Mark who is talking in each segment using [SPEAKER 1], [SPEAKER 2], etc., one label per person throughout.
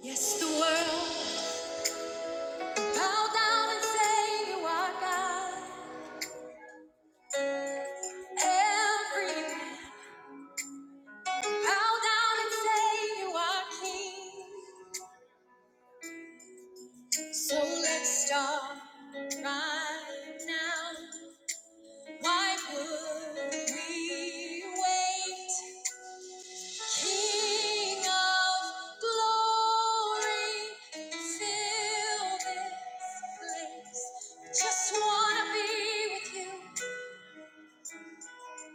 [SPEAKER 1] Yes, the world bow down and say you are God. Every bow down and say you are King. So let's start right now. Why would we wait? King of glory, fill this place. Just wanna be with you.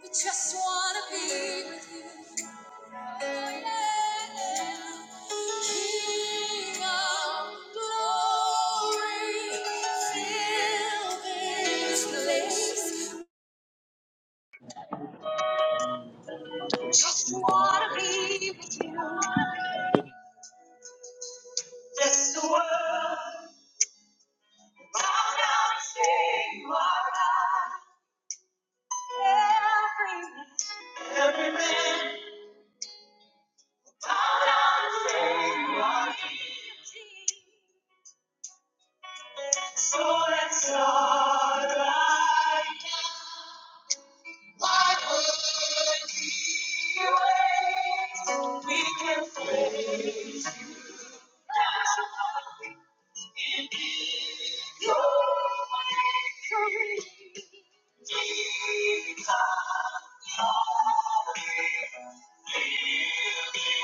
[SPEAKER 1] We just wanna be with you. Just wanna be with you. Bless the world. Bow down and say you are God. Every man, every man, bow down and say you are King. So let's start right now. Why would he wait? We can face now in your victory. Jesus, holy, we live in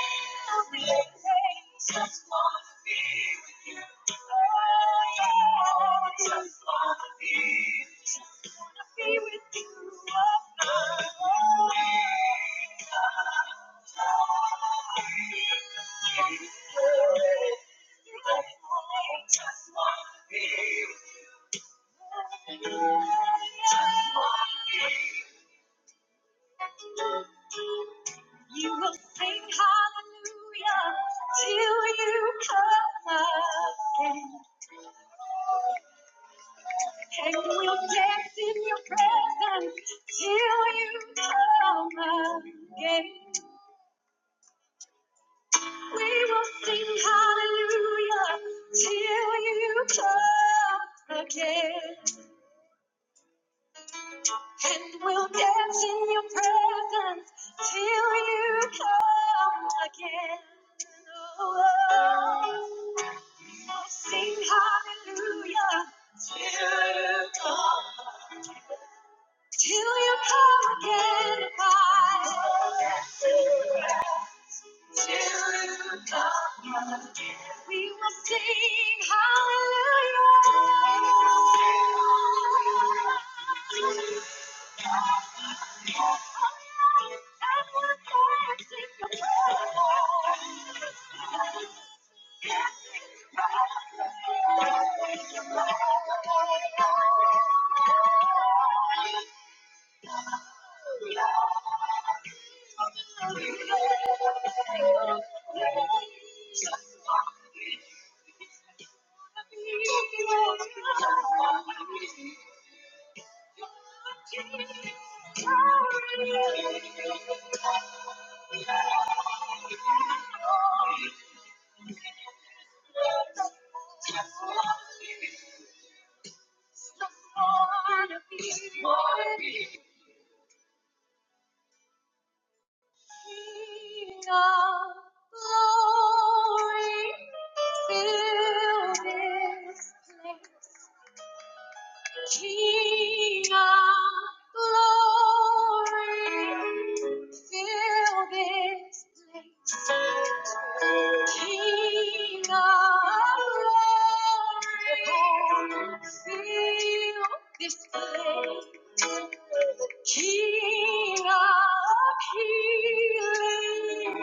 [SPEAKER 1] praise. just wanna be with you. Just wanna, be with you. just wanna. You will sing hallelujah till you come again. And we'll dance in your presence till you come again. We sing hallelujah till you come again. And we'll dance in your presence till you come again. Oh, till you come again. I can't seem to lose you. I can't seem to find you. I can't seem to break free. I can't seem to find you. of glory, fill this place. King of glory, fill this place. King of glory, fill this place. King of healing,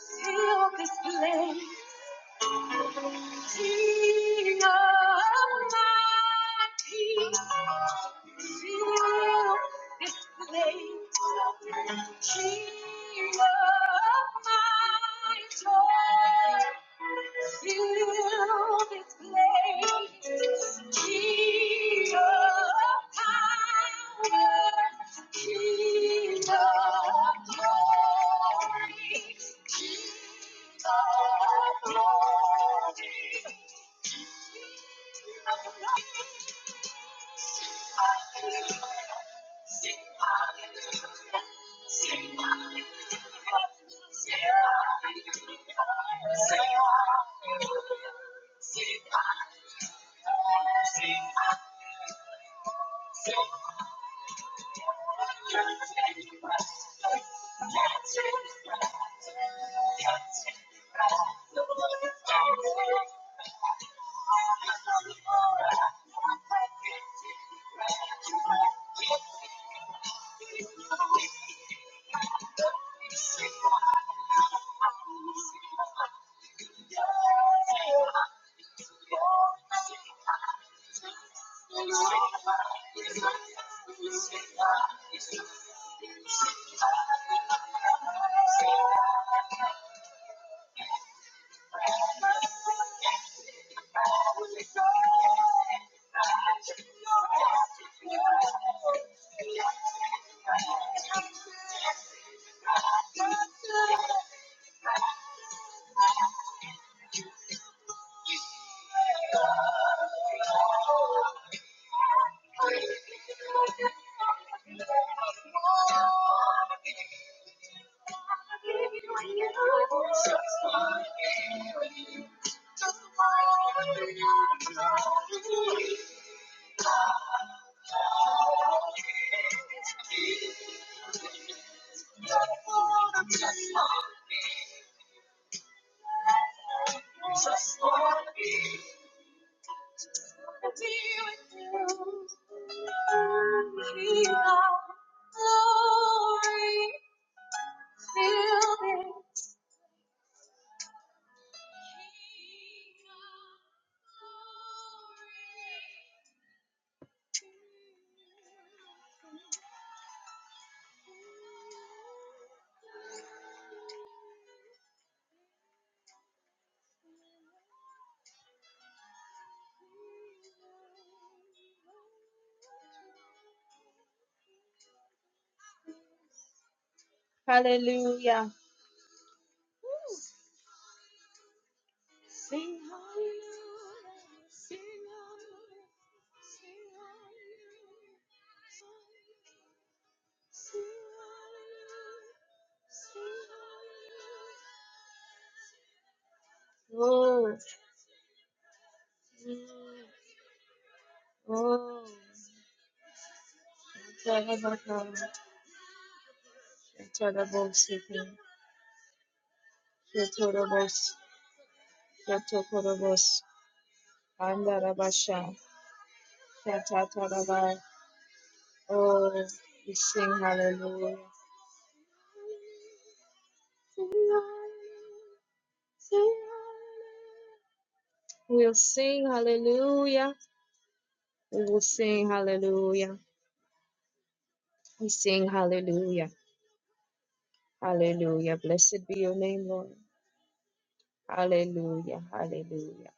[SPEAKER 1] fill this place. King of my peace, fill this place. King of my joy, fill this place. King of power, King of glory. Sing Thank you. Just I Just wanna be, wanna be with you. King of glory, feel me. King of glory. Hallelujah. Sing Hallelujah. Sing hallelujah. Sing hallelujah. Sing hallelujah. Sing hallelujah. Oh, oh, Shatarabos, Shatarabos, Shatarabos, Shatarabos, Andarabasha, Shatataraba. Oh, we sing hallelujah. We'll sing hallelujah. We will sing hallelujah. We sing hallelujah. Hallelujah. Blessed be your name, Lord. Hallelujah. Hallelujah.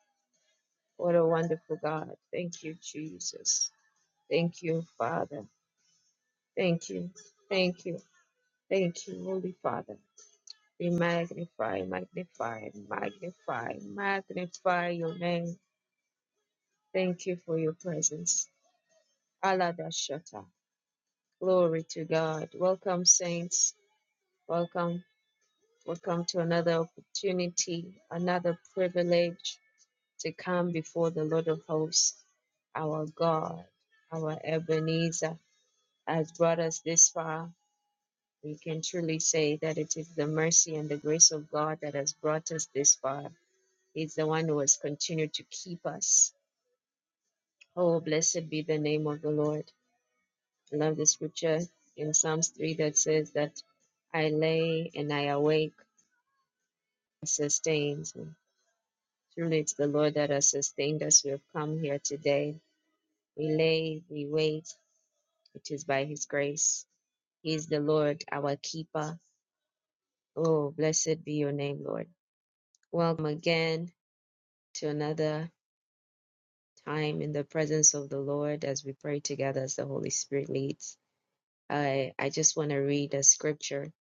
[SPEAKER 1] What a wonderful God. Thank you, Jesus. Thank you, Father. Thank you. Thank you. Thank you, Holy Father. We magnify, magnify, magnify, magnify your name. Thank you for your presence. Allah Shata. Glory to God. Welcome, saints. Welcome. Welcome to another opportunity, another privilege to come before the Lord of hosts, our God, our Ebenezer, has brought us this far. We can truly say that it is the mercy and the grace of God that has brought us this far. He's the one who has continued to keep us. Oh, blessed be the name of the Lord. I love the scripture in Psalms 3 that says that I lay and I awake and sustains Truly, it's the Lord that has sustained us. We have come here today. We lay, we wait. It is by His grace. He is the Lord, our keeper. Oh, blessed be your name, Lord. Welcome again to another time in the presence of the Lord as we pray together as the Holy Spirit leads. I I just want to read a scripture,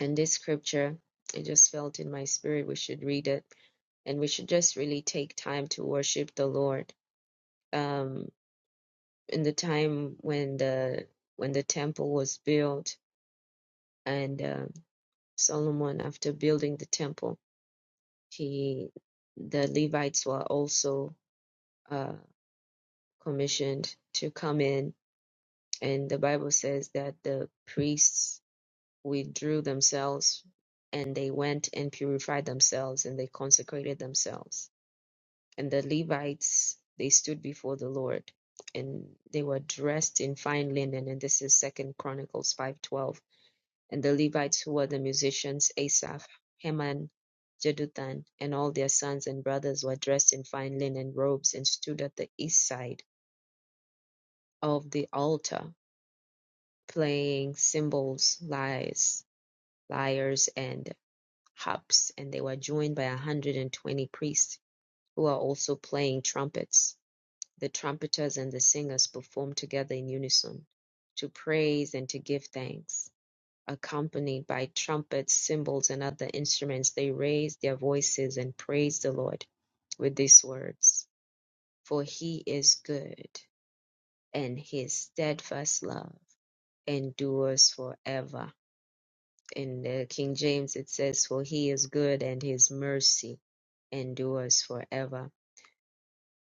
[SPEAKER 1] and this scripture, I just felt in my spirit we should read it, and we should just really take time to worship the Lord. Um, in the time when the when the temple was built, and um Solomon, after building the temple, he the Levites were also uh, commissioned to come in, and the Bible says that the priests withdrew themselves and they went and purified themselves and they consecrated themselves. And the Levites, they stood before the Lord and they were dressed in fine linen. And this is Second Chronicles 5.12. And the Levites who were the musicians, Asaph, Heman, Jeduthun, and all their sons and brothers were dressed in fine linen robes and stood at the east side of the altar, playing cymbals, lyres, lyres, and harps, and they were joined by 120 priests who are also playing trumpets. The trumpeters and the singers perform together in unison to praise and to give thanks. Accompanied by trumpets, cymbals, and other instruments, they raised their voices and praised the Lord with these words For he is good, and his steadfast love endures forever. in the King James it says, For he is good and his mercy endures forever.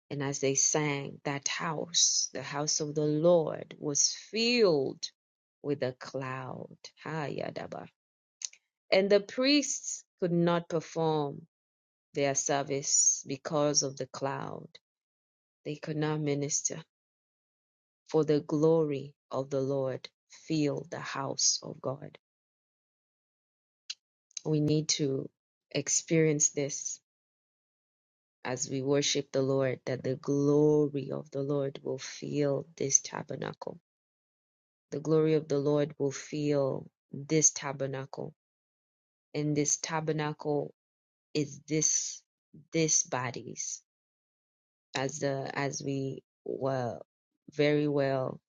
[SPEAKER 1] And as they sang, that house, the house of the Lord, was filled with a cloud. Ha, yadaba. And the priests could not perform their service because of the cloud. They could not minister, for the glory of the Lord filled the house of God. We need to experience this as we worship the Lord, that the glory of the Lord will fill this tabernacle. The glory of the Lord will fill this tabernacle. And this tabernacle is this this bodies. As the as we were very well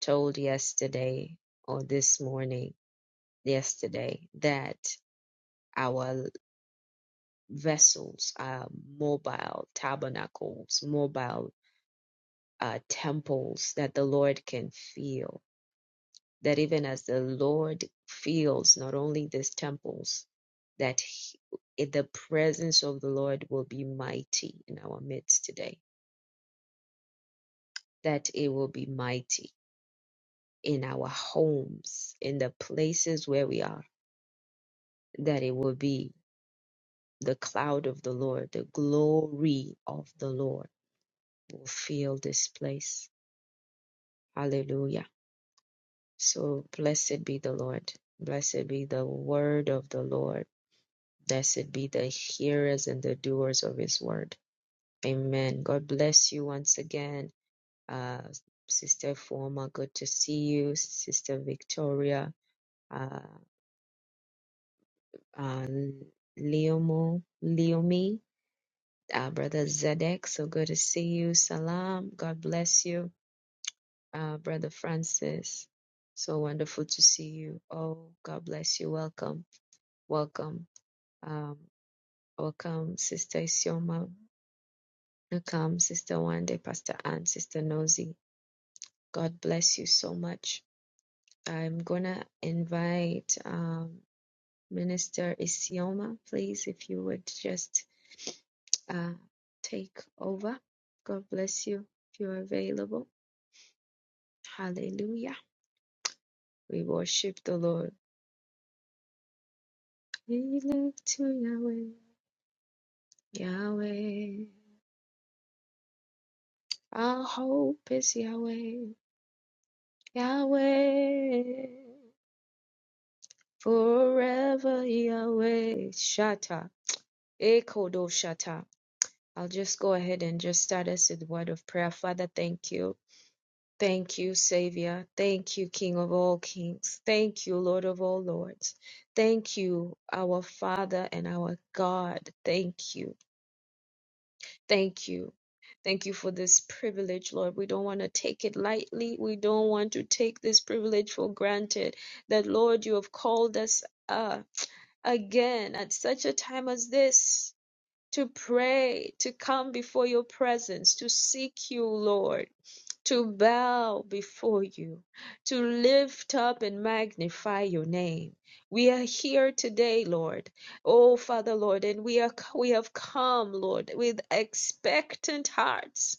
[SPEAKER 1] told yesterday or this morning, yesterday, that our vessels are mobile tabernacles, mobile uh, temples that the Lord can feel. That even as the Lord feels not only these temples, that he, the presence of the Lord will be mighty in our midst today, that it will be mighty in our homes, in the places where we are, that it will be the cloud of the Lord, the glory of the Lord will fill this place. Hallelujah. So blessed be the Lord. Blessed be the word of the Lord. Blessed be the hearers and the doers of his word. Amen. God bless you once again. Uh, Sister Former, good to see you. Sister Victoria, uh, uh, Leomo, Leomi, uh, Brother Zedek, so good to see you. Salam, God bless you. Uh, Brother Francis, so wonderful to see you. Oh, God bless you. Welcome, welcome. Um, welcome, Sister Isioma. Welcome, Sister Wande, Pastor Ann, Sister Nosy. God bless you so much. I'm gonna invite um, Minister Isioma, please, if you would just uh, take over. God bless you if you're available. Hallelujah. We worship the Lord. We look to Yahweh, Yahweh. Our hope is Yahweh, Yahweh. Forever Yahweh. Shatta. Ekodoshata. I'll just go ahead and just start us with a word of prayer. Father, thank you. Thank you, Savior. Thank you, King of all kings. Thank you, Lord of all lords. Thank you, our Father and our God. Thank you. Thank you. Thank you for this privilege, Lord. We don't want to take it lightly. We don't want to take this privilege for granted that, Lord, you have called us uh, again at such a time as this to pray, to come before your presence, to seek you, Lord, to bow before you, to lift up and magnify your name. We are here today, Lord. Oh, Father, Lord, and we are we have come, Lord, with expectant hearts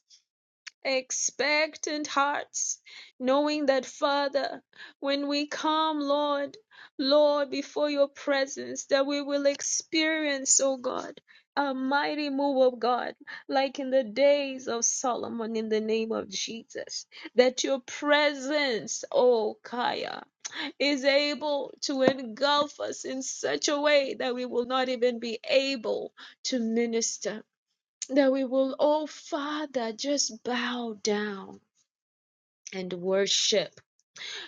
[SPEAKER 1] expectant hearts, knowing that, Father, when we come, Lord, Lord, before your presence, that we will experience, oh God, a mighty move of God, like in the days of Solomon, in the name of Jesus. That your presence, oh Kaya, is able to engulf us in such a way that we will not even be able to minister that we will, oh Father, just bow down and worship.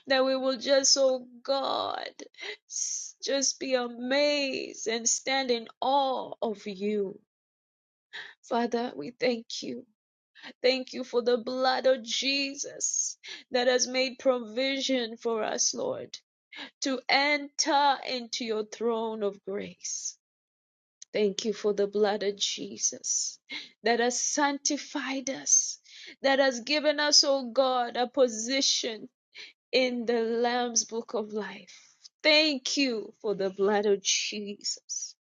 [SPEAKER 1] That we will just, oh God, s- just be amazed and stand in awe of you. Father, we thank you. Thank you for the blood of Jesus that has made provision for us, Lord, to enter into your throne of grace. Thank you for the blood of Jesus that has sanctified us, that has given us, oh God, a position in the Lamb's book of life. Thank you for the blood of Jesus.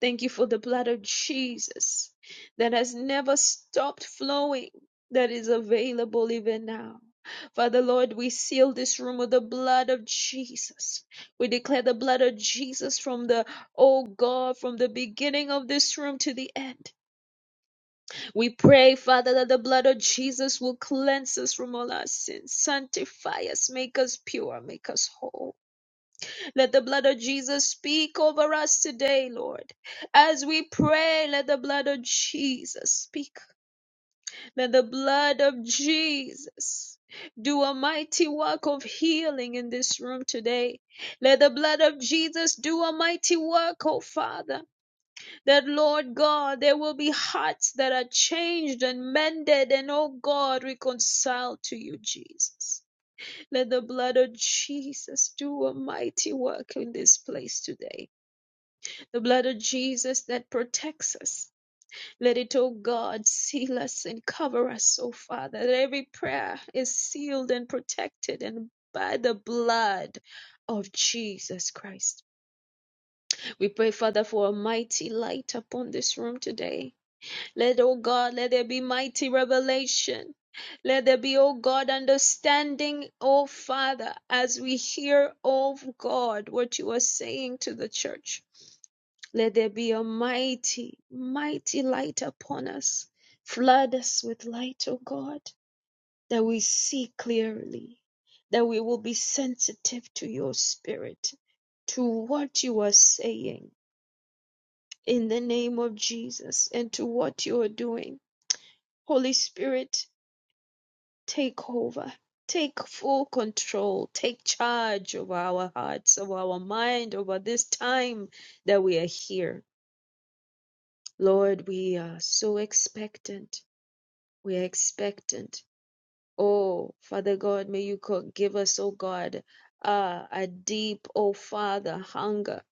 [SPEAKER 1] Thank you for the blood of Jesus that has never stopped flowing, that is available even now. Father Lord, we seal this room with the blood of Jesus. We declare the blood of Jesus from the, oh God, from the beginning of this room to the end. We pray, Father, that the blood of Jesus will cleanse us from all our sins, sanctify us, make us pure, make us whole. Let the blood of Jesus speak over us today, Lord. As we pray, let the blood of Jesus speak. Let the blood of Jesus do a mighty work of healing in this room today. Let the blood of Jesus do a mighty work, oh Father. That, Lord God, there will be hearts that are changed and mended and, oh God, reconciled to you, Jesus. Let the blood of Jesus do a mighty work in this place today. The blood of Jesus that protects us. Let it, oh God, seal us and cover us, oh Father. That every prayer is sealed and protected and by the blood of Jesus Christ. We pray, Father, for a mighty light upon this room today. Let, oh God, let there be mighty revelation. Let there be, O God, understanding, O Father, as we hear, O God, what you are saying to the church. Let there be a mighty, mighty light upon us. Flood us with light, O God, that we see clearly, that we will be sensitive to your spirit, to what you are saying in the name of Jesus and to what you are doing. Holy Spirit, take over. Take full control, take charge of our hearts, of our mind, over this time that we are here Lord, we are so expectant. We are expectant. Oh, Father God, may you co- give us, oh God, uh, a deep, oh Father, hunger,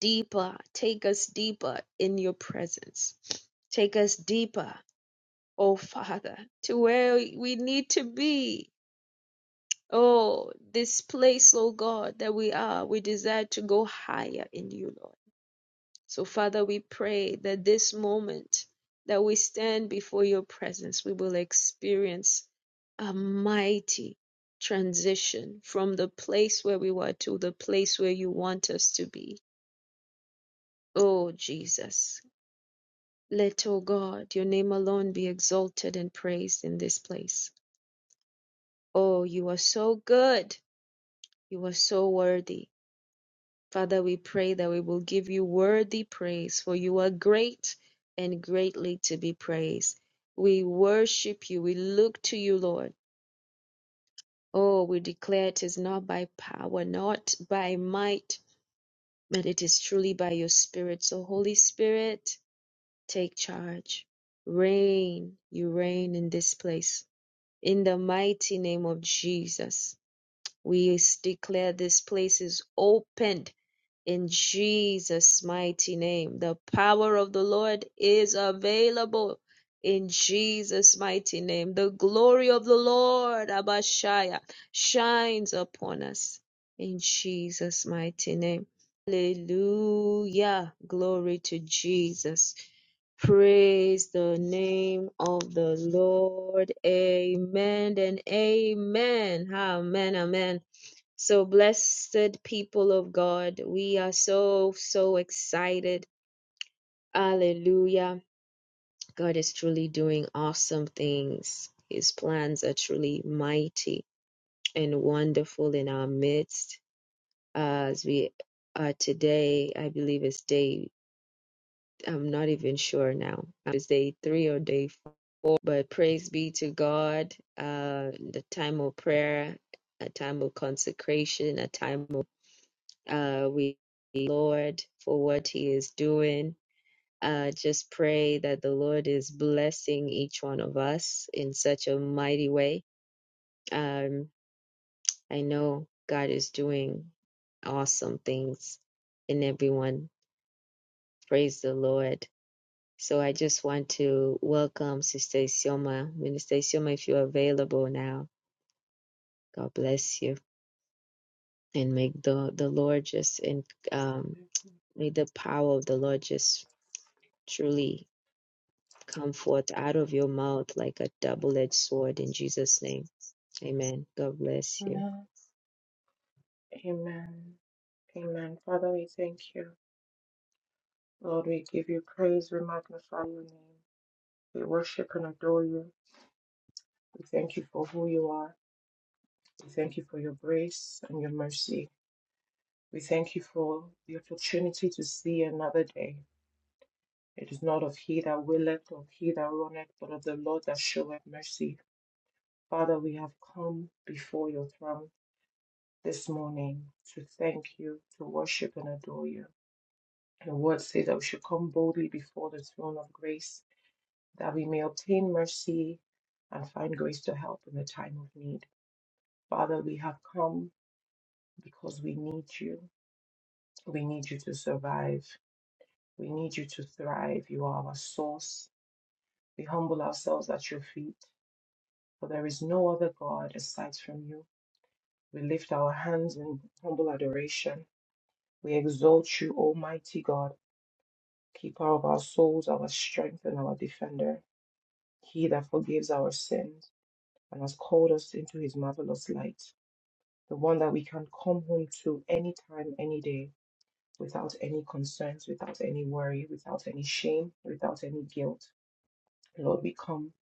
[SPEAKER 1] deeper. Take us deeper in your presence. Take us deeper, oh Father, to where we need to be. Oh, this place, oh God, that we are, we desire to go higher in you, Lord. So, Father, we pray that this moment that we stand before your presence, we will experience a mighty transition from the place where we were to the place where you want us to be. Oh, Jesus, let, oh God, your name alone be exalted and praised in this place. Oh, you are so good. You are so worthy. Father, we pray that we will give you worthy praise, for you are great and greatly to be praised. We worship you. We look to you, Lord. Oh, we declare it is not by power, not by might, but it is truly by your Spirit. So, Holy Spirit, take charge. Reign, you reign in this place. In the mighty name of Jesus, we declare this place is opened in Jesus' mighty name. The power of the Lord is available in Jesus' mighty name. The glory of the Lord, Abashaya, shines upon us in Jesus' mighty name. Hallelujah. Glory to Jesus. Praise the name of the Lord. Amen and amen. Amen. Amen. So, blessed people of God, we are so, so excited. Hallelujah. God is truly doing awesome things. His plans are truly mighty and wonderful in our midst. As we are today, I believe it's day, I'm not even sure now, it's day three or day four, but praise be to God. Uh, the time of prayer, a time of consecration, a time of uh, we thank the Lord for what He is doing. Uh, just pray that the Lord is blessing each one of us in such a mighty way. Um, I know God is doing awesome things in everyone. Praise the Lord. So I just want to welcome Sister Isioma. Minister Isioma, if you're available now, God bless you. And may the, the Lord just, and um, may the power of the Lord just truly come forth out of your mouth like a double edged sword in Jesus' name. Amen. God bless you.
[SPEAKER 2] Amen. Amen. Amen. Father, we thank you. Lord, we give you praise. We magnify your name. We worship and adore you. We thank you for who you are. We thank you for your grace and your mercy. We thank you for the opportunity to see another day. It is not of he that willeth or he that runneth, but of the Lord that showeth mercy. Father, we have come before your throne this morning to thank you, to worship and adore you. Your word says that we should come boldly before the throne of grace, that we may obtain mercy and find grace to help in the time of need. Father, we have come because we need you. We need you to survive. We need you to thrive. You are our source. We humble ourselves at your feet, for there is no other God aside from you. We lift our hands in humble adoration. We exalt you, Almighty God, keeper of our souls, our strength, and our defender. He that forgives our sins and has called us into his marvelous light, the one that we can come home to anytime, any day, without any concerns, without any worry, without any shame, without any guilt. Lord, we come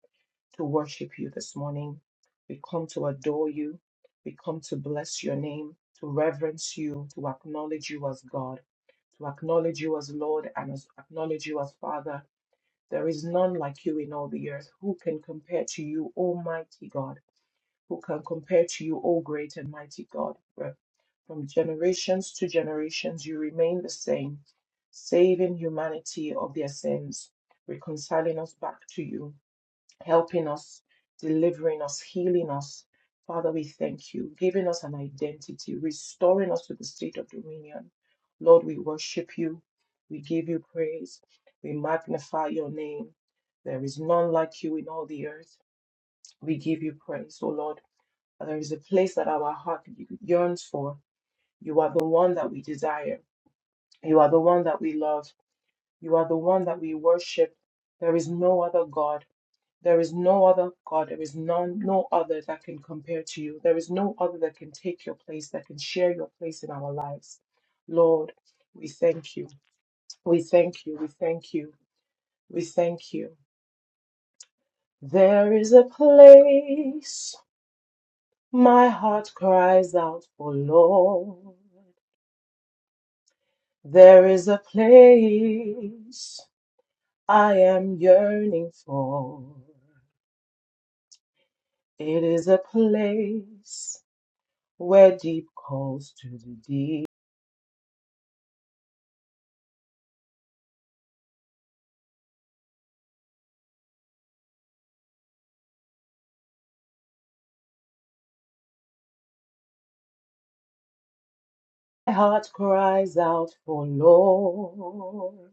[SPEAKER 2] to worship you this morning. We come to adore you. We come to bless your name, to reverence you, to acknowledge you as God, to acknowledge you as Lord and as, acknowledge you as Father. There is none like you in all the earth. Who can compare to you, Almighty God? Who can compare to you, O great and mighty God? For From generations to generations, you remain the same, saving humanity of their sins, reconciling us back to you, helping us, delivering us, healing us. Father, we thank you, giving us an identity, restoring us to the state of dominion. Lord, we worship you. We give you praise. We magnify your name. There is none like you in all the earth. We give you praise, O Lord. There is a place that our heart yearns for. You are the one that we desire. You are the one that we love. You are the one that we worship. There is no other God. There is no other God. There is none, no other that can compare to you. There is no other that can take your place, that can share your place in our lives. Lord, we thank you. We thank you. We thank you. We thank you. There is a place my heart cries out for Lord. There is a place I am yearning for. It is a place where deep calls to the deep. My heart cries out for Lord.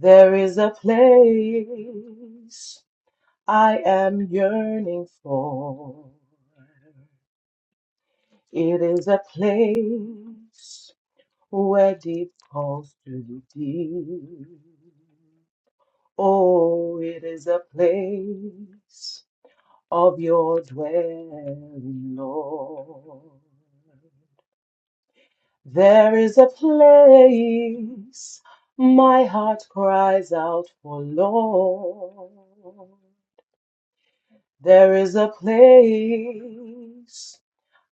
[SPEAKER 2] There is a place I am yearning for. It is a place where deep calls to the deep. Oh, it is a place of your dwelling, Lord. There is a place my heart cries out for, Lord. There is a place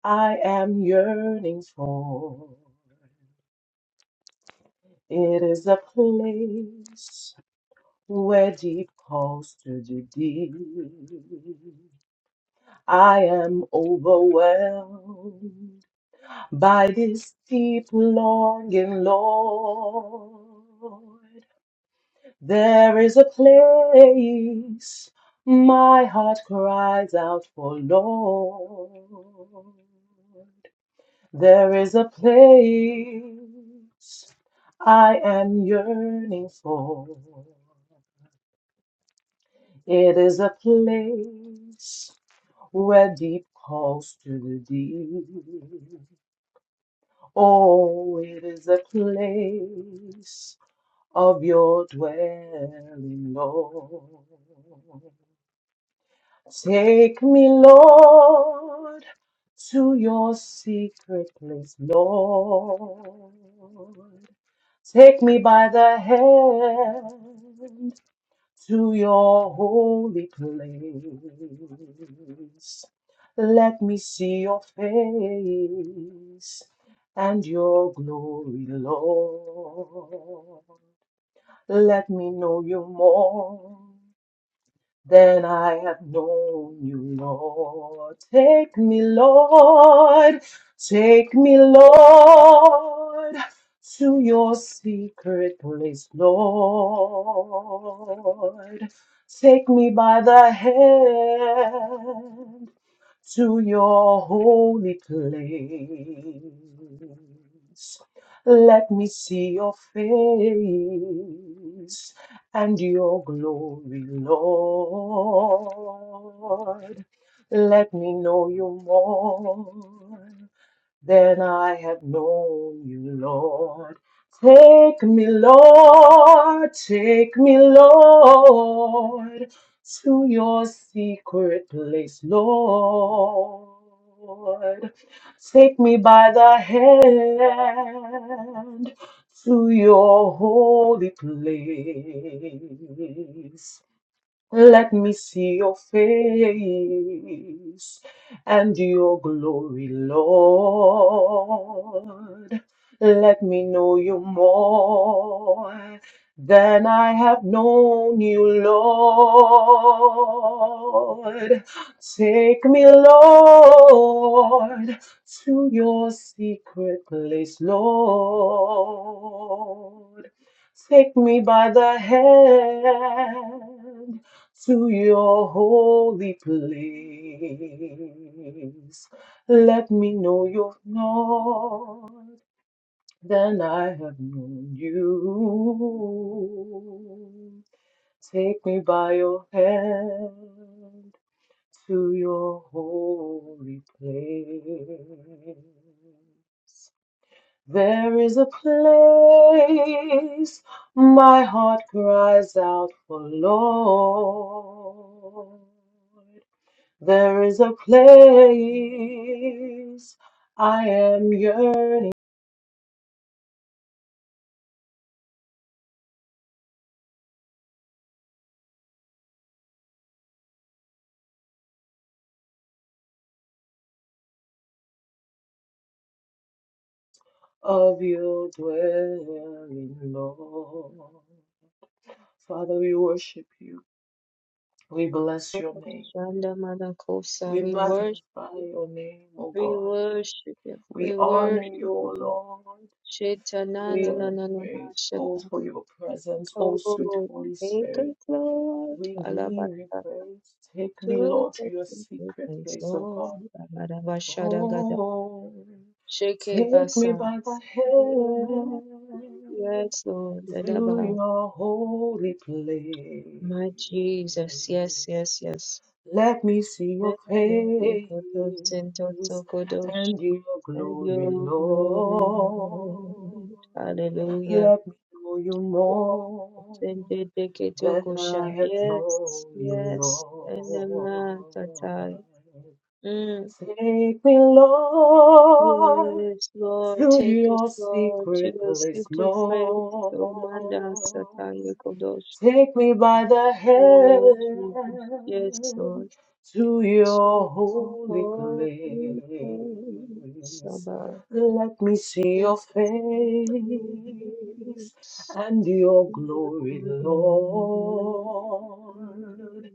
[SPEAKER 2] I am yearning for. It is a place where deep calls to the deep. I am overwhelmed by this deep longing, Lord. There is a place my heart cries out for, Lord. There is a place I am yearning for. It is a place where deep calls to the deep. Oh, it is the place of your dwelling, Lord. Take me, Lord, to your secret place, Lord. Take me by the hand to your holy place. Let me see your face and your glory, Lord. Let me know you more than I have known you, Lord. Take me, Lord. Take me, Lord, to your secret place, Lord. Take me by the hand to your holy place. Let me see your face and your glory, Lord. Let me know you more than I have known you, Lord. Take me, Lord, take me, Lord, to your secret place, Lord. Take me by the hand to your holy place. Let me see your face and your glory, Lord. Let me know you more than I have known you, Lord. Take me, Lord, to your secret place, Lord. Take me by the hand to your holy place. Let me know you're not. then I have known you. Take me by your hand to your holy place. There is a place my heart cries out for Lord. There is a place I am yearning of your dwelling, Lord. Father, we worship you. We bless your name.
[SPEAKER 1] Shanda Madakosa,
[SPEAKER 2] We
[SPEAKER 1] we worship
[SPEAKER 2] magnify
[SPEAKER 1] you,
[SPEAKER 2] your name, O
[SPEAKER 1] we
[SPEAKER 2] God.
[SPEAKER 1] worship you,
[SPEAKER 2] We
[SPEAKER 1] we
[SPEAKER 2] honor you,
[SPEAKER 1] worship you,
[SPEAKER 2] O
[SPEAKER 1] Lord.
[SPEAKER 2] Lord.
[SPEAKER 1] Sheta na
[SPEAKER 2] We
[SPEAKER 1] na na
[SPEAKER 2] are
[SPEAKER 1] na na na
[SPEAKER 2] grateful
[SPEAKER 1] sheta.
[SPEAKER 2] for your presence, oh sweet
[SPEAKER 1] Oh,
[SPEAKER 2] Holy
[SPEAKER 1] take
[SPEAKER 2] Spirit.
[SPEAKER 1] us, Lord.
[SPEAKER 2] We give
[SPEAKER 1] Alabata.
[SPEAKER 2] you praise. Take me,
[SPEAKER 1] To
[SPEAKER 2] Lord, to
[SPEAKER 1] the
[SPEAKER 2] your
[SPEAKER 1] secret
[SPEAKER 2] secret
[SPEAKER 1] place,
[SPEAKER 2] place, oh
[SPEAKER 1] Lord.
[SPEAKER 2] God.
[SPEAKER 1] Alabashada gada.
[SPEAKER 2] Oh,
[SPEAKER 1] Sheke
[SPEAKER 2] take me
[SPEAKER 1] basa.
[SPEAKER 2] by the hand
[SPEAKER 1] Yes, Lord.
[SPEAKER 2] to
[SPEAKER 1] Edaba.
[SPEAKER 2] your holy place.
[SPEAKER 1] My Jesus. Yes, yes, yes.
[SPEAKER 2] Let me see your
[SPEAKER 1] And
[SPEAKER 2] face and your glory,
[SPEAKER 1] your glory,
[SPEAKER 2] Lord.
[SPEAKER 1] Lord. Hallelujah.
[SPEAKER 2] Let me know you
[SPEAKER 1] Oh,
[SPEAKER 2] more
[SPEAKER 1] sende de
[SPEAKER 2] than
[SPEAKER 1] ketokosha.
[SPEAKER 2] I have
[SPEAKER 1] Yes,
[SPEAKER 2] known you,
[SPEAKER 1] yes.
[SPEAKER 2] Lord.
[SPEAKER 1] Enema tatai. Mm.
[SPEAKER 2] Take me, Lord,
[SPEAKER 1] Yes, Lord,
[SPEAKER 2] to
[SPEAKER 1] take us,
[SPEAKER 2] your
[SPEAKER 1] Lord, to
[SPEAKER 2] secret
[SPEAKER 1] your
[SPEAKER 2] place,
[SPEAKER 1] secret
[SPEAKER 2] Lord.
[SPEAKER 1] place. Oh, manda sataya kodosh.
[SPEAKER 2] Take me by the
[SPEAKER 1] Oh, Jesus. Yes, Lord.
[SPEAKER 2] hand to
[SPEAKER 1] To
[SPEAKER 2] your
[SPEAKER 1] your
[SPEAKER 2] holy
[SPEAKER 1] holy place.
[SPEAKER 2] place.
[SPEAKER 1] Sabah.
[SPEAKER 2] Let me see your face
[SPEAKER 1] Mm.
[SPEAKER 2] and your glory, Lord.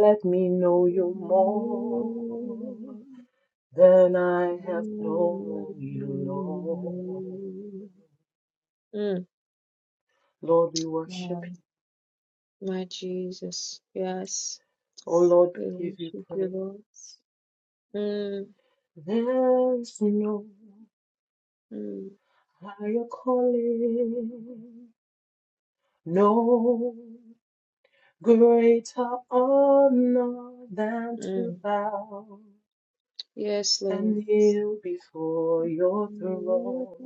[SPEAKER 2] Let me know you more than I have known you, Lord. Lord, we worship
[SPEAKER 1] Wow.
[SPEAKER 2] you.
[SPEAKER 1] My Jesus. Yes.
[SPEAKER 2] Oh, Lord,
[SPEAKER 1] We
[SPEAKER 2] we give you
[SPEAKER 1] worship you, Lord.
[SPEAKER 2] praise.
[SPEAKER 1] Mm.
[SPEAKER 2] There's no
[SPEAKER 1] Mm.
[SPEAKER 2] higher calling, no greater honor than to
[SPEAKER 1] Mm.
[SPEAKER 2] bow
[SPEAKER 1] Yes,
[SPEAKER 2] and
[SPEAKER 1] Lord.
[SPEAKER 2] kneel before your throne.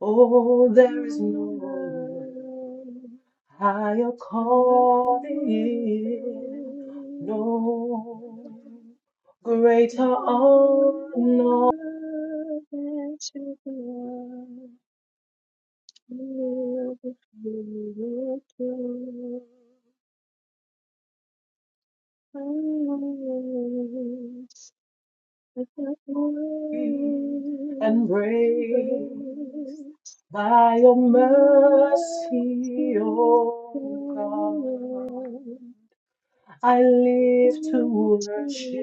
[SPEAKER 2] Oh, there is no higher calling, no greater honor embraced by your mercy, O God. I live to worship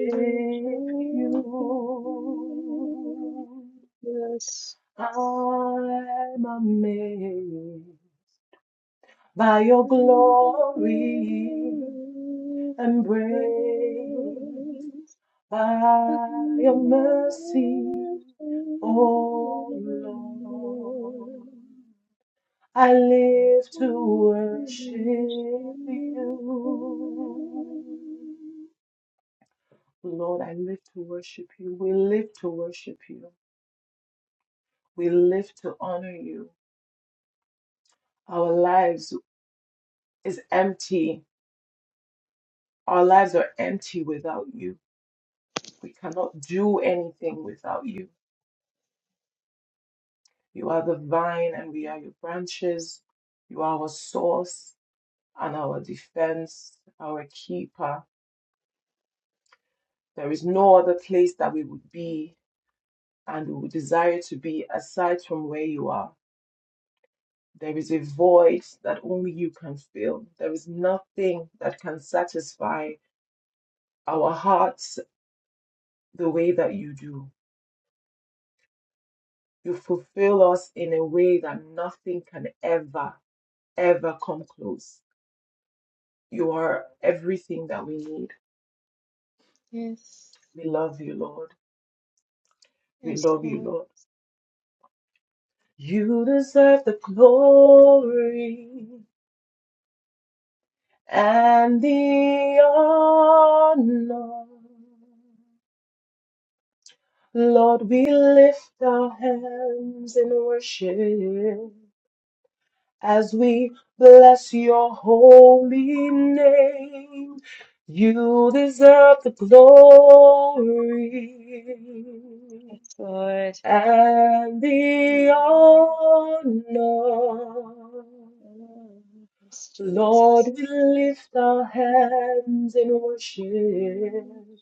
[SPEAKER 2] you.
[SPEAKER 1] Yes.
[SPEAKER 2] I'm amazed by your
[SPEAKER 1] Yes,
[SPEAKER 2] glory embraced by your mercy, O Lord. I live to worship you. Lord, I live to worship you. We live to worship you. We live to honor you. Our lives is empty. Our lives are empty without you. We cannot do anything without you. You are the vine and we are your branches. You are our source. and our defense, our keeper. There is no other place that we would be and we would desire to be aside from where you are. There is a void that only you can fill. There is nothing that can satisfy our hearts the way that you do. You fulfill us in a way that nothing can ever, ever come close. You are everything that we need. We love you, Lord. We
[SPEAKER 1] yes,
[SPEAKER 2] love you,
[SPEAKER 1] Lord,
[SPEAKER 2] Lord. You deserve the glory and the honor. Lord, we lift our hands in worship as we bless your holy name. You deserve the glory
[SPEAKER 1] yes, Lord.
[SPEAKER 2] and the honor.
[SPEAKER 1] Yes,
[SPEAKER 2] Lord,
[SPEAKER 1] Jesus.
[SPEAKER 2] we lift our hands in worship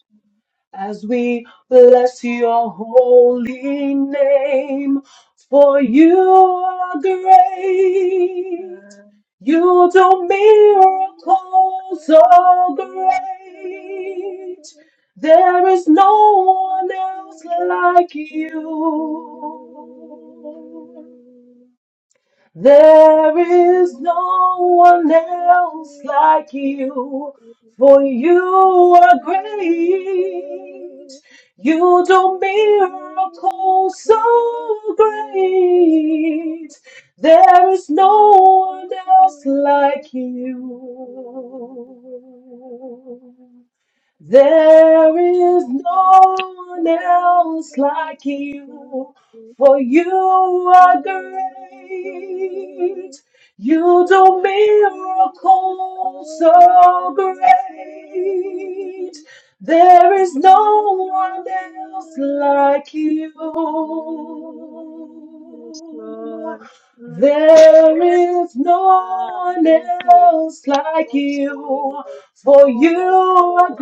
[SPEAKER 2] as we bless your holy name, for you are great. You do
[SPEAKER 1] Thank
[SPEAKER 2] miracles so great. There is no one else like you. There is no one else like you, for you are great. You do miracles so great. There is no one else like you. There is
[SPEAKER 1] you.
[SPEAKER 2] no
[SPEAKER 1] Yes,
[SPEAKER 2] one else like you, for you are great. You do miracles so great. There is no one else like you.
[SPEAKER 1] Lord. Mm.
[SPEAKER 2] There is no
[SPEAKER 1] Ah,
[SPEAKER 2] one
[SPEAKER 1] thank you.
[SPEAKER 2] else like
[SPEAKER 1] Yes, Lord.
[SPEAKER 2] you for
[SPEAKER 1] No one
[SPEAKER 2] you
[SPEAKER 1] like you,
[SPEAKER 2] are
[SPEAKER 1] Lord.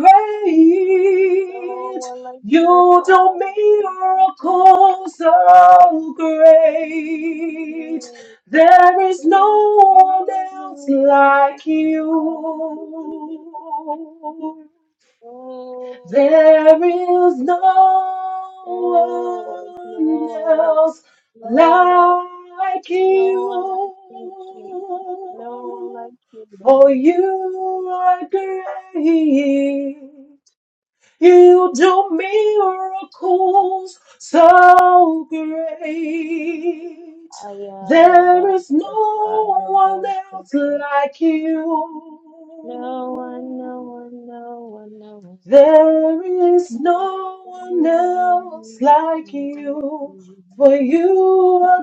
[SPEAKER 1] No one like you,
[SPEAKER 2] You do
[SPEAKER 1] Father.
[SPEAKER 2] miracles so great.
[SPEAKER 1] Mm.
[SPEAKER 2] There is
[SPEAKER 1] Oh,
[SPEAKER 2] no one else like you.
[SPEAKER 1] yes,
[SPEAKER 2] There
[SPEAKER 1] Lord.
[SPEAKER 2] is no
[SPEAKER 1] Oh, no
[SPEAKER 2] one
[SPEAKER 1] one else,
[SPEAKER 2] else
[SPEAKER 1] no one else,
[SPEAKER 2] like
[SPEAKER 1] no one like
[SPEAKER 2] you.
[SPEAKER 1] you, Jesus. No one like you,
[SPEAKER 2] For
[SPEAKER 1] Lord.
[SPEAKER 2] you are great. You do miracles so great.
[SPEAKER 1] Ayarabasakarabosa.
[SPEAKER 2] There is no one else like
[SPEAKER 1] No one, no
[SPEAKER 2] you.
[SPEAKER 1] one, no one, no one.
[SPEAKER 2] There is no one
[SPEAKER 1] No
[SPEAKER 2] else like you, for you are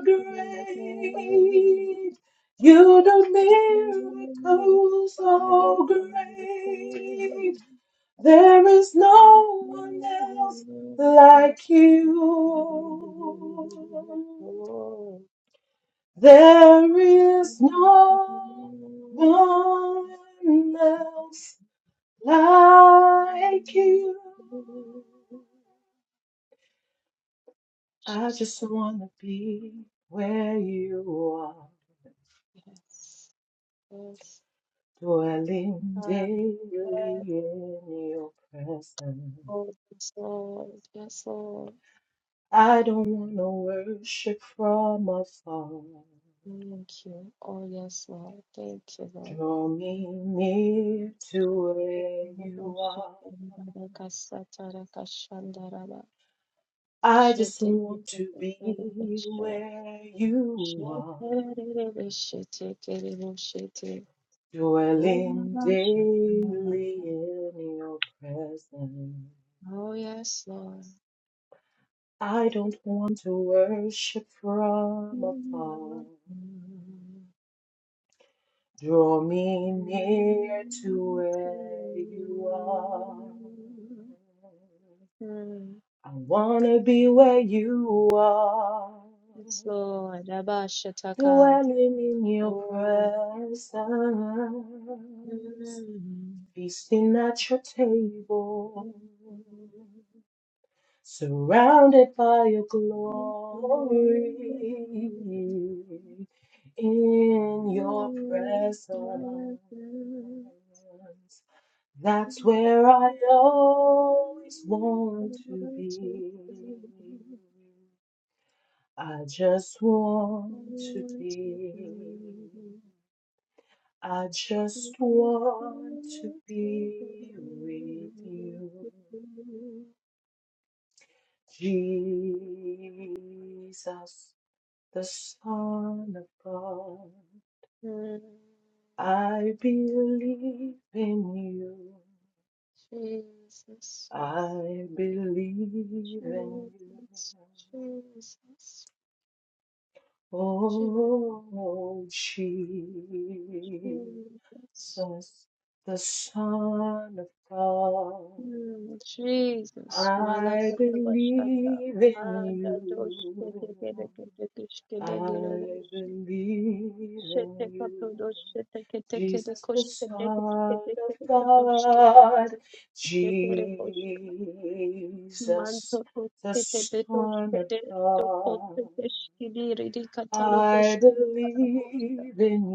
[SPEAKER 1] one
[SPEAKER 2] great. You do
[SPEAKER 1] like you.
[SPEAKER 2] miracles
[SPEAKER 1] Jesus,
[SPEAKER 2] so great. There is no one else like you. There is no one else like you. I just wanna be where you are,
[SPEAKER 1] yes, yes,
[SPEAKER 2] dwelling
[SPEAKER 1] ah,
[SPEAKER 2] daily in
[SPEAKER 1] yes,
[SPEAKER 2] your presence.
[SPEAKER 1] Lord, yes, Lord, yes, Lord.
[SPEAKER 2] I don't wanna worship from afar.
[SPEAKER 1] Thank you. Oh, yes, Lord. Thank you, Lord.
[SPEAKER 2] Draw me near to
[SPEAKER 1] Oh,
[SPEAKER 2] where you are. I just want to be where you are. Dwelling daily in your presence.
[SPEAKER 1] yes, Lord.
[SPEAKER 2] I don't want to worship from afar.
[SPEAKER 1] Mm.
[SPEAKER 2] Draw me near to where you are. I wanna be where you are.
[SPEAKER 1] Yes, Lord. Abba Shataka.
[SPEAKER 2] Dwelling in your
[SPEAKER 1] Oh.
[SPEAKER 2] presence.
[SPEAKER 1] mm-hmm.
[SPEAKER 2] Feasting at your table. surrounded by your
[SPEAKER 1] Jesus,
[SPEAKER 2] glory in your presence. That's where I always want to be. I just want to be. I just want to be with you, Jesus. the Son of God. I believe in you. I believe in you.
[SPEAKER 1] Jesus, Jesus,
[SPEAKER 2] Oh,
[SPEAKER 1] Jesus.
[SPEAKER 2] Jesus, the Son of God.
[SPEAKER 1] Mm, Jesus,
[SPEAKER 2] I
[SPEAKER 1] Malakadabashata,
[SPEAKER 2] believe in
[SPEAKER 1] Adadosh,
[SPEAKER 2] you. I
[SPEAKER 1] Ketekereketekishkedegerebush,
[SPEAKER 2] believe in you,
[SPEAKER 1] Shetekadosh,
[SPEAKER 2] Jesus, the
[SPEAKER 1] Sheteketekerekosh,
[SPEAKER 2] Son of
[SPEAKER 1] Kedeketekerekosh,
[SPEAKER 2] God,
[SPEAKER 1] Kedekerekosh,
[SPEAKER 2] Jesus,
[SPEAKER 1] Mantokosh,
[SPEAKER 2] the
[SPEAKER 1] Ketebetosh,
[SPEAKER 2] Son of God. I
[SPEAKER 1] Kedetokoteshkidiridirikatarokoshidirikaramosh.
[SPEAKER 2] believe in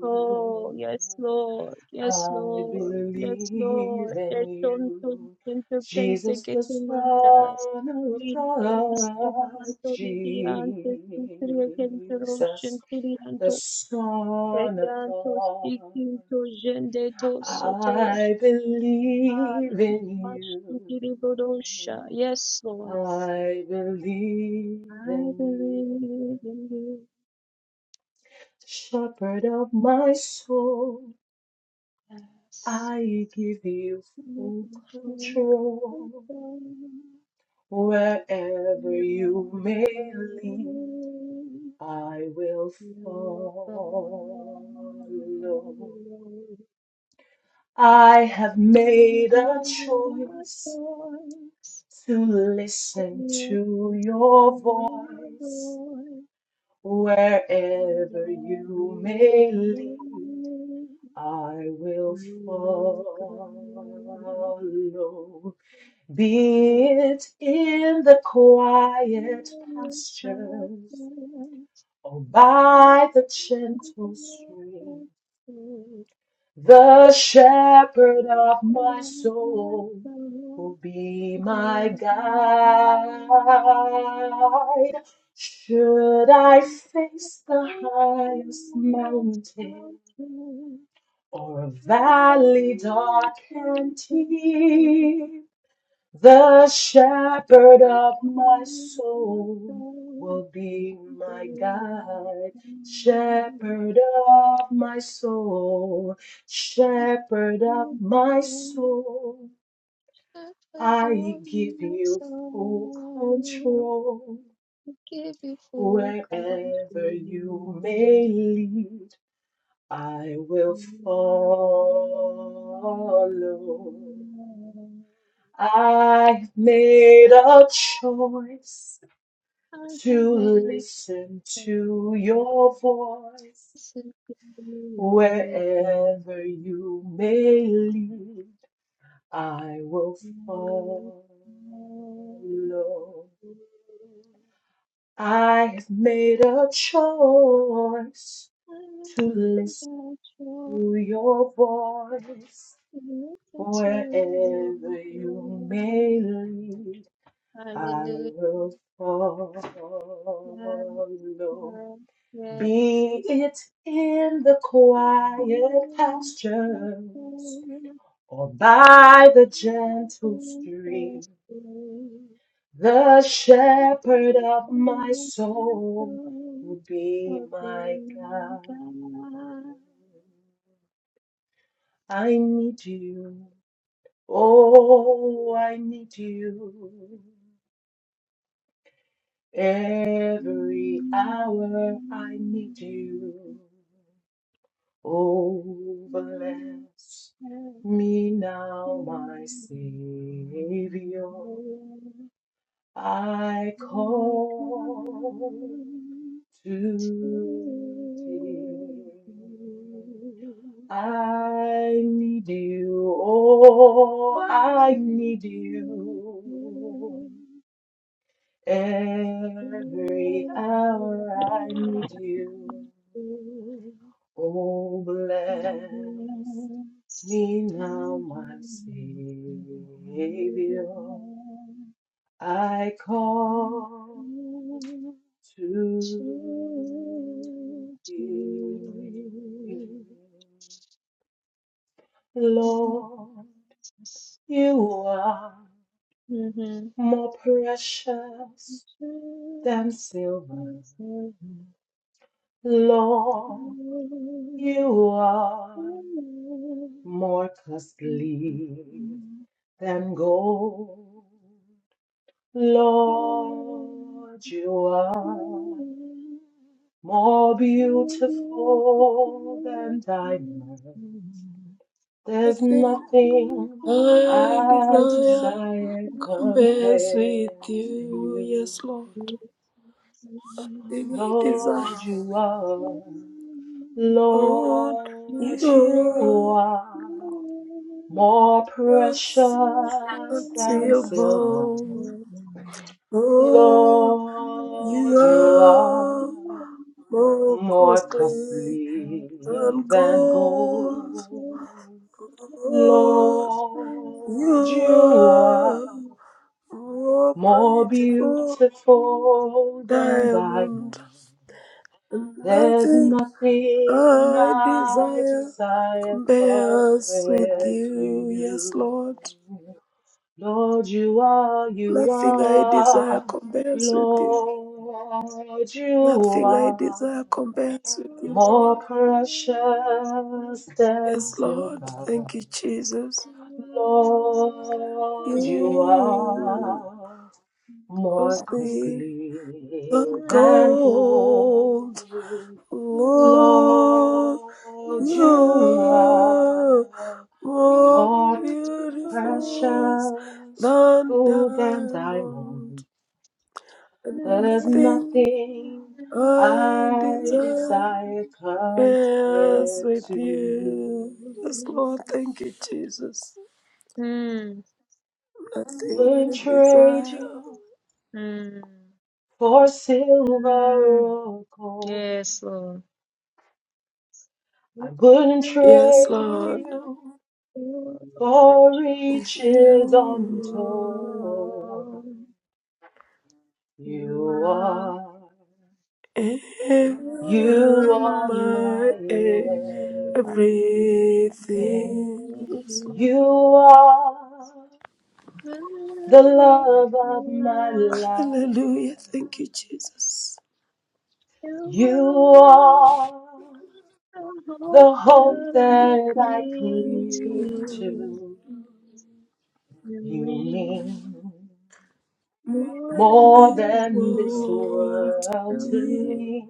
[SPEAKER 1] Oh, yes, Lord. Yes,
[SPEAKER 2] I
[SPEAKER 1] Lord. Yes,
[SPEAKER 2] believe
[SPEAKER 1] Lord. There
[SPEAKER 2] in
[SPEAKER 1] don't
[SPEAKER 2] you.
[SPEAKER 1] intendente
[SPEAKER 2] Jesus,
[SPEAKER 1] que
[SPEAKER 2] the
[SPEAKER 1] te mandas.
[SPEAKER 2] Son of God,
[SPEAKER 1] Manto de diante, tu creyente
[SPEAKER 2] Jesus
[SPEAKER 1] roshen,
[SPEAKER 2] the
[SPEAKER 1] tirianto,
[SPEAKER 2] Son of
[SPEAKER 1] erianto,
[SPEAKER 2] God.
[SPEAKER 1] sticinto, gendeto, sotos,
[SPEAKER 2] I
[SPEAKER 1] ale,
[SPEAKER 2] believe in
[SPEAKER 1] imash,
[SPEAKER 2] you.
[SPEAKER 1] tiribodosha. Yes, Lord.
[SPEAKER 2] I believe
[SPEAKER 1] I
[SPEAKER 2] in you.
[SPEAKER 1] believe in you.
[SPEAKER 2] Shepherd of my soul,
[SPEAKER 1] Yes.
[SPEAKER 2] I give you full
[SPEAKER 1] Looking for
[SPEAKER 2] control.
[SPEAKER 1] God.
[SPEAKER 2] Wherever
[SPEAKER 1] Thank
[SPEAKER 2] you may lead, I will follow. I have made a choice to listen to your voice. Wherever you may lead, I will follow. Be it in the quiet pastures or by the gentle stream.
[SPEAKER 1] you.
[SPEAKER 2] The
[SPEAKER 1] Thank
[SPEAKER 2] shepherd of my soul will be my guide. Should I face the highest mountain or a valley dark and deep? The shepherd of my soul will
[SPEAKER 1] you.
[SPEAKER 2] be my guide. Shepherd of my soul, shepherd of my soul, I give you full control.
[SPEAKER 1] give you full control.
[SPEAKER 2] Wherever you may lead, I will follow. I've made a choice.
[SPEAKER 1] I have
[SPEAKER 2] to
[SPEAKER 1] made
[SPEAKER 2] listen
[SPEAKER 1] choice
[SPEAKER 2] to your voice
[SPEAKER 1] to be your friend.
[SPEAKER 2] wherever you may lead. I will
[SPEAKER 1] I made
[SPEAKER 2] follow. I have made a choice to listen
[SPEAKER 1] that choice
[SPEAKER 2] to your voice
[SPEAKER 1] to listen to your
[SPEAKER 2] wherever you
[SPEAKER 1] voice.
[SPEAKER 2] may lead. I
[SPEAKER 1] Hallelujah.
[SPEAKER 2] will follow.
[SPEAKER 1] Yes, yes,
[SPEAKER 2] Be it in the
[SPEAKER 1] Welcome
[SPEAKER 2] quiet pastures or by the
[SPEAKER 1] to
[SPEAKER 2] gentle stream,
[SPEAKER 1] you.
[SPEAKER 2] the shepherd of my soul will be my guide. I need you. Oh, I need you. Every hour I need you. Oh, bless me now, my Savior. I call to thee. I need you. Oh, I need you. Every hour I need you. Oh, bless me now, my Savior. I call to thee. Lord, you are more precious than silver. Lord,
[SPEAKER 1] Mm-hmm.
[SPEAKER 2] you
[SPEAKER 1] Thank
[SPEAKER 2] are
[SPEAKER 1] you.
[SPEAKER 2] more costly than gold. Lord, you are more beautiful than diamond. There's
[SPEAKER 3] Nothing
[SPEAKER 2] nothing
[SPEAKER 3] I
[SPEAKER 2] I
[SPEAKER 3] desire
[SPEAKER 2] desire
[SPEAKER 3] compares with
[SPEAKER 2] compared to
[SPEAKER 3] you,
[SPEAKER 2] you.
[SPEAKER 3] yes, Lord. They may desire
[SPEAKER 2] Lord, you are.
[SPEAKER 3] what
[SPEAKER 2] Lord,
[SPEAKER 3] you
[SPEAKER 2] you
[SPEAKER 3] are,
[SPEAKER 2] are. more
[SPEAKER 3] just
[SPEAKER 2] precious than silver.
[SPEAKER 3] unseeable. Oh, you
[SPEAKER 2] Lord, you are
[SPEAKER 3] are more
[SPEAKER 2] more
[SPEAKER 3] costly
[SPEAKER 1] Beautiful,
[SPEAKER 2] costly
[SPEAKER 3] than
[SPEAKER 2] than
[SPEAKER 3] gold.
[SPEAKER 2] gold.
[SPEAKER 3] Oh,
[SPEAKER 2] Lord,
[SPEAKER 3] you
[SPEAKER 2] you are
[SPEAKER 3] are more
[SPEAKER 2] more
[SPEAKER 3] beautiful
[SPEAKER 2] beautiful than diamond.
[SPEAKER 3] diamond. And
[SPEAKER 2] There's
[SPEAKER 3] nothing
[SPEAKER 2] nothing
[SPEAKER 3] I
[SPEAKER 2] I
[SPEAKER 3] desire
[SPEAKER 2] desire
[SPEAKER 3] compares with
[SPEAKER 2] compared to
[SPEAKER 3] you. Yes, Lord.
[SPEAKER 2] you. Lord, you are, you
[SPEAKER 3] Nothing I desire
[SPEAKER 2] are.
[SPEAKER 3] compares with you.
[SPEAKER 2] Lord, you
[SPEAKER 3] Nothing I
[SPEAKER 2] are
[SPEAKER 3] desire compares with you,
[SPEAKER 2] more
[SPEAKER 3] Lord.
[SPEAKER 2] precious than
[SPEAKER 3] Yes, Lord.
[SPEAKER 2] silver.
[SPEAKER 3] Thank you, Jesus.
[SPEAKER 2] Lord, you
[SPEAKER 3] You
[SPEAKER 2] are more
[SPEAKER 3] of me
[SPEAKER 2] costly
[SPEAKER 3] than
[SPEAKER 2] than
[SPEAKER 3] gold.
[SPEAKER 2] gold.
[SPEAKER 3] Lord,
[SPEAKER 2] Lord,
[SPEAKER 3] you
[SPEAKER 2] you
[SPEAKER 3] are
[SPEAKER 2] are
[SPEAKER 3] more
[SPEAKER 2] more
[SPEAKER 3] beautiful
[SPEAKER 2] precious
[SPEAKER 3] than
[SPEAKER 2] gold than
[SPEAKER 3] diamond.
[SPEAKER 2] diamond.
[SPEAKER 3] and
[SPEAKER 2] There's
[SPEAKER 3] Nothing
[SPEAKER 1] Nothing
[SPEAKER 2] nothing
[SPEAKER 1] can
[SPEAKER 3] I
[SPEAKER 1] be
[SPEAKER 2] I
[SPEAKER 3] desire
[SPEAKER 1] done.
[SPEAKER 2] desire
[SPEAKER 3] is
[SPEAKER 1] Mm,
[SPEAKER 2] compared
[SPEAKER 3] with
[SPEAKER 2] to you.
[SPEAKER 3] you. Yes, Lord. Thank you, Jesus. Nothing
[SPEAKER 2] Wouldn't
[SPEAKER 3] I
[SPEAKER 2] trade
[SPEAKER 3] desire.
[SPEAKER 2] you
[SPEAKER 1] mm,
[SPEAKER 2] for silver
[SPEAKER 1] mm.
[SPEAKER 2] or gold.
[SPEAKER 1] Yes, Lord. What
[SPEAKER 2] I
[SPEAKER 1] shall
[SPEAKER 2] wouldn't
[SPEAKER 1] I
[SPEAKER 3] Yes,
[SPEAKER 2] trade
[SPEAKER 3] Lord.
[SPEAKER 1] do?
[SPEAKER 2] you
[SPEAKER 1] What
[SPEAKER 2] for
[SPEAKER 1] shall I
[SPEAKER 2] riches untold.
[SPEAKER 3] You
[SPEAKER 1] do? You
[SPEAKER 2] You
[SPEAKER 1] are,
[SPEAKER 2] are.
[SPEAKER 1] you
[SPEAKER 2] You
[SPEAKER 3] are
[SPEAKER 1] are my
[SPEAKER 2] are my
[SPEAKER 3] my
[SPEAKER 1] everything.
[SPEAKER 3] everything.
[SPEAKER 2] everything.
[SPEAKER 3] Yes, Lord.
[SPEAKER 2] You are the
[SPEAKER 1] Never
[SPEAKER 2] love of
[SPEAKER 1] will
[SPEAKER 2] my
[SPEAKER 1] I-
[SPEAKER 2] life.
[SPEAKER 3] Hallelujah. Thank you, Jesus.
[SPEAKER 1] you
[SPEAKER 2] You are
[SPEAKER 1] the hope
[SPEAKER 2] the hope
[SPEAKER 1] that I
[SPEAKER 2] that I
[SPEAKER 1] cling
[SPEAKER 2] cling
[SPEAKER 3] You
[SPEAKER 1] to.
[SPEAKER 2] to.
[SPEAKER 1] You
[SPEAKER 2] You
[SPEAKER 1] mean
[SPEAKER 2] mean
[SPEAKER 3] move
[SPEAKER 1] more than
[SPEAKER 2] more
[SPEAKER 3] the
[SPEAKER 1] this
[SPEAKER 2] than this
[SPEAKER 1] world
[SPEAKER 3] world to
[SPEAKER 1] to
[SPEAKER 2] world to
[SPEAKER 3] me.
[SPEAKER 1] me.
[SPEAKER 2] me.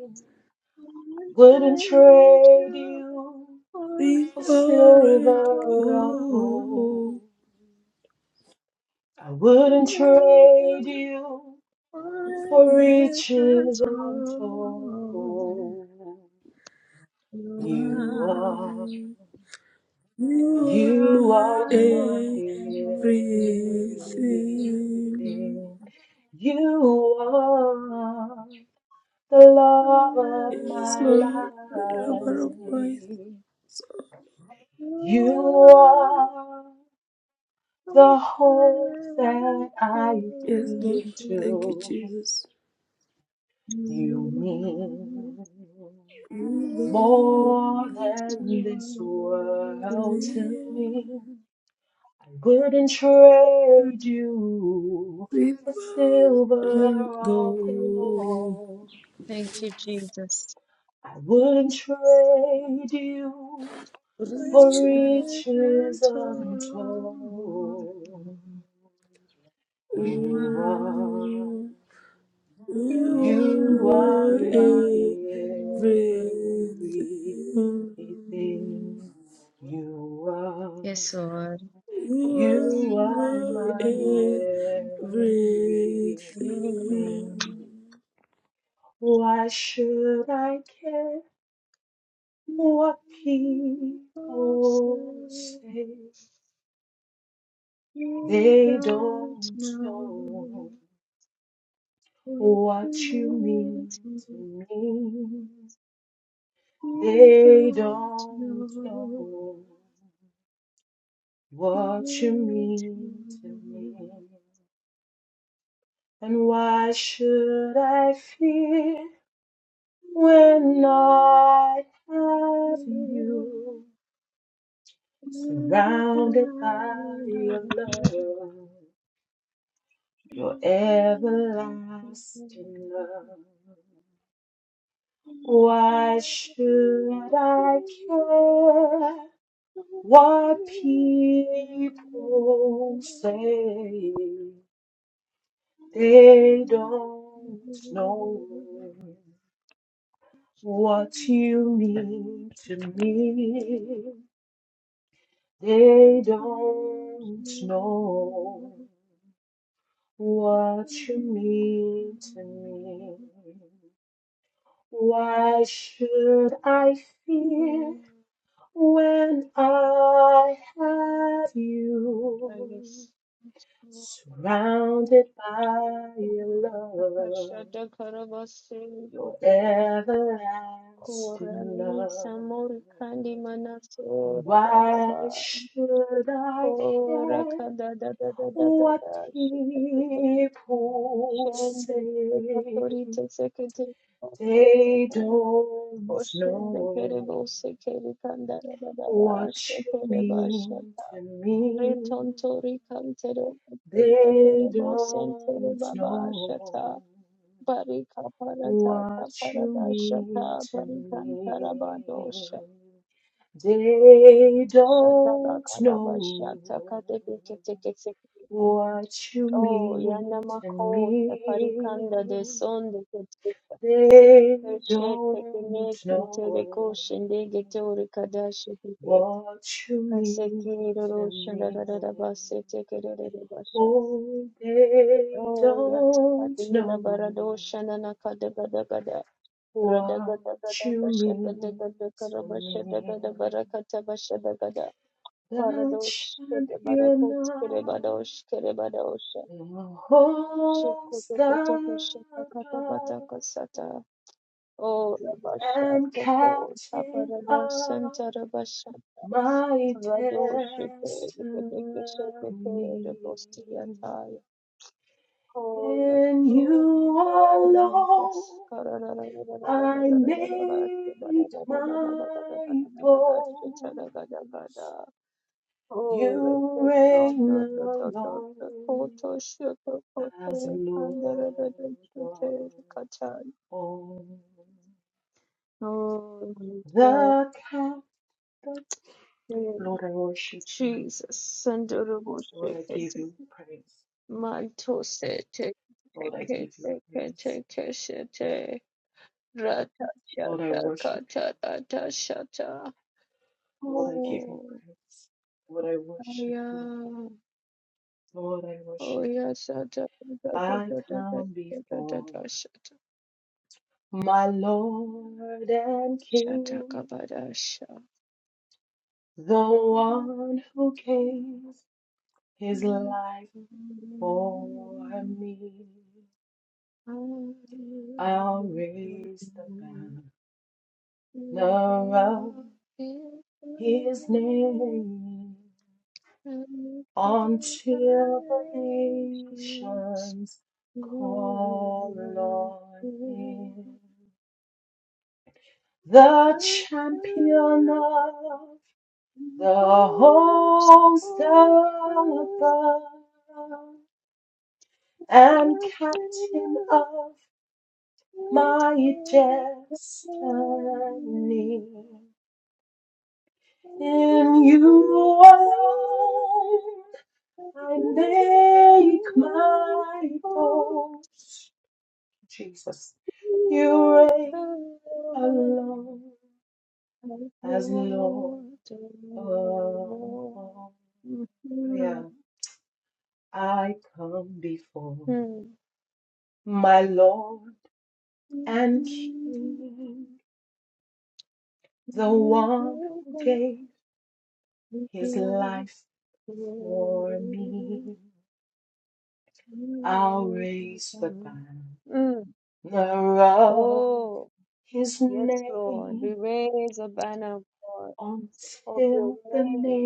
[SPEAKER 1] One
[SPEAKER 2] Wouldn't
[SPEAKER 1] day
[SPEAKER 2] trade
[SPEAKER 1] to
[SPEAKER 2] you.
[SPEAKER 1] for
[SPEAKER 2] for
[SPEAKER 3] before
[SPEAKER 2] silver
[SPEAKER 1] something
[SPEAKER 3] and
[SPEAKER 1] I'll
[SPEAKER 2] or
[SPEAKER 1] go.
[SPEAKER 2] gold.
[SPEAKER 3] gold,
[SPEAKER 2] I wouldn't
[SPEAKER 1] Maker
[SPEAKER 2] trade you
[SPEAKER 1] for
[SPEAKER 2] for
[SPEAKER 1] ages
[SPEAKER 2] riches
[SPEAKER 1] untold.
[SPEAKER 2] untold.
[SPEAKER 1] You
[SPEAKER 2] You
[SPEAKER 1] are,
[SPEAKER 2] are,
[SPEAKER 3] Mm, You
[SPEAKER 1] you
[SPEAKER 3] are
[SPEAKER 1] are
[SPEAKER 2] you
[SPEAKER 3] my
[SPEAKER 2] are
[SPEAKER 1] my
[SPEAKER 2] my
[SPEAKER 3] everything.
[SPEAKER 1] everything.
[SPEAKER 2] everything. You are the love of
[SPEAKER 3] Yes,
[SPEAKER 2] my
[SPEAKER 3] Lord, the
[SPEAKER 2] life.
[SPEAKER 3] lover of my soul.
[SPEAKER 2] You are. the hope that I
[SPEAKER 3] Yes, Lord,
[SPEAKER 2] cling
[SPEAKER 3] thank you,
[SPEAKER 2] to.
[SPEAKER 3] Jesus.
[SPEAKER 2] You mean
[SPEAKER 3] You
[SPEAKER 2] more
[SPEAKER 3] belong
[SPEAKER 2] than this
[SPEAKER 3] to
[SPEAKER 2] world
[SPEAKER 3] me,
[SPEAKER 2] to me. I wouldn't trade you for
[SPEAKER 3] before
[SPEAKER 2] silver
[SPEAKER 3] and
[SPEAKER 2] or
[SPEAKER 3] gold,
[SPEAKER 2] gold.
[SPEAKER 1] Thank you, Jesus.
[SPEAKER 2] I wouldn't trade you for
[SPEAKER 3] Reaches,
[SPEAKER 2] riches untold. You
[SPEAKER 3] mm,
[SPEAKER 2] are,
[SPEAKER 3] you
[SPEAKER 1] You
[SPEAKER 2] you
[SPEAKER 1] are my
[SPEAKER 2] are
[SPEAKER 3] are
[SPEAKER 2] my
[SPEAKER 3] my everything.
[SPEAKER 1] everything.
[SPEAKER 2] everything. You are,
[SPEAKER 1] Yes, Lord.
[SPEAKER 3] You
[SPEAKER 1] You
[SPEAKER 3] are
[SPEAKER 2] you
[SPEAKER 1] are
[SPEAKER 2] are
[SPEAKER 1] my
[SPEAKER 3] my
[SPEAKER 2] my everything.
[SPEAKER 1] everything.
[SPEAKER 3] everything.
[SPEAKER 2] Why should I care what
[SPEAKER 1] People
[SPEAKER 2] people
[SPEAKER 1] say
[SPEAKER 2] say?
[SPEAKER 1] they
[SPEAKER 2] They
[SPEAKER 1] don't
[SPEAKER 2] don't
[SPEAKER 1] know
[SPEAKER 2] know
[SPEAKER 1] what you
[SPEAKER 2] what you
[SPEAKER 1] need.
[SPEAKER 2] mean
[SPEAKER 1] to me.
[SPEAKER 2] to me.
[SPEAKER 1] You
[SPEAKER 2] They
[SPEAKER 1] don't
[SPEAKER 2] don't
[SPEAKER 1] know what
[SPEAKER 2] know what you
[SPEAKER 1] you need. to
[SPEAKER 2] mean to me. And why should I fear when I
[SPEAKER 1] Thank
[SPEAKER 2] have
[SPEAKER 1] you.
[SPEAKER 2] you surrounded by your love, your everlasting love? Why should I care What people say they don't know what you mean to me. They don't know what you mean to me. Why should I fear
[SPEAKER 1] Mm,
[SPEAKER 2] when I have
[SPEAKER 1] I
[SPEAKER 2] you?
[SPEAKER 1] guess.
[SPEAKER 2] Surrounded by your
[SPEAKER 1] Ora
[SPEAKER 2] love,
[SPEAKER 1] takashada karabase
[SPEAKER 2] your everlasting
[SPEAKER 1] Kora ni
[SPEAKER 2] love.
[SPEAKER 1] samori kandi manasora
[SPEAKER 2] Why
[SPEAKER 1] bababa
[SPEAKER 2] should I
[SPEAKER 1] Kora
[SPEAKER 2] care
[SPEAKER 1] kada da da da da da
[SPEAKER 2] what
[SPEAKER 1] da shikakakali.
[SPEAKER 2] people
[SPEAKER 1] Shende
[SPEAKER 2] say?
[SPEAKER 1] katori tesekete
[SPEAKER 2] They don't
[SPEAKER 1] Oshende kere
[SPEAKER 2] know
[SPEAKER 1] bose kere kandara da da da
[SPEAKER 2] what you
[SPEAKER 1] shekere basha
[SPEAKER 2] mean to me.
[SPEAKER 1] Retontori kantere kantere
[SPEAKER 2] They
[SPEAKER 1] bosentere
[SPEAKER 2] don't
[SPEAKER 1] baba shata
[SPEAKER 2] know.
[SPEAKER 1] barika parata
[SPEAKER 2] what you
[SPEAKER 1] kaparada shata
[SPEAKER 2] mean to
[SPEAKER 1] barikantara
[SPEAKER 2] me.
[SPEAKER 1] badosha
[SPEAKER 2] They
[SPEAKER 1] shata la
[SPEAKER 2] don't
[SPEAKER 1] kalaba
[SPEAKER 2] know
[SPEAKER 1] shata kateke kete kete
[SPEAKER 2] what you
[SPEAKER 1] oh yana
[SPEAKER 2] mean to
[SPEAKER 1] mako parikanda de
[SPEAKER 2] me.
[SPEAKER 1] son de kete
[SPEAKER 2] They
[SPEAKER 1] shete kene
[SPEAKER 2] don't
[SPEAKER 1] kantere
[SPEAKER 2] know
[SPEAKER 1] koshende getori kadashi kete
[SPEAKER 2] what you
[SPEAKER 1] kaseki
[SPEAKER 2] mean
[SPEAKER 1] roro
[SPEAKER 2] to
[SPEAKER 1] shanda
[SPEAKER 2] me.
[SPEAKER 1] rara basete kere
[SPEAKER 2] Oh, they
[SPEAKER 1] Oh, yes.
[SPEAKER 2] don't
[SPEAKER 1] Adila Barado
[SPEAKER 2] know
[SPEAKER 1] Shanana Kadagadagada.
[SPEAKER 2] What
[SPEAKER 1] Radagadagada
[SPEAKER 2] you mean
[SPEAKER 1] Bashagadagada
[SPEAKER 2] to me,
[SPEAKER 1] Karabashadagada Barakata Bashadagada.
[SPEAKER 2] the
[SPEAKER 1] Paradosh
[SPEAKER 2] champion
[SPEAKER 1] Kerebarakots
[SPEAKER 2] of
[SPEAKER 1] Kerebadosh Kerebadosh.
[SPEAKER 2] the host star,
[SPEAKER 1] Shukotokotokosha Katabata Kasata. Oh, Rabasha
[SPEAKER 2] and
[SPEAKER 1] Toko
[SPEAKER 2] captain
[SPEAKER 1] Taparada
[SPEAKER 2] of
[SPEAKER 1] Santa Rabasha.
[SPEAKER 2] my
[SPEAKER 1] Rado Shite
[SPEAKER 2] destiny.
[SPEAKER 1] Rebostia Taya. Oh,
[SPEAKER 2] In
[SPEAKER 1] yes.
[SPEAKER 2] you alone,
[SPEAKER 1] Jesus. Oh, no, no, no,
[SPEAKER 2] I make my boast.
[SPEAKER 1] no,
[SPEAKER 2] You
[SPEAKER 1] no, no.
[SPEAKER 2] reign alone
[SPEAKER 1] Koto shito
[SPEAKER 2] as
[SPEAKER 1] koto andere
[SPEAKER 2] Lord of
[SPEAKER 1] shite katan.
[SPEAKER 2] all.
[SPEAKER 1] Oh my God,
[SPEAKER 2] The captive.
[SPEAKER 1] thank you,
[SPEAKER 2] Lord, I worship you.
[SPEAKER 1] Jesus, sandorobo
[SPEAKER 2] Lord, I give
[SPEAKER 1] shikete,
[SPEAKER 2] you praise.
[SPEAKER 1] manto sete,
[SPEAKER 2] Lord, I
[SPEAKER 1] teke
[SPEAKER 2] give you
[SPEAKER 1] teke
[SPEAKER 2] praise.
[SPEAKER 1] teke shite, rata
[SPEAKER 2] Lord, I
[SPEAKER 1] shata
[SPEAKER 2] worship you.
[SPEAKER 1] kata rata shata.
[SPEAKER 2] Lord, I give you
[SPEAKER 1] Oh,
[SPEAKER 2] praise. Lord, I
[SPEAKER 1] oh,
[SPEAKER 2] worship you.
[SPEAKER 1] yeah.
[SPEAKER 2] Lord, I
[SPEAKER 1] Oh,
[SPEAKER 2] worship.
[SPEAKER 1] yeah. Shata, da, da, da,
[SPEAKER 2] I
[SPEAKER 1] da, da,
[SPEAKER 2] come
[SPEAKER 1] da, da, da,
[SPEAKER 2] before
[SPEAKER 1] da, shata.
[SPEAKER 2] my Lord and
[SPEAKER 1] Shata,
[SPEAKER 2] King,
[SPEAKER 1] kabada, sha.
[SPEAKER 2] the one who came. His life for me. I'll raise the banner of his name until the nations call on him. The champion of the host above and captain of my destiny. In you alone, I make my boast. Jesus, you reign alone as Lord of all. Yeah, I come before
[SPEAKER 1] Mm-hmm.
[SPEAKER 2] my Lord and King, the one who gave his life for me.
[SPEAKER 1] Mm.
[SPEAKER 2] I'll raise the banner of
[SPEAKER 1] Oh,
[SPEAKER 2] his
[SPEAKER 1] yes, Lord. We
[SPEAKER 2] name
[SPEAKER 1] raise a banner, God, of your
[SPEAKER 2] until the
[SPEAKER 1] name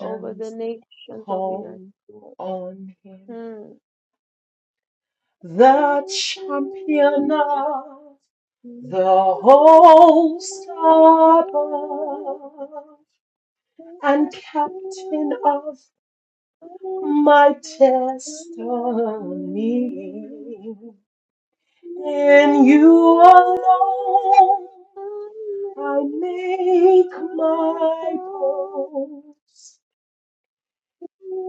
[SPEAKER 1] over the nations of the earth,
[SPEAKER 2] call
[SPEAKER 1] Lord.
[SPEAKER 2] on him. The champion of the host above and captain of my destiny.
[SPEAKER 1] Mm.
[SPEAKER 2] In you alone I make my boast.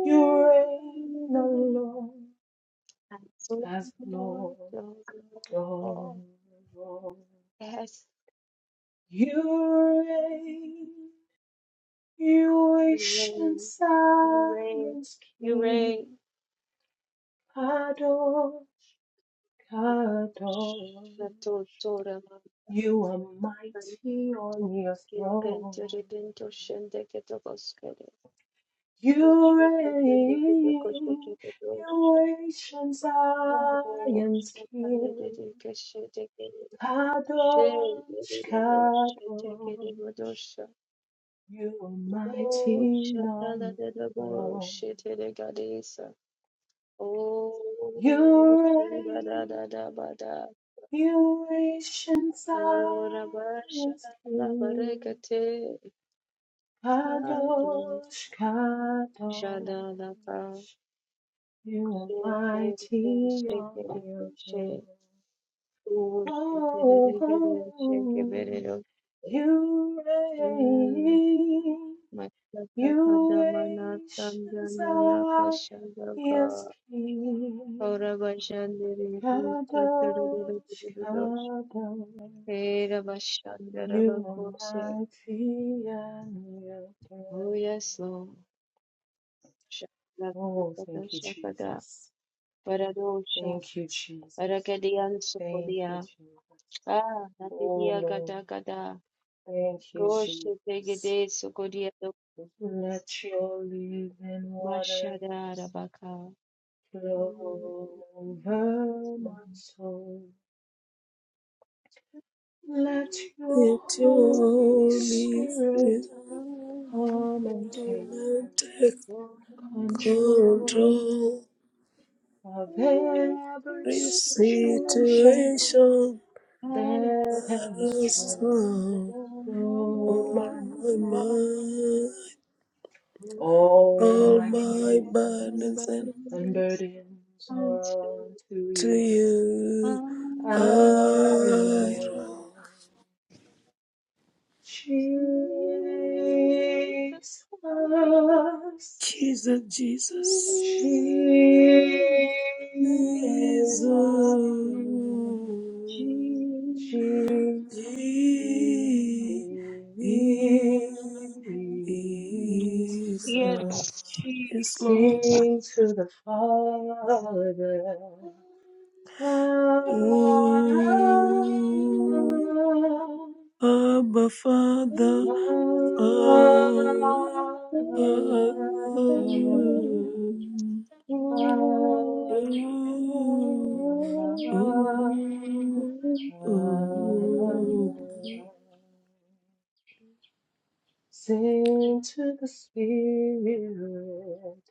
[SPEAKER 2] You reign alone as Lord of all.
[SPEAKER 1] Yes,
[SPEAKER 2] You reign, you
[SPEAKER 1] you
[SPEAKER 2] ancient
[SPEAKER 1] rain, you reign,
[SPEAKER 2] Zion's
[SPEAKER 1] you
[SPEAKER 2] King.
[SPEAKER 1] reign.
[SPEAKER 2] Adon, Adon.
[SPEAKER 1] The Torah,
[SPEAKER 2] You are mighty on your
[SPEAKER 1] Kimpento,
[SPEAKER 2] throne.
[SPEAKER 1] Rebento, Shendeke, Togoskere,
[SPEAKER 2] You
[SPEAKER 1] Shake, Bendeke,
[SPEAKER 2] reign, you ancient
[SPEAKER 1] Oh,
[SPEAKER 2] Zion's king, Kadosh, Kadosh, you are mighty on your throne. You reign, you ancient Zion's king, Kadosh,
[SPEAKER 1] Shada
[SPEAKER 2] Kadosh, you are mighty on your throne. Oh, oh, you reign,
[SPEAKER 1] Makatakandamana
[SPEAKER 2] you nations
[SPEAKER 1] Sandhanana
[SPEAKER 2] are
[SPEAKER 1] Kashandaka
[SPEAKER 2] his king.
[SPEAKER 1] Kaurabashandiri
[SPEAKER 2] Kadosh,
[SPEAKER 1] Sutrudurudurudurudurus
[SPEAKER 2] Kadosh, you
[SPEAKER 1] Herabashandaravakose
[SPEAKER 2] are mighty and you're your
[SPEAKER 1] Uyaslo
[SPEAKER 2] Oh,
[SPEAKER 1] Shakata
[SPEAKER 2] thank you,
[SPEAKER 1] Shakada
[SPEAKER 2] Jesus.
[SPEAKER 1] Paradosha
[SPEAKER 2] Thank you, Jesus.
[SPEAKER 1] Parakadiyan
[SPEAKER 2] Thank you,
[SPEAKER 1] Sukodiya
[SPEAKER 2] Jesus.
[SPEAKER 1] Ah
[SPEAKER 2] Oh,
[SPEAKER 1] Natidiya
[SPEAKER 2] Lord.
[SPEAKER 1] Gata Gata
[SPEAKER 2] Thank you,
[SPEAKER 1] Goshe
[SPEAKER 2] Jesus.
[SPEAKER 1] Tegede Sukodiya
[SPEAKER 2] Let your living
[SPEAKER 1] Mashada
[SPEAKER 2] waters
[SPEAKER 1] Rabaka
[SPEAKER 2] flow over my
[SPEAKER 1] Oh,
[SPEAKER 2] soul. Let your
[SPEAKER 3] Let your
[SPEAKER 2] Holy
[SPEAKER 3] Holy
[SPEAKER 2] Spirit
[SPEAKER 3] Spirit
[SPEAKER 2] come and
[SPEAKER 3] come
[SPEAKER 2] take
[SPEAKER 3] and take
[SPEAKER 2] control
[SPEAKER 3] control.
[SPEAKER 2] of every
[SPEAKER 3] This
[SPEAKER 2] situation
[SPEAKER 3] situation
[SPEAKER 2] that
[SPEAKER 3] that
[SPEAKER 2] has
[SPEAKER 3] has thrown
[SPEAKER 2] troubled my
[SPEAKER 3] my
[SPEAKER 2] heart.
[SPEAKER 3] mind,
[SPEAKER 2] All
[SPEAKER 3] all
[SPEAKER 2] my
[SPEAKER 3] my
[SPEAKER 2] cares
[SPEAKER 3] burdens, and
[SPEAKER 2] and burdens
[SPEAKER 1] Unto
[SPEAKER 2] are unto
[SPEAKER 3] to
[SPEAKER 2] you.
[SPEAKER 3] you
[SPEAKER 2] I will
[SPEAKER 3] I
[SPEAKER 1] my Lord.
[SPEAKER 2] Jesus,
[SPEAKER 3] Jesus, Jesus,
[SPEAKER 2] Jesus, Jesus.
[SPEAKER 3] Jesus, Jesus.
[SPEAKER 1] Yes,
[SPEAKER 3] Yes, Lord.
[SPEAKER 2] Sing to the Father.
[SPEAKER 3] Oh, Abba, Father, oh, oh, oh, oh, oh. oh.
[SPEAKER 1] Jesus.
[SPEAKER 2] Sing to the Spirit,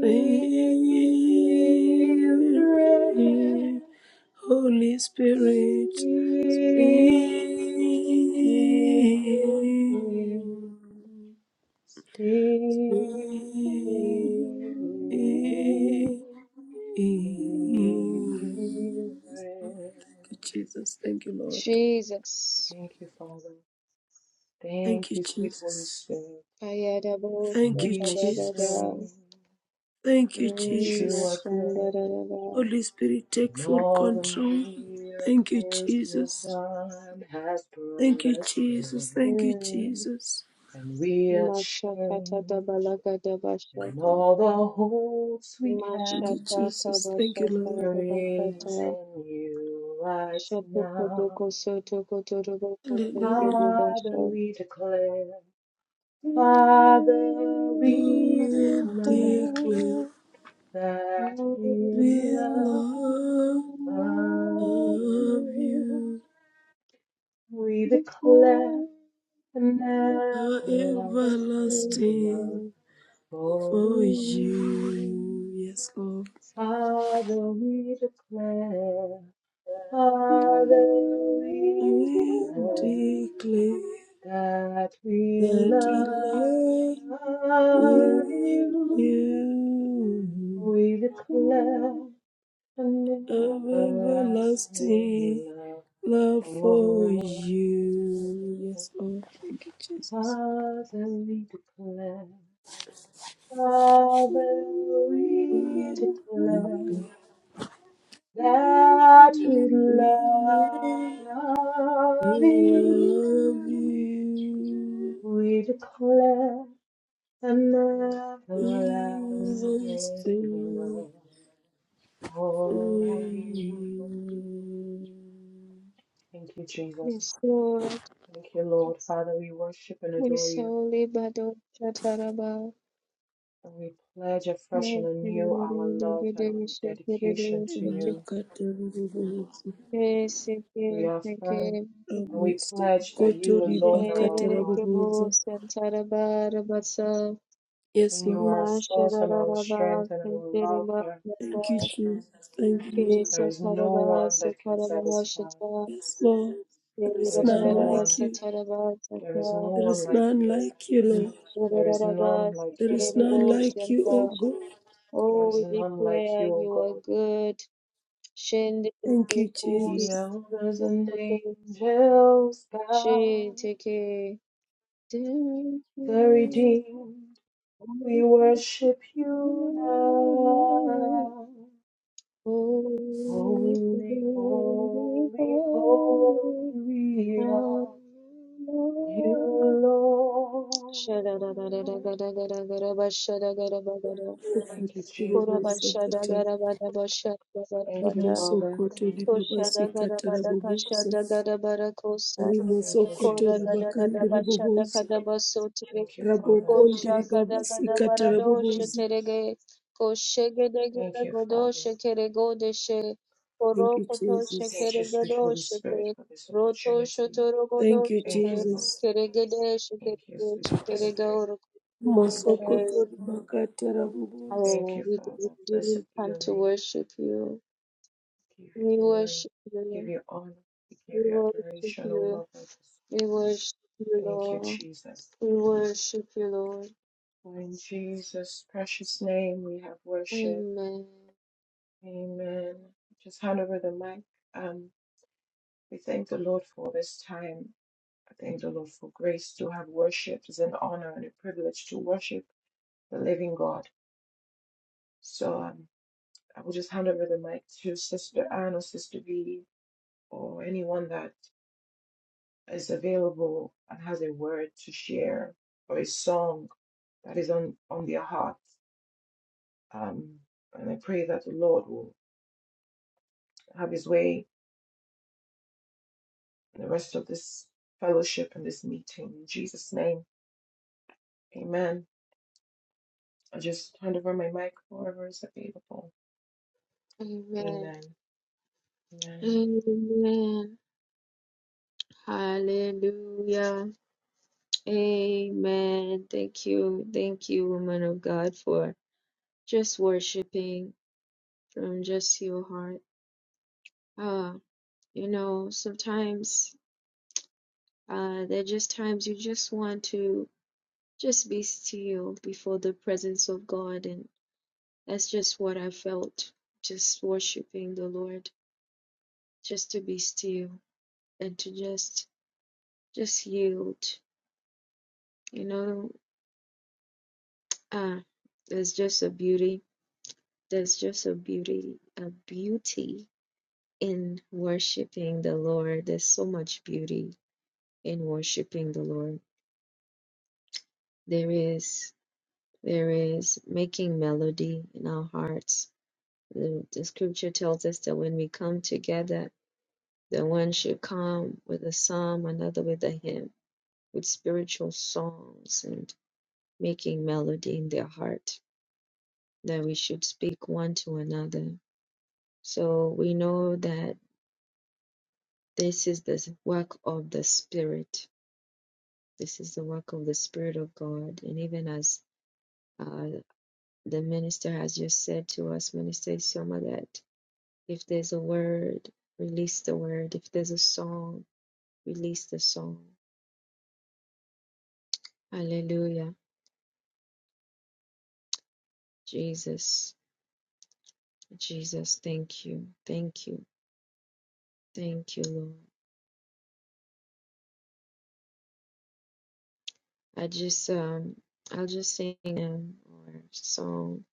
[SPEAKER 3] Holy Spirit. Thank you,
[SPEAKER 2] give me Spirit,
[SPEAKER 3] Jesus. Thank you, Lord.
[SPEAKER 1] Jesus.
[SPEAKER 2] Thank you, Father.
[SPEAKER 3] Thank
[SPEAKER 2] Thank
[SPEAKER 3] you,
[SPEAKER 2] you, sweet Holy
[SPEAKER 3] Jesus.
[SPEAKER 2] Spirit.
[SPEAKER 1] Payadabo
[SPEAKER 2] And
[SPEAKER 3] Thank you,
[SPEAKER 2] we will
[SPEAKER 3] Jesus.
[SPEAKER 2] sing
[SPEAKER 1] Shakadagada.
[SPEAKER 3] Thank you,
[SPEAKER 2] that
[SPEAKER 1] Mm,
[SPEAKER 2] you are
[SPEAKER 3] Jesus.
[SPEAKER 2] good.
[SPEAKER 1] Mashandarada.
[SPEAKER 3] Holy Spirit, take
[SPEAKER 2] And
[SPEAKER 3] full
[SPEAKER 2] all the
[SPEAKER 3] control. Thank you,
[SPEAKER 2] miracles you've
[SPEAKER 3] Jesus.
[SPEAKER 2] done has brought
[SPEAKER 3] Thank you,
[SPEAKER 2] us joy.
[SPEAKER 3] Jesus. Thank you,
[SPEAKER 1] Mm,
[SPEAKER 3] Jesus.
[SPEAKER 2] And we are
[SPEAKER 1] Mashakata
[SPEAKER 2] changed.
[SPEAKER 1] Dabalagada
[SPEAKER 2] And
[SPEAKER 1] Bashada.
[SPEAKER 2] all the hopes we
[SPEAKER 3] Thank
[SPEAKER 2] had.
[SPEAKER 3] you,
[SPEAKER 1] Mashata
[SPEAKER 3] Jesus. Thank you,
[SPEAKER 2] So
[SPEAKER 3] Lord.
[SPEAKER 1] Kabashata Dabakata.
[SPEAKER 2] praising you right now.
[SPEAKER 1] Shatukodoko Sotoko Toroboko
[SPEAKER 3] Hallelujah.
[SPEAKER 2] Father,
[SPEAKER 1] Feke
[SPEAKER 2] we declare,
[SPEAKER 1] Thank you.
[SPEAKER 2] Father,
[SPEAKER 3] Go
[SPEAKER 2] we
[SPEAKER 3] and
[SPEAKER 2] declare
[SPEAKER 3] declare
[SPEAKER 2] that we
[SPEAKER 3] the
[SPEAKER 2] love
[SPEAKER 3] love
[SPEAKER 2] you.
[SPEAKER 3] of you
[SPEAKER 2] We declare an
[SPEAKER 3] are
[SPEAKER 2] everlasting love
[SPEAKER 3] everlasting for
[SPEAKER 2] for you.
[SPEAKER 3] you. Yes, Lord.
[SPEAKER 2] Father, we declare, Father,
[SPEAKER 3] I
[SPEAKER 2] we
[SPEAKER 3] will
[SPEAKER 2] declare.
[SPEAKER 3] declare
[SPEAKER 2] that we
[SPEAKER 3] that we
[SPEAKER 2] love
[SPEAKER 3] love
[SPEAKER 2] you.
[SPEAKER 3] you.
[SPEAKER 2] We declare
[SPEAKER 3] of
[SPEAKER 2] an everlasting
[SPEAKER 3] everlasting
[SPEAKER 2] love
[SPEAKER 3] love for
[SPEAKER 2] for
[SPEAKER 3] you.
[SPEAKER 2] you.
[SPEAKER 3] Yes, Lord. Thank you, Jesus.
[SPEAKER 2] Father, we declare, Father, we
[SPEAKER 3] We love
[SPEAKER 2] declare that we
[SPEAKER 3] you. We
[SPEAKER 2] love you.
[SPEAKER 3] love you.
[SPEAKER 2] We declare an everlasting
[SPEAKER 3] Everlasting
[SPEAKER 2] love
[SPEAKER 3] for
[SPEAKER 2] for
[SPEAKER 3] you.
[SPEAKER 2] you. Thank you, Jesus.
[SPEAKER 1] Restored,
[SPEAKER 2] Thank you, Lord. Father, we worship and adore you.
[SPEAKER 1] Visoli Bado Chataraba,
[SPEAKER 2] And we pledge afresh and anew our love and our dedication to you.
[SPEAKER 3] Imakatarabobooza.
[SPEAKER 2] We affirm and we pledge that you alone are our God,
[SPEAKER 3] Ramosokotoribakatarabobooza.
[SPEAKER 1] Shirikabo Santaraba Rabasa,
[SPEAKER 3] Yes,
[SPEAKER 2] and
[SPEAKER 3] Lord.
[SPEAKER 2] you are our source and our
[SPEAKER 1] Masharaba
[SPEAKER 2] strength and our
[SPEAKER 1] Santaraba,
[SPEAKER 2] lover.
[SPEAKER 3] Thank you, Jesus. Thank you, Lord.
[SPEAKER 2] There
[SPEAKER 1] Kirisa
[SPEAKER 2] is no
[SPEAKER 1] Taraba
[SPEAKER 2] one that can
[SPEAKER 1] Sataraba
[SPEAKER 2] satisfy.
[SPEAKER 1] Shata,
[SPEAKER 3] Yes, Lord. There is
[SPEAKER 2] There is
[SPEAKER 3] none
[SPEAKER 2] no
[SPEAKER 1] Rabarara
[SPEAKER 2] one.
[SPEAKER 3] like you.
[SPEAKER 1] Sataraba
[SPEAKER 2] There is no
[SPEAKER 1] Sata,
[SPEAKER 3] There
[SPEAKER 2] one
[SPEAKER 3] is
[SPEAKER 2] like
[SPEAKER 3] none
[SPEAKER 2] you.
[SPEAKER 3] like you, Lord.
[SPEAKER 2] There is
[SPEAKER 1] Shiraraba
[SPEAKER 2] none like
[SPEAKER 3] There is
[SPEAKER 2] you.
[SPEAKER 3] none
[SPEAKER 1] Sikiribo
[SPEAKER 3] like you, O
[SPEAKER 1] Shanta.
[SPEAKER 3] God.
[SPEAKER 2] There
[SPEAKER 1] Oh,
[SPEAKER 2] is
[SPEAKER 1] we
[SPEAKER 2] none like
[SPEAKER 1] declare
[SPEAKER 2] you, O
[SPEAKER 1] you are
[SPEAKER 2] God.
[SPEAKER 1] good. Shende
[SPEAKER 3] Thank you,
[SPEAKER 1] lepo
[SPEAKER 2] The
[SPEAKER 3] Jesus.
[SPEAKER 2] elders and
[SPEAKER 1] sokoto
[SPEAKER 2] angels
[SPEAKER 1] she
[SPEAKER 2] bow.
[SPEAKER 1] teke. Holy,
[SPEAKER 2] The redeemed, we worship you now.
[SPEAKER 1] holy, holy,
[SPEAKER 2] Holy,
[SPEAKER 1] are
[SPEAKER 2] holy,
[SPEAKER 1] you,
[SPEAKER 2] holy
[SPEAKER 1] Lord.
[SPEAKER 2] are you, Lord.
[SPEAKER 1] Shadadadadadagadagadagada, bashadagadagadagada,
[SPEAKER 2] Thank you, Jesus.
[SPEAKER 3] Rimosokoto
[SPEAKER 2] Thank you,
[SPEAKER 1] kurabashadagadagadabashadagada.
[SPEAKER 2] Father.
[SPEAKER 3] rimosokoto,
[SPEAKER 1] Koshada
[SPEAKER 3] rimabasikata
[SPEAKER 1] Gadabada
[SPEAKER 3] rabobosa.
[SPEAKER 1] Kashada Gadabada Kosa
[SPEAKER 2] Thank you,
[SPEAKER 3] Rimosokoto
[SPEAKER 1] Kora
[SPEAKER 2] Jesus.
[SPEAKER 1] Gadada
[SPEAKER 3] ribakandi
[SPEAKER 1] Bashada
[SPEAKER 3] ribobosa.
[SPEAKER 1] Kadabaso Tere
[SPEAKER 2] Thank you, Father.
[SPEAKER 3] Rabokondi
[SPEAKER 1] Kosha Kadagada
[SPEAKER 3] ribabasikata
[SPEAKER 2] Thank you,
[SPEAKER 1] Barado
[SPEAKER 3] rabobosa.
[SPEAKER 2] Jesus.
[SPEAKER 1] Sheterege Koshegedegada
[SPEAKER 2] Thank you,
[SPEAKER 1] Godo
[SPEAKER 2] Father.
[SPEAKER 1] Shekere Godeshe
[SPEAKER 3] Thank
[SPEAKER 1] Koro
[SPEAKER 3] you,
[SPEAKER 1] Koto
[SPEAKER 3] Jesus.
[SPEAKER 2] Thank you,
[SPEAKER 1] Shekere
[SPEAKER 2] sweet
[SPEAKER 1] Gado
[SPEAKER 2] Holy Spirit,
[SPEAKER 1] Sheke
[SPEAKER 2] for this
[SPEAKER 1] Roto
[SPEAKER 2] opportunity.
[SPEAKER 1] Shotoro
[SPEAKER 3] Thank
[SPEAKER 1] Godo
[SPEAKER 3] you,
[SPEAKER 2] Thank you,
[SPEAKER 1] Sheke
[SPEAKER 2] Lord.
[SPEAKER 3] Jesus.
[SPEAKER 1] Keregede
[SPEAKER 2] Thank you,
[SPEAKER 1] Shekere
[SPEAKER 2] sweet Holy
[SPEAKER 1] Shekere
[SPEAKER 2] Spirit.
[SPEAKER 1] Gaoro
[SPEAKER 2] Thank you.
[SPEAKER 3] Mosokoto ribakata rabobosa.
[SPEAKER 2] Thank
[SPEAKER 1] Oh,
[SPEAKER 2] you,
[SPEAKER 1] we do, we
[SPEAKER 2] Father. Blessed
[SPEAKER 1] do
[SPEAKER 2] be
[SPEAKER 1] come
[SPEAKER 2] your
[SPEAKER 1] to
[SPEAKER 2] name.
[SPEAKER 1] worship you.
[SPEAKER 2] We give you
[SPEAKER 1] We
[SPEAKER 2] glory.
[SPEAKER 1] worship
[SPEAKER 2] We give
[SPEAKER 1] you.
[SPEAKER 2] you honor. We
[SPEAKER 1] We
[SPEAKER 2] give you
[SPEAKER 1] worship
[SPEAKER 2] adoration, O
[SPEAKER 1] you.
[SPEAKER 2] Lord. of us.
[SPEAKER 1] We worship you,
[SPEAKER 2] Thank you,
[SPEAKER 1] Lord.
[SPEAKER 2] Jesus.
[SPEAKER 1] We worship you, Lord.
[SPEAKER 2] For in Jesus' precious name we have worship.
[SPEAKER 1] Amen.
[SPEAKER 2] Amen. Just hand over the mic. Um, we thank the Lord for this time. I thank the Lord for grace to have worship. It's an honor and a privilege to worship the living God. So um, I will just hand over the mic to Sister Anne or Sister V or anyone that is available and has a word to share or a song that is on, on their heart. Um, and I pray that the Lord will have his way in the rest of this fellowship and this meeting. In Jesus' name, amen. I just hand over my mic, whoever is available.
[SPEAKER 1] Amen.
[SPEAKER 2] Amen. Amen.
[SPEAKER 1] Amen. Hallelujah. Amen. Thank you. Thank you, woman of God, for just worshiping from just your heart. Ah, you know, sometimes uh, there are just times you just want to just be still before the presence of God. And that's just what I felt, just worshiping the Lord. just to be still and to just just yield you know ah there's just a beauty there's just a beauty a beauty in worshiping the lord there's so much beauty in worshiping the lord there is there is making melody in our hearts the, the scripture tells us that when we come together the one should come with a psalm another with a hymn with spiritual songs and. making melody in their heart, that we should speak one to another. So we know that this is the work of the Spirit. This is the work of the Spirit of God. And even as uh, the minister has just said to us, Minister Isioma, that if there's a word, release the word. If there's a song, release the song. Hallelujah. Jesus, Jesus, thank you. Thank you. Thank you, Lord. I just um I'll just sing them or song.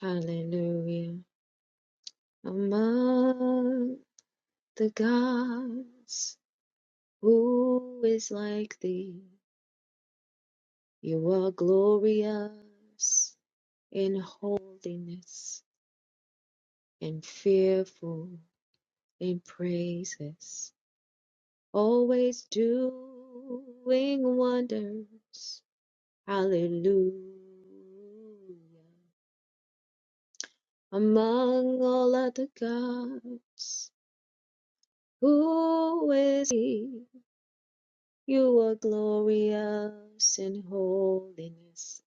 [SPEAKER 1] Hallelujah. Among the gods, who is like thee? You are glorious in holiness and fearful in praises, always doing wonders. Hallelujah. Among all other gods, who is he? You are glorious in holiness,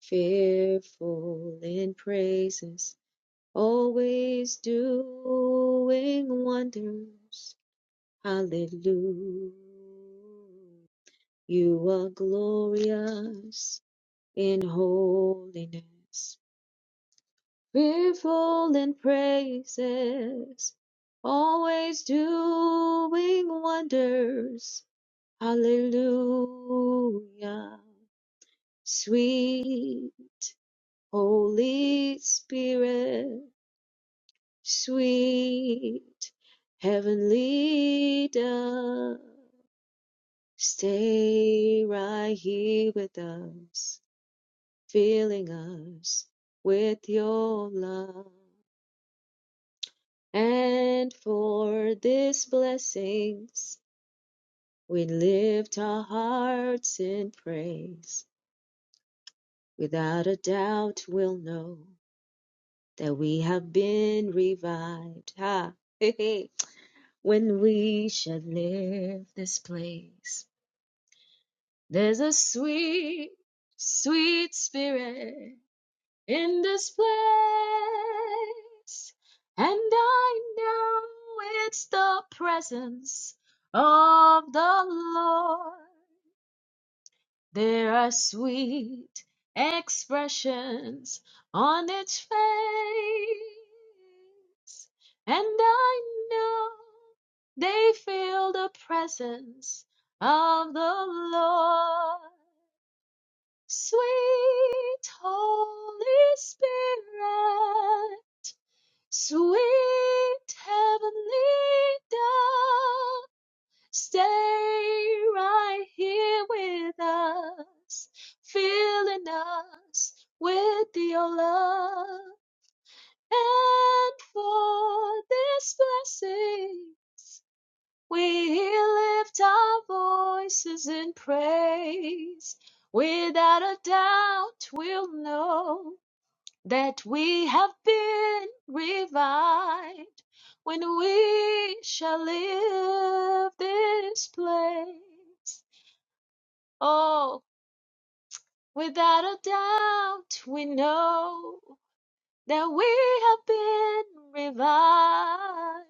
[SPEAKER 1] fearful in praises, always doing wonders. Hallelujah. You are glorious in holiness fearful in praises, always doing wonders. Hallelujah. Sweet Holy Spirit, sweet heavenly dove, stay right here with us, filling us with your love. And for these blessings, we lift our hearts in praise. Without a doubt, we'll know that we have been revived. Ha! when we shall leave this place, there's a sweet, sweet spirit in this place. And I know it's the presence of the Lord. There are sweet expressions on its face. And I know they feel the presence of the Lord. Sweet Holy Spirit, sweet Heavenly Dove, stay right here with us, filling us with your love. And for this blessing, we lift our voices in praise. Without a doubt, we'll know. that we have been revived when we shall leave this place. Oh, without a doubt, we know that we have been revived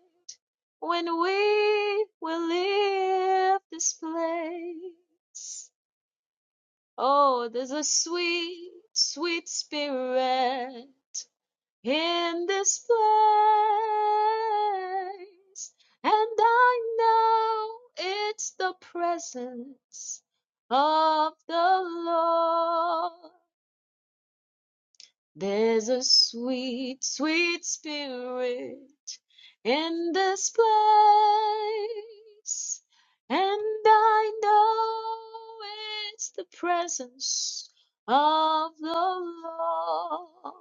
[SPEAKER 1] when we will leave this place. Oh, there's a sweet, sweet spirit in this place. And I know it's the presence of the Lord. There's a sweet, sweet spirit in this place. And I know it's the presence of the Lord.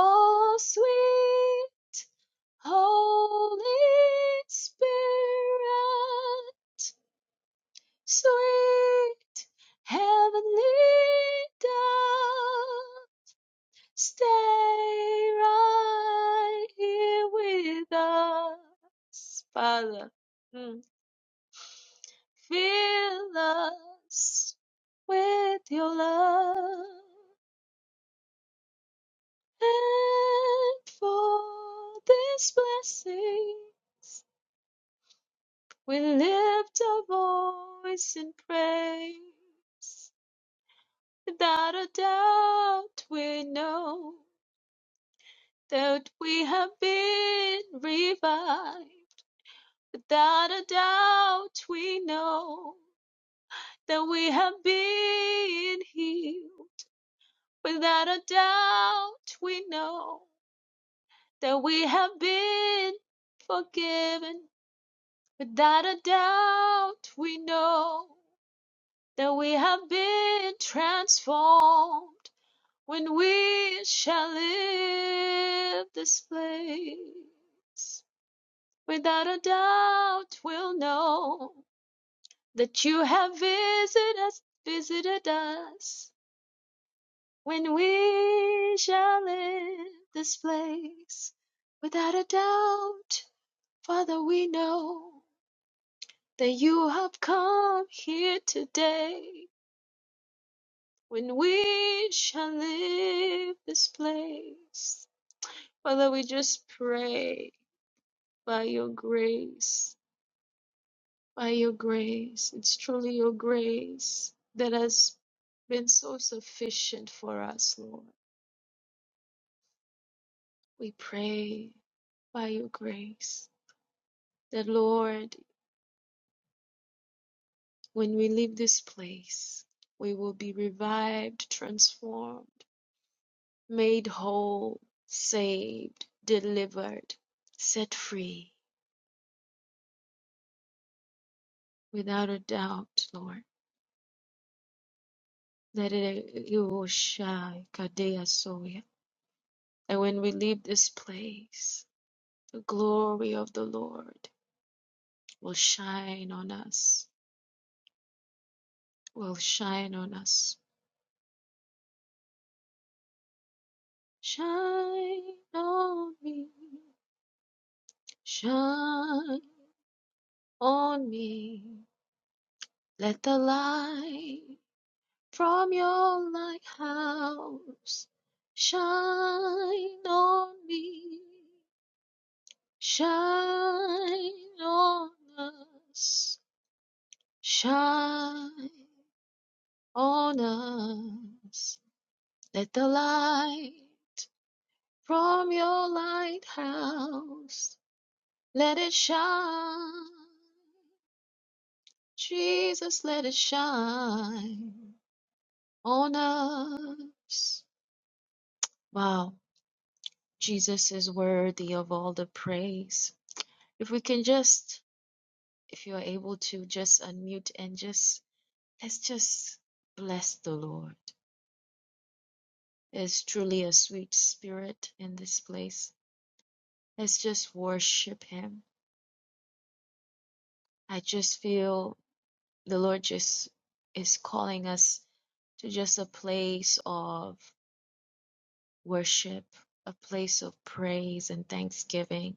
[SPEAKER 1] Oh, sweet. Holy Spirit, sweet heavenly dove, stay right here with us, Father. Mm. Fill us with your love and for this blessing. We lift our voice in praise. Without a doubt, we know that we have been revived. Without a doubt, we know that we have been healed. Without a doubt, we know that we have been forgiven. Without a doubt, we know that we have been transformed when we shall leave this place. Without a doubt, we'll know that you have visited us, visited us when we shall leave this place. Without a doubt, Father, we know that you have come here today when we shall leave this place. Father, we just pray by your grace, by your grace. It's truly your grace that has been so sufficient for us, Lord. We pray by your grace that, Lord, when we leave this place, we will be revived, transformed, made whole, saved, delivered, set free Without a doubt, Lord, that it Yoshai Kadeya Soya. And when we leave this place, the glory of the Lord will shine on us. Will shine on us. Shine on me. Shine on me. Let the light from your lighthouse shine on me. Shine on us, shine on us. Let the light from your lighthouse, let it shine. Jesus, let it shine on us. Wow, Jesus is worthy of all the praise. If we can just, if you are able to, just unmute and just Let's just bless the Lord. There's truly a sweet spirit in this place. Let's just worship Him. I just feel the Lord just is calling us to just a place of worship, a place of praise and thanksgiving.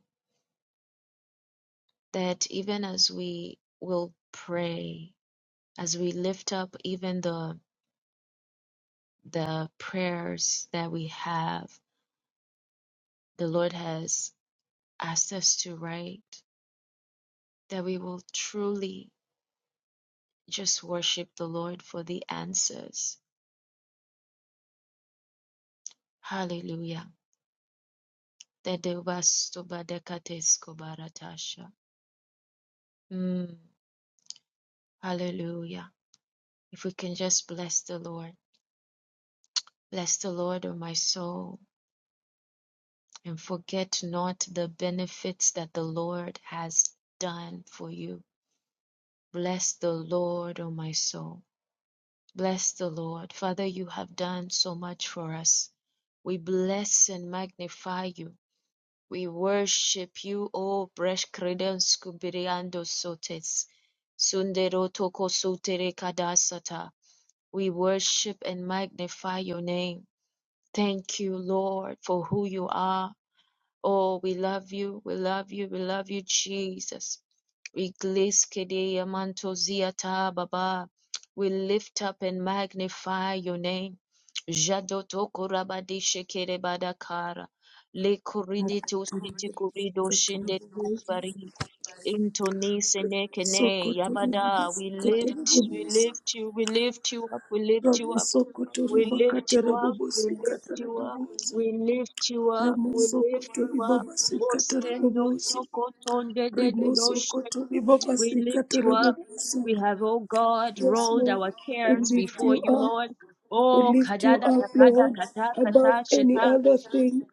[SPEAKER 1] That even as we will pray, as we lift up even the the prayers that we have, the Lord has asked us to write. that we will truly just worship the Lord for the answers. Hallelujah. Dedebastobadekateskobaratasha. Mm, hallelujah. If we can just bless the Lord, bless the Lord, O my soul, and forget not the benefits that the Lord has done for you. Bless the Lord, O my soul. Bless the Lord. Father, you have done so much for us. We bless and magnify you. We worship you, O Breshkredens Kubiriando Sotes. Sundero Toko Sotere Kadasata. We worship and magnify your name. Thank you, Lord, for who you are. Oh, we love you, we love you, we love you, Jesus. We glaze kedeya mantozia ta baba. We lift up and magnify your name. Jadoto korabadi shekere badakara. Le koridito
[SPEAKER 3] Mokoto
[SPEAKER 1] siti kurido
[SPEAKER 3] ribabasikata
[SPEAKER 1] shinde
[SPEAKER 3] rabobosa.
[SPEAKER 1] kubari. Into neke yabada. We lift, we lift you, we lift you up, we lift you up. We lift you up, we lift you up,
[SPEAKER 3] sokotoribabasikatarabobosa ramosokotorimakatarabobosikatarabobosa
[SPEAKER 1] we lift you up, we lift you up. Bosendo
[SPEAKER 3] ramosokotoribabasikatarabobosa
[SPEAKER 1] sokotonde de de doshe. We lift you up.
[SPEAKER 3] rimosokotoribabasikatarabobosa
[SPEAKER 1] We have, oh God,
[SPEAKER 3] Yes,
[SPEAKER 1] rolled
[SPEAKER 3] Lord.
[SPEAKER 1] our
[SPEAKER 3] We
[SPEAKER 1] cares
[SPEAKER 3] lift
[SPEAKER 1] before
[SPEAKER 3] you
[SPEAKER 1] you,
[SPEAKER 3] up.
[SPEAKER 1] Lord.
[SPEAKER 3] We
[SPEAKER 1] Oh,
[SPEAKER 3] lift you
[SPEAKER 1] kadada
[SPEAKER 3] up,
[SPEAKER 1] kada
[SPEAKER 3] Lord,
[SPEAKER 1] kata
[SPEAKER 3] above
[SPEAKER 1] kata
[SPEAKER 3] any
[SPEAKER 1] sheta.
[SPEAKER 3] other thing.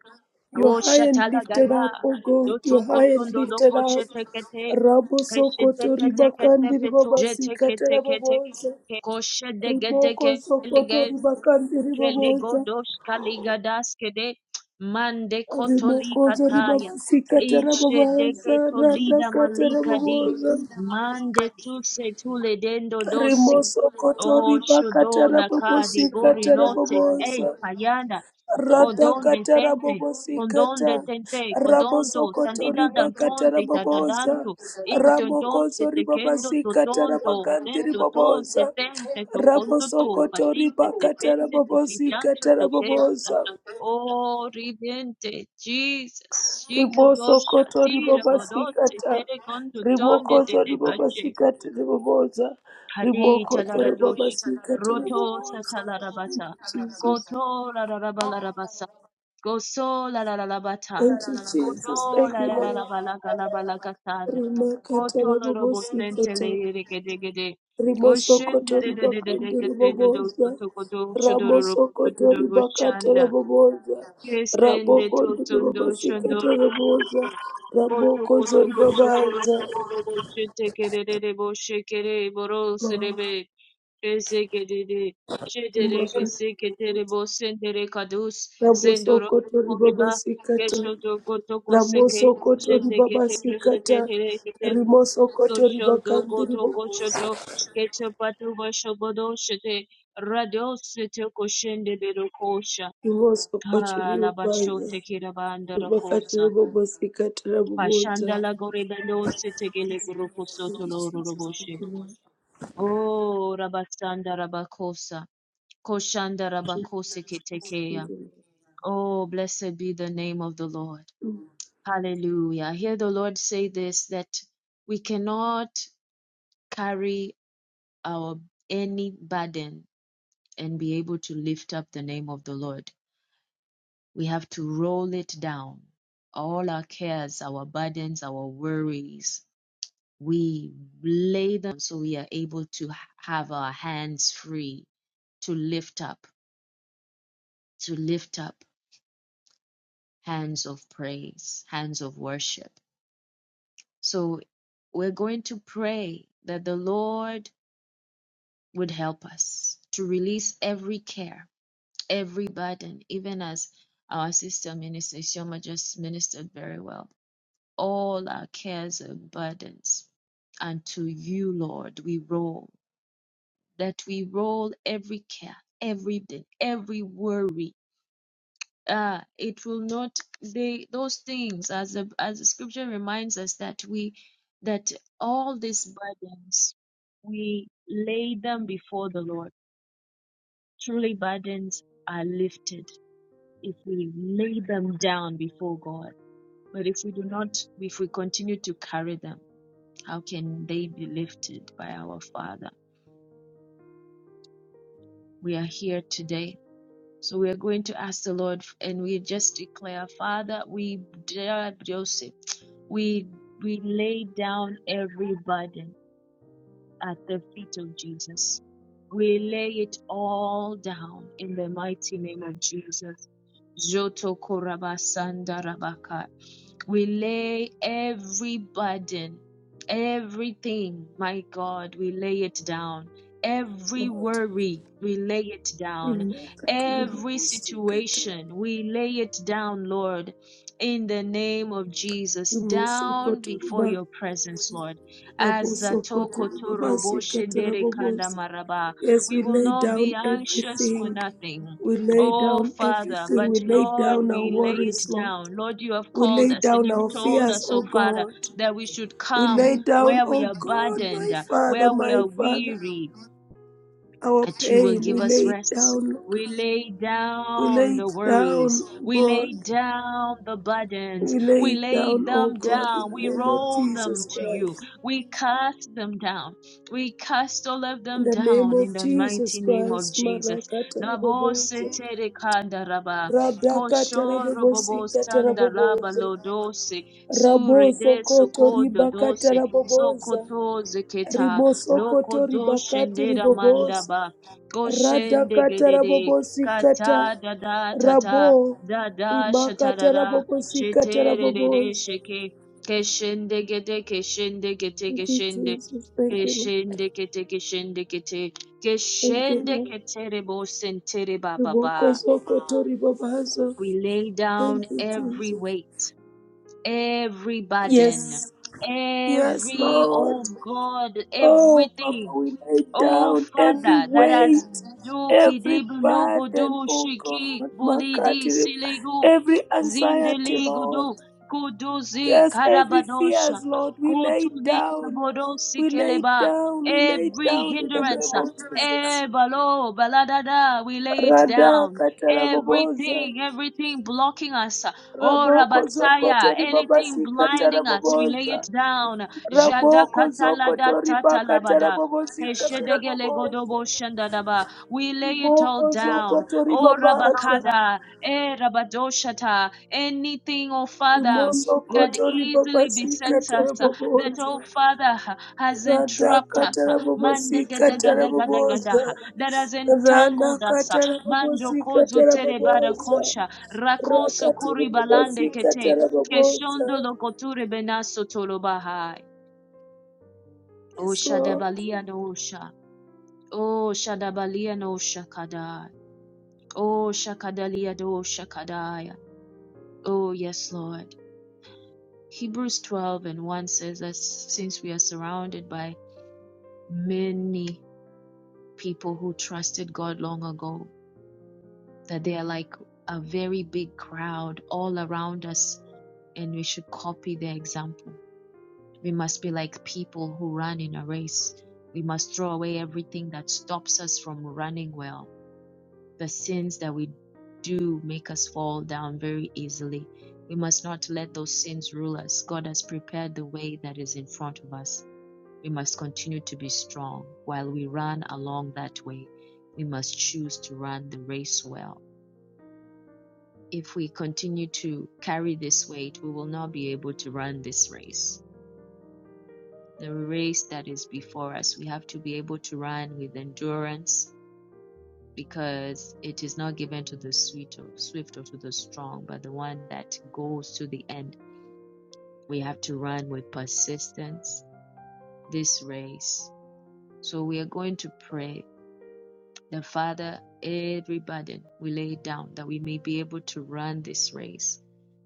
[SPEAKER 3] You're
[SPEAKER 1] Oh,
[SPEAKER 3] high and
[SPEAKER 1] shatala
[SPEAKER 3] lifted
[SPEAKER 1] gada.
[SPEAKER 3] up, O God. You're high and
[SPEAKER 1] Yotokotondo
[SPEAKER 3] lifted
[SPEAKER 1] doko
[SPEAKER 3] up.
[SPEAKER 1] shete kete.
[SPEAKER 3] Rabo
[SPEAKER 1] Keshete
[SPEAKER 3] sokoto
[SPEAKER 1] tete kete
[SPEAKER 3] ribakandi
[SPEAKER 1] feto.
[SPEAKER 3] ribabasi
[SPEAKER 1] Jete kete kete.
[SPEAKER 3] katarababoza.
[SPEAKER 1] Koshe de
[SPEAKER 3] Riboko sokoto
[SPEAKER 1] gede
[SPEAKER 3] ribakandi ribaboza.
[SPEAKER 1] Kelegodos Kaligadaskede Mande
[SPEAKER 3] Riboko zo
[SPEAKER 1] Kotolikataya
[SPEAKER 3] ribabasi
[SPEAKER 1] Ishe de
[SPEAKER 3] katarababaza. Randa
[SPEAKER 1] Ketolida Malikadi
[SPEAKER 3] katarababoza.
[SPEAKER 1] Mande Tuse Tule Dendo Dosi
[SPEAKER 3] Rimoso kotori
[SPEAKER 1] O
[SPEAKER 3] bakatara
[SPEAKER 1] Shudola Kadi
[SPEAKER 3] bobosi
[SPEAKER 1] borinote
[SPEAKER 3] katara
[SPEAKER 1] Note Ei
[SPEAKER 3] bobosa.
[SPEAKER 1] Payana
[SPEAKER 3] Rata
[SPEAKER 1] Kodon de
[SPEAKER 3] katara
[SPEAKER 1] Tente
[SPEAKER 3] bobosi
[SPEAKER 1] Kodon de
[SPEAKER 3] kata.
[SPEAKER 1] Tente
[SPEAKER 3] Raboso
[SPEAKER 1] Kodonto
[SPEAKER 3] kotori
[SPEAKER 1] Tandida
[SPEAKER 3] bakatara
[SPEAKER 1] Dantonte Tadadanto
[SPEAKER 3] bobosa.
[SPEAKER 1] into donte
[SPEAKER 3] Ramokoso
[SPEAKER 1] te kendo
[SPEAKER 3] ribabasi
[SPEAKER 1] to
[SPEAKER 3] katara
[SPEAKER 1] tonto
[SPEAKER 3] bagandiri
[SPEAKER 1] tento tonte
[SPEAKER 3] bobosa.
[SPEAKER 1] tente to conto
[SPEAKER 3] Raboso
[SPEAKER 1] to
[SPEAKER 3] kotori
[SPEAKER 1] patite te
[SPEAKER 3] bakatara
[SPEAKER 1] tente te
[SPEAKER 3] bobosi
[SPEAKER 1] pitando
[SPEAKER 3] katara
[SPEAKER 1] to questa
[SPEAKER 3] bobosa.
[SPEAKER 1] oh riviente Jesus chica dosha
[SPEAKER 3] ribosokoto
[SPEAKER 1] tira bodote
[SPEAKER 3] ribobasikata
[SPEAKER 1] tere conto tonde te
[SPEAKER 3] rimokozo
[SPEAKER 1] de
[SPEAKER 3] ribobasikata riboboza
[SPEAKER 1] Hadi
[SPEAKER 3] rimokozo
[SPEAKER 1] chalada dosh,
[SPEAKER 3] ribobasikata
[SPEAKER 1] roto
[SPEAKER 3] riboboza Thank
[SPEAKER 1] setalabata,
[SPEAKER 3] you, Jesus.
[SPEAKER 1] koto lalalabalalabasa, gosolalalalabata,
[SPEAKER 3] Thank you, Jesus.
[SPEAKER 1] kodo
[SPEAKER 3] Thank you, Lord.
[SPEAKER 1] lalalalabalagalalagatan,
[SPEAKER 3] Rimakata
[SPEAKER 1] koto lobo sente
[SPEAKER 3] rabobosikata.
[SPEAKER 1] leire gede gede, goshinda
[SPEAKER 3] Rimosokoto ribakande
[SPEAKER 1] dededededede dode
[SPEAKER 3] riboboza.
[SPEAKER 1] dode dode
[SPEAKER 3] Ramosokoto
[SPEAKER 1] dode
[SPEAKER 3] ribakate
[SPEAKER 1] goshinda.
[SPEAKER 3] raboboza.
[SPEAKER 1] Kesende
[SPEAKER 3] Rabokondo
[SPEAKER 1] totondo shondo
[SPEAKER 3] ribobosikata raboboza.
[SPEAKER 1] Boto boto
[SPEAKER 3] Rabokozo
[SPEAKER 1] bosho boro
[SPEAKER 3] ribabaza.
[SPEAKER 1] boro boro shete kerere kere boro
[SPEAKER 3] Lord,
[SPEAKER 1] srebe kese kerere shetere
[SPEAKER 3] rimakata.
[SPEAKER 1] kese ketere bosendere kadus sendoro
[SPEAKER 3] Rabosokoto
[SPEAKER 1] koreba kesho
[SPEAKER 3] ribabasikata.
[SPEAKER 1] do goto koseke
[SPEAKER 3] Ramosokoto
[SPEAKER 1] shete kete keshete
[SPEAKER 3] ribabasikata.
[SPEAKER 1] tere kete
[SPEAKER 3] Rimosokoto
[SPEAKER 1] kosho do
[SPEAKER 3] ribakande
[SPEAKER 1] goto
[SPEAKER 3] riboboza.
[SPEAKER 1] kosho to kesho patu bosho bodo shete radio sete koshende bero koşa
[SPEAKER 3] Imoso
[SPEAKER 1] Ah,
[SPEAKER 3] kotoribo
[SPEAKER 1] Labasho
[SPEAKER 3] baya.
[SPEAKER 1] Tekirabanda
[SPEAKER 3] Imakatara
[SPEAKER 1] Rakosa.
[SPEAKER 3] bobosi katara
[SPEAKER 1] Pashanda
[SPEAKER 3] boboza.
[SPEAKER 1] la Lagorebelo Setegele Gurukoso
[SPEAKER 3] Thank you,
[SPEAKER 1] Toloro
[SPEAKER 3] Jesus.
[SPEAKER 1] Roboshe.
[SPEAKER 3] Thank you, Lord.
[SPEAKER 1] Oh, Rabasanda Rabakosa. Koshanda Rabakose
[SPEAKER 3] Thank
[SPEAKER 1] Ketekeya.
[SPEAKER 3] you,
[SPEAKER 1] Oh, blessed be the name of the Lord. Hallelujah. Hear the Lord say this that we cannot carry our any burden and be able to lift up the name of the Lord We have to roll it down. All our cares, our burdens, our worries, we lay them so we are able to have our hands free to lift up, to lift up hands of praise, hands of worship. So we're going to pray that the Lord would help us to release every care, every burden, even as our sister minister Shoma just ministered very well all our cares and burdens. And to you, Lord, we roll, that we roll every care, every burden, every worry. Ah, it will not they those things as the as the scripture reminds us that we that all these burdens we lay them before the Lord. Truly burdens are lifted if we lay them down before God. But if we do not, if we continue to carry them How can they be lifted by our Father? We are here today. So we are going to ask the Lord and we just declare, Father, we dare Joseph. We we lay down every burden. at the feet of Jesus. We lay it all down in the mighty name of Jesus. Joto korabasanda rabaka. We lay every burden, everything, my God, we lay it down. Every
[SPEAKER 3] Lord.
[SPEAKER 1] worry, we lay it down.
[SPEAKER 3] Imakatara
[SPEAKER 1] Every
[SPEAKER 3] bobosi katara.
[SPEAKER 1] situation, we lay it down, Lord, in the name of Jesus,
[SPEAKER 3] Imoso
[SPEAKER 1] down before
[SPEAKER 3] kotoriba.
[SPEAKER 1] your presence, Lord
[SPEAKER 3] Raboso
[SPEAKER 1] Azatoko
[SPEAKER 3] kotoriba
[SPEAKER 1] torobo
[SPEAKER 3] basi katara
[SPEAKER 1] shendere kanda
[SPEAKER 3] boboza.
[SPEAKER 1] maraba.
[SPEAKER 3] Yes,
[SPEAKER 1] We
[SPEAKER 3] we
[SPEAKER 1] will
[SPEAKER 3] lay
[SPEAKER 1] not be
[SPEAKER 3] down
[SPEAKER 1] anxious for
[SPEAKER 3] everything.
[SPEAKER 1] nothing.
[SPEAKER 3] We lay
[SPEAKER 1] Oh,
[SPEAKER 3] down
[SPEAKER 1] Father,
[SPEAKER 3] everything.
[SPEAKER 1] but
[SPEAKER 3] We lay
[SPEAKER 1] Lord,
[SPEAKER 3] down our
[SPEAKER 1] we lay it
[SPEAKER 3] worries, Lord.
[SPEAKER 1] down. Lord, you have
[SPEAKER 3] We
[SPEAKER 1] called
[SPEAKER 3] lay
[SPEAKER 1] us and
[SPEAKER 3] down
[SPEAKER 1] you've
[SPEAKER 3] our
[SPEAKER 1] told
[SPEAKER 3] fears,
[SPEAKER 1] us,
[SPEAKER 3] O
[SPEAKER 1] oh, Father,
[SPEAKER 3] God.
[SPEAKER 1] that we should
[SPEAKER 3] We
[SPEAKER 1] come
[SPEAKER 3] lay down,
[SPEAKER 1] where we
[SPEAKER 3] oh
[SPEAKER 1] are
[SPEAKER 3] God,
[SPEAKER 1] burdened,
[SPEAKER 3] my Father,
[SPEAKER 1] where we
[SPEAKER 3] my
[SPEAKER 1] are
[SPEAKER 3] Father,
[SPEAKER 1] weary,
[SPEAKER 3] our
[SPEAKER 1] that you will
[SPEAKER 3] pain. We
[SPEAKER 1] give us
[SPEAKER 3] lay it
[SPEAKER 1] rest.
[SPEAKER 3] down, Lord.
[SPEAKER 1] We lay
[SPEAKER 3] We
[SPEAKER 1] down
[SPEAKER 3] lay
[SPEAKER 1] the
[SPEAKER 3] it down,
[SPEAKER 1] worries.
[SPEAKER 3] oh
[SPEAKER 1] We
[SPEAKER 3] God.
[SPEAKER 1] lay down the burdens.
[SPEAKER 3] We lay
[SPEAKER 1] We
[SPEAKER 3] it
[SPEAKER 1] lay
[SPEAKER 3] down, oh
[SPEAKER 1] them
[SPEAKER 3] God, in
[SPEAKER 1] down.
[SPEAKER 3] the
[SPEAKER 1] We
[SPEAKER 3] name of
[SPEAKER 1] roll them
[SPEAKER 3] Jesus
[SPEAKER 1] to you.
[SPEAKER 3] Christ.
[SPEAKER 1] We cast them down. We cast all of
[SPEAKER 3] In
[SPEAKER 1] them
[SPEAKER 3] the name
[SPEAKER 1] down in
[SPEAKER 3] of
[SPEAKER 1] the
[SPEAKER 3] Jesus
[SPEAKER 1] mighty name of
[SPEAKER 3] Christ,
[SPEAKER 1] Jesus.
[SPEAKER 3] Marakatarabobozo,
[SPEAKER 1] Naboseterekandaraba,
[SPEAKER 3] Radakatarabobosikatarabobozo,
[SPEAKER 1] koshorobobosandalabalodose,
[SPEAKER 3] Raboso koto
[SPEAKER 1] suredesokhododose,
[SPEAKER 3] ribakata raboboza.
[SPEAKER 1] sokotozeketa,
[SPEAKER 3] Riboso koto ribakati riboboza.
[SPEAKER 1] lokodoshenderamandaba, Koshende
[SPEAKER 3] Radakata
[SPEAKER 1] gedede
[SPEAKER 3] rabobosi kata.
[SPEAKER 1] kata da da ta
[SPEAKER 3] Rabo.
[SPEAKER 1] da da shata da
[SPEAKER 3] Rimakata
[SPEAKER 1] da
[SPEAKER 3] rabobosi kata
[SPEAKER 1] shetere de de
[SPEAKER 3] raboboza.
[SPEAKER 1] sheke keshende gede keshende gete
[SPEAKER 3] Thank you,
[SPEAKER 1] keshende
[SPEAKER 3] Jesus. Thank you, Lord.
[SPEAKER 1] keshende kete keshende kete
[SPEAKER 3] Thank you,
[SPEAKER 1] keshende
[SPEAKER 3] Lord.
[SPEAKER 1] ketere bo sentere ba ba
[SPEAKER 3] Riboko
[SPEAKER 1] ba.
[SPEAKER 3] sokoto ribabazo.
[SPEAKER 1] We lay
[SPEAKER 3] Thank
[SPEAKER 1] down
[SPEAKER 3] you,
[SPEAKER 1] every
[SPEAKER 3] Jesus.
[SPEAKER 1] weight, every burden,
[SPEAKER 3] Yes. Yes,
[SPEAKER 1] every
[SPEAKER 3] Lord.
[SPEAKER 1] oh God,
[SPEAKER 3] Oh,
[SPEAKER 1] everything
[SPEAKER 3] Papa, we lay
[SPEAKER 1] Oh
[SPEAKER 3] down every
[SPEAKER 1] Father, that
[SPEAKER 3] weight,
[SPEAKER 1] has duki
[SPEAKER 3] every
[SPEAKER 1] debu logo
[SPEAKER 3] burden,
[SPEAKER 1] do
[SPEAKER 3] oh
[SPEAKER 1] shiki
[SPEAKER 3] God,
[SPEAKER 1] bulidi
[SPEAKER 3] Makati,
[SPEAKER 1] siligu
[SPEAKER 3] every anxiety,
[SPEAKER 1] zindeligu
[SPEAKER 3] Lord.
[SPEAKER 1] do kuduzi
[SPEAKER 3] Yes, every
[SPEAKER 1] karabadosha
[SPEAKER 3] fears, Lord, we lay
[SPEAKER 1] kotuli
[SPEAKER 3] down,
[SPEAKER 1] kabodosi
[SPEAKER 3] we lay
[SPEAKER 1] keleba.
[SPEAKER 3] down, we lay
[SPEAKER 1] Every
[SPEAKER 3] down in the
[SPEAKER 1] hindrance,
[SPEAKER 3] name of Jesus.
[SPEAKER 1] eh, balo baladada, we lay it
[SPEAKER 3] Rada
[SPEAKER 1] down.
[SPEAKER 3] kataraboboza,
[SPEAKER 1] Everything, everything blocking us. Oh
[SPEAKER 3] raboko zoko
[SPEAKER 1] Rabataya, anything
[SPEAKER 3] toribabasi
[SPEAKER 1] blinding us, we lay it
[SPEAKER 3] kataraboboza,
[SPEAKER 1] down. Jada
[SPEAKER 3] raboko zoko
[SPEAKER 1] katalada
[SPEAKER 3] toribaka
[SPEAKER 1] tatalabada.
[SPEAKER 3] tarabobosi kataraboboza.
[SPEAKER 1] Eshedegelegodoboshandadaba. We lay it all
[SPEAKER 3] Moko
[SPEAKER 1] down.
[SPEAKER 3] zokoto
[SPEAKER 1] Oh
[SPEAKER 3] ribabata.
[SPEAKER 1] Rabakada, eh Rabadoshata, anything, oh Father,
[SPEAKER 3] Rimoso
[SPEAKER 1] that
[SPEAKER 3] koto
[SPEAKER 1] easily
[SPEAKER 3] ribabasika
[SPEAKER 1] besets us, uh, that
[SPEAKER 3] tarabobosa.
[SPEAKER 1] oh Father uh, has
[SPEAKER 3] Rada
[SPEAKER 1] entrapped us, uh,
[SPEAKER 3] katarabobosika
[SPEAKER 1] mandegedegedegedegedah,
[SPEAKER 3] tarabobosa.
[SPEAKER 1] that has
[SPEAKER 3] Rana
[SPEAKER 1] entangled us. uh,
[SPEAKER 3] katarabobosika
[SPEAKER 1] Mandokozu
[SPEAKER 3] tarabobosa.
[SPEAKER 1] terebarakosha, rakoso
[SPEAKER 3] Rakati
[SPEAKER 1] koribalande
[SPEAKER 3] ribobosika
[SPEAKER 1] kete,
[SPEAKER 3] tarabobosa.
[SPEAKER 1] keshondo lokoture benaso tolobaha.
[SPEAKER 3] Yes,
[SPEAKER 1] Osha
[SPEAKER 3] Lord.
[SPEAKER 1] debalia no osha. Oh, Shadabalia no Shakadai. Oh, Shakadalia do Shakadaya. Oh, yes, Lord. Hebrews 12 and 1 says that since we are surrounded by many people who trusted God long ago, that they are like a very big crowd all around us, and we should copy their example. We must be like people who run in a race. We must throw away everything that stops us from running well The sins that we do make us fall down very easily. We must not let those sins rule us. God has prepared the way that is in front of us. We must continue to be strong while we run along that way. We must choose to run the race well. If we continue to carry this weight, we will not be able to run this race. The race that is before us, we have to be able to run with endurance because it is not given to the sweet or swift or to the strong, but the one that goes to the end. We have to run with persistence this race. So we are going to pray the Father, every burden we lay down that we may be able to run this race,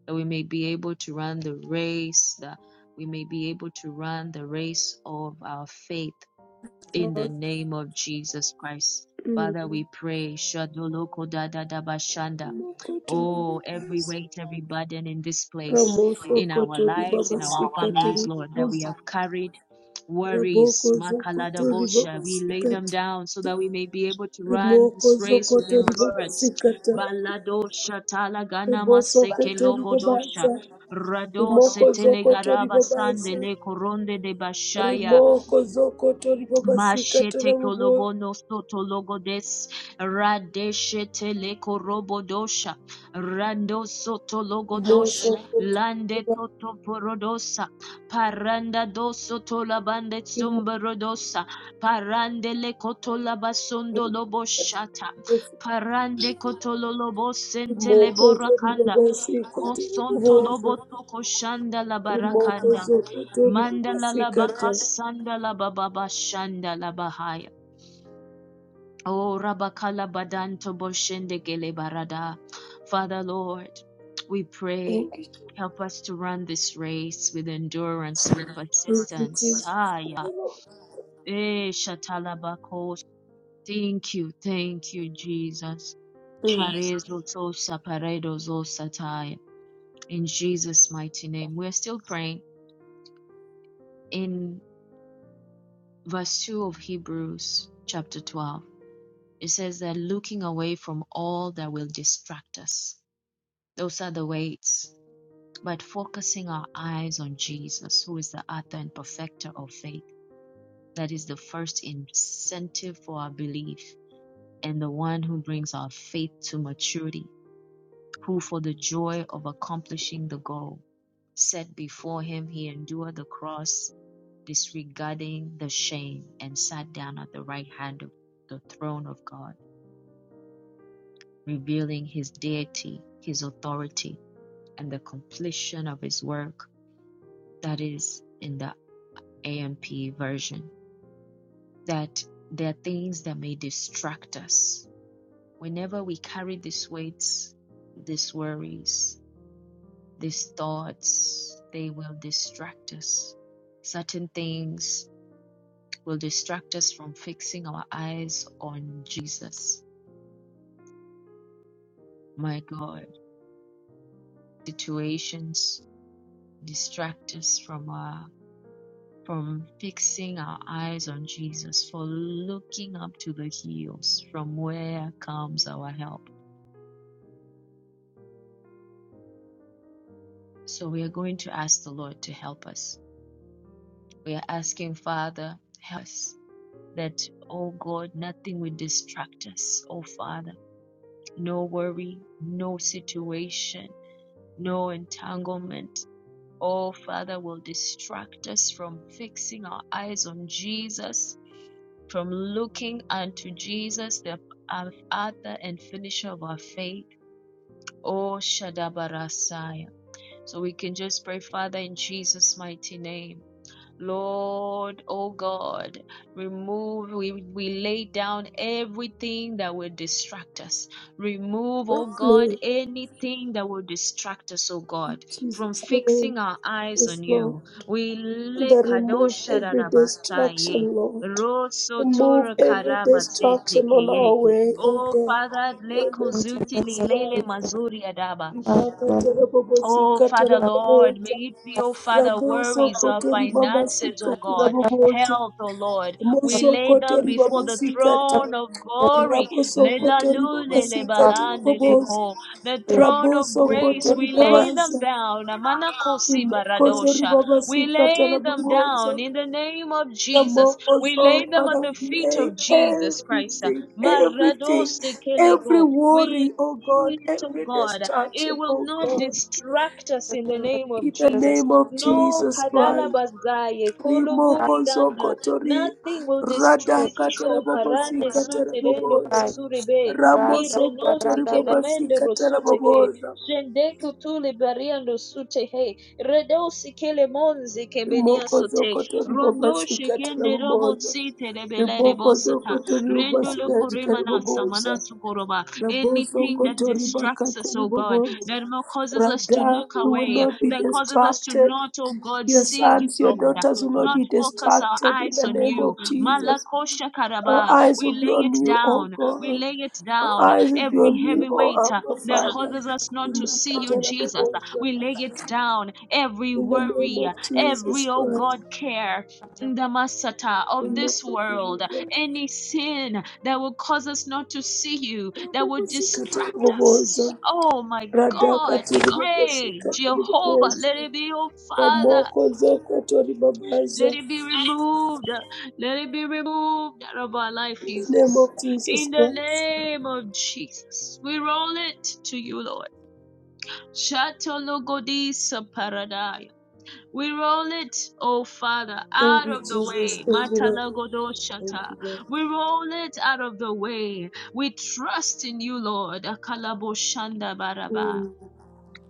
[SPEAKER 1] that we may be able to run the race, that we may be able to run the race of our faith in the
[SPEAKER 3] Lord.
[SPEAKER 1] name of Jesus Christ. Father,
[SPEAKER 3] Mm.
[SPEAKER 1] we pray. Shadoloko da da da bashanda.
[SPEAKER 3] Moko to
[SPEAKER 1] Oh, every
[SPEAKER 3] ribabasa.
[SPEAKER 1] weight, every burden in this place,
[SPEAKER 3] Ramoso
[SPEAKER 1] in our
[SPEAKER 3] koto
[SPEAKER 1] lives, in our
[SPEAKER 3] ribabasika
[SPEAKER 1] families, Lord, that we
[SPEAKER 3] tarabobosa.
[SPEAKER 1] have carried
[SPEAKER 3] Raboko
[SPEAKER 1] worries. makalada
[SPEAKER 3] zokoto
[SPEAKER 1] Makaladabosha. We lay them
[SPEAKER 3] ribabasikata.
[SPEAKER 1] down so that we may be able to run
[SPEAKER 3] Riboko
[SPEAKER 1] this race with
[SPEAKER 3] zokoto
[SPEAKER 1] endurance.
[SPEAKER 3] ribabasikata.
[SPEAKER 1] Baladosha talagana maseke
[SPEAKER 3] Ribosokoto
[SPEAKER 1] logodosha.
[SPEAKER 3] ribabaza.
[SPEAKER 1] Rado
[SPEAKER 3] Rimoko
[SPEAKER 1] setele
[SPEAKER 3] zokoto
[SPEAKER 1] garaba
[SPEAKER 3] ribabaza.
[SPEAKER 1] sandele koronde de bashaya.
[SPEAKER 3] Rimoko zokoto ribabasikata
[SPEAKER 1] Mashete
[SPEAKER 3] rababo.
[SPEAKER 1] kolobono soto logodes radeshete leko robodosha rando soto logodosh
[SPEAKER 3] Rimosokoto
[SPEAKER 1] lande toto porodosa paranda do soto labande
[SPEAKER 3] ribabasikata.
[SPEAKER 1] sumberodosa parande le koto labasondo loboshata parande koto lolobosente
[SPEAKER 3] Rimoko
[SPEAKER 1] lebora kanda
[SPEAKER 3] zoribabasikata
[SPEAKER 1] Kosonto
[SPEAKER 3] rababoza.
[SPEAKER 1] loboto koshanda la
[SPEAKER 3] Rimoko
[SPEAKER 1] barakanda.
[SPEAKER 3] zokoto
[SPEAKER 1] Mandala la
[SPEAKER 3] ribabasikata.
[SPEAKER 1] bakasanda la bababa shanda la bahaya. Oh, rabakala badanto boshende gele barada. Father Lord, we pray.
[SPEAKER 3] Thank you, Jesus.
[SPEAKER 1] Help us to run this race with endurance, with
[SPEAKER 3] Thank you,
[SPEAKER 1] persistence.
[SPEAKER 3] Jesus.
[SPEAKER 1] Haya. Eh, shatalabakos. Thank you, thank you, Jesus.
[SPEAKER 3] Mm.
[SPEAKER 1] Parezo tosa paredo zosa taya. In Jesus' mighty name, we're still praying. in verse 2 of Hebrews chapter 12. It says that looking away from all that will distract us, those are the weights, but focusing our eyes on Jesus, who is the author and perfecter of faith. That is the first incentive for our belief and the one who brings our faith to maturity, who for the joy of accomplishing the goal set before him, he endured the cross disregarding the shame, and sat down at the right hand of the throne of God, revealing his deity, his authority, and the completion of his work. That is in the AMP version. That there are things that may distract us. Whenever we carry these weights, these worries, these thoughts, they will distract us. Certain things will distract us from fixing our eyes on Jesus my God, situations distract us from our from fixing our eyes on Jesus, for looking up to the hills from where comes our help. So we are going to ask the Lord to help us. We are asking, Father, help us that, oh God, nothing will distract us, oh Father. No worry, no situation, no entanglement, oh Father, will distract us from fixing our eyes on Jesus From looking unto Jesus, the author and finisher of our faith. Oh, Shadabarasaya. So we can just pray, Father, in Jesus' mighty name. Lord, oh God, remove, we, we lay down everything that will distract us. Remove,
[SPEAKER 3] Yes,
[SPEAKER 1] oh God,
[SPEAKER 3] Lord.
[SPEAKER 1] anything that will distract us, oh
[SPEAKER 3] In
[SPEAKER 1] God, from
[SPEAKER 3] Jesus' name.
[SPEAKER 1] fixing our eyes
[SPEAKER 3] Yes,
[SPEAKER 1] on
[SPEAKER 3] Lord.
[SPEAKER 1] you. We lay
[SPEAKER 3] That remove
[SPEAKER 1] kadosha
[SPEAKER 3] every
[SPEAKER 1] rarabasaye,
[SPEAKER 3] distraction, Lord.
[SPEAKER 1] roso
[SPEAKER 3] Remove every
[SPEAKER 1] karabazete
[SPEAKER 3] distraction on our
[SPEAKER 1] keye.
[SPEAKER 3] way, oh
[SPEAKER 1] Oh
[SPEAKER 3] God.
[SPEAKER 1] Father,
[SPEAKER 3] In
[SPEAKER 1] le
[SPEAKER 3] the name of
[SPEAKER 1] kozuti
[SPEAKER 3] Jesus
[SPEAKER 1] lilele
[SPEAKER 3] Christ.
[SPEAKER 1] mazuri adaba.
[SPEAKER 3] Rimaka
[SPEAKER 1] Oh,
[SPEAKER 3] terabobosika
[SPEAKER 1] Father Lord, may
[SPEAKER 3] terabobosa.
[SPEAKER 1] it be, oh Father,
[SPEAKER 3] Raboso
[SPEAKER 1] worries, our
[SPEAKER 3] koto
[SPEAKER 1] finances, oh
[SPEAKER 3] ribabasika
[SPEAKER 1] God,
[SPEAKER 3] terabobosa.
[SPEAKER 1] health, oh Lord. We lay
[SPEAKER 3] Mosokoto
[SPEAKER 1] them before the
[SPEAKER 3] ribabasikata.
[SPEAKER 1] throne of glory.
[SPEAKER 3] Rabosokoto
[SPEAKER 4] Father,
[SPEAKER 3] ribabasikata
[SPEAKER 4] thank
[SPEAKER 3] raboboza.
[SPEAKER 1] Lelalulelebalandeleko. The
[SPEAKER 4] you.
[SPEAKER 1] throne of
[SPEAKER 3] Rabosokoto
[SPEAKER 1] grace, we lay them
[SPEAKER 3] ribabaza.
[SPEAKER 1] down. Amanakosi
[SPEAKER 3] Mokoso
[SPEAKER 1] baradosha. We
[SPEAKER 3] ribabasikata
[SPEAKER 1] lay them
[SPEAKER 3] raboboza.
[SPEAKER 1] down in the name of Jesus. We
[SPEAKER 3] Rabokoso,
[SPEAKER 1] lay them at
[SPEAKER 3] Father,
[SPEAKER 1] the
[SPEAKER 3] we
[SPEAKER 1] feet
[SPEAKER 3] lay
[SPEAKER 1] of Jesus Christ.
[SPEAKER 3] everything, everything,
[SPEAKER 1] Maradosi
[SPEAKER 3] every
[SPEAKER 1] kelego. We
[SPEAKER 3] worry, oh God,
[SPEAKER 1] need, to
[SPEAKER 3] every
[SPEAKER 1] God. It
[SPEAKER 3] distraction,
[SPEAKER 1] will
[SPEAKER 3] oh
[SPEAKER 1] not
[SPEAKER 3] God.
[SPEAKER 1] distract us in the name of
[SPEAKER 3] In the
[SPEAKER 1] Jesus.
[SPEAKER 3] name of
[SPEAKER 4] We
[SPEAKER 1] No
[SPEAKER 3] Jesus
[SPEAKER 4] love
[SPEAKER 1] kadala
[SPEAKER 3] Christ.
[SPEAKER 1] bazaye, kolobori
[SPEAKER 3] Rimoko
[SPEAKER 1] danda.
[SPEAKER 3] Zokotori
[SPEAKER 1] Nothing will distract
[SPEAKER 3] Rada
[SPEAKER 4] the
[SPEAKER 1] us. O
[SPEAKER 3] Katarabobosi
[SPEAKER 1] parande suterendo
[SPEAKER 3] Katarabobosa
[SPEAKER 4] bride.
[SPEAKER 1] kotsurebe.
[SPEAKER 3] Ramo
[SPEAKER 1] Irenosi
[SPEAKER 3] Sokotori Babasi
[SPEAKER 1] kelemende rosuteke.
[SPEAKER 3] Katarabobosa
[SPEAKER 1] Jendeko tuli bariando sutehe. Redosi kelemonzi kebenia
[SPEAKER 3] Rimoko
[SPEAKER 1] sute.
[SPEAKER 3] Zokotori Babasi
[SPEAKER 1] Rondoshi kende robo
[SPEAKER 3] Katarabobosa
[SPEAKER 1] site lebelere
[SPEAKER 3] Rimoko
[SPEAKER 1] bosata.
[SPEAKER 3] Zokotori
[SPEAKER 1] Rendo
[SPEAKER 3] Babasi
[SPEAKER 1] lo koremana samana
[SPEAKER 3] Katarabobosa
[SPEAKER 1] tukoroba.
[SPEAKER 3] Rabo
[SPEAKER 1] Anything that
[SPEAKER 3] Sokotori
[SPEAKER 1] distracts us, O God
[SPEAKER 3] Bakatarabobosa
[SPEAKER 1] that causes us to
[SPEAKER 3] Rada,
[SPEAKER 1] look
[SPEAKER 3] we will
[SPEAKER 1] away,
[SPEAKER 3] not be
[SPEAKER 1] that causes us to
[SPEAKER 3] distracted.
[SPEAKER 1] not, oh God,
[SPEAKER 3] Your
[SPEAKER 1] see you,
[SPEAKER 3] sons, your
[SPEAKER 1] Lord.
[SPEAKER 3] daughters will not
[SPEAKER 1] Not
[SPEAKER 3] be
[SPEAKER 1] focus our
[SPEAKER 3] distracted in
[SPEAKER 1] eyes
[SPEAKER 3] the
[SPEAKER 1] on
[SPEAKER 3] name
[SPEAKER 1] you.
[SPEAKER 3] of Jesus.
[SPEAKER 1] Malakosha
[SPEAKER 3] Our
[SPEAKER 1] karaba.
[SPEAKER 3] eyes
[SPEAKER 1] We
[SPEAKER 3] will be
[SPEAKER 1] lay
[SPEAKER 3] on
[SPEAKER 1] it
[SPEAKER 3] you, O
[SPEAKER 1] down. We
[SPEAKER 3] God.
[SPEAKER 1] lay it
[SPEAKER 3] Our
[SPEAKER 1] down.
[SPEAKER 3] eyes will be
[SPEAKER 1] Every
[SPEAKER 3] on you,
[SPEAKER 1] heavy
[SPEAKER 3] O
[SPEAKER 1] weight uh,
[SPEAKER 3] Abba
[SPEAKER 1] that
[SPEAKER 3] Father.
[SPEAKER 1] causes us not
[SPEAKER 3] In the
[SPEAKER 1] to
[SPEAKER 3] name of Jesus
[SPEAKER 1] see you, Jesus.
[SPEAKER 3] Holy
[SPEAKER 1] uh, We lay it down. Every
[SPEAKER 3] In the name
[SPEAKER 1] worry, uh,
[SPEAKER 3] of
[SPEAKER 1] every,
[SPEAKER 3] Jesus
[SPEAKER 1] oh
[SPEAKER 3] Christ.
[SPEAKER 1] God, care in the masata of
[SPEAKER 3] In the
[SPEAKER 1] this world
[SPEAKER 3] name of God.
[SPEAKER 1] any sin that will cause us not to see you, that will
[SPEAKER 3] Rabobosikati
[SPEAKER 1] distract us.
[SPEAKER 3] ribobozo.
[SPEAKER 1] Oh my God,
[SPEAKER 3] Radhakati
[SPEAKER 1] we pray,
[SPEAKER 3] ribobosikati
[SPEAKER 1] Jehovah, let
[SPEAKER 3] ribobozo.
[SPEAKER 1] it be, oh Father,
[SPEAKER 3] Ramoko zokoto
[SPEAKER 1] let
[SPEAKER 3] ribabaza.
[SPEAKER 1] it be removed, let it be removed out of our life,
[SPEAKER 3] In the name
[SPEAKER 1] Jesus.
[SPEAKER 3] of Jesus
[SPEAKER 1] In the
[SPEAKER 3] Christ.
[SPEAKER 1] name of Jesus, we roll it to you, Lord. Shatologodisa we roll it, oh Father,
[SPEAKER 3] Thank
[SPEAKER 1] out
[SPEAKER 3] you,
[SPEAKER 1] of the
[SPEAKER 3] Jesus.
[SPEAKER 1] way.
[SPEAKER 3] Thank you, Lord. Thank
[SPEAKER 1] Matalagodoshata.
[SPEAKER 3] you, Lord.
[SPEAKER 1] We roll it out of the way. We trust in you, Lord. Akalaboshanda baraba.
[SPEAKER 3] Mm.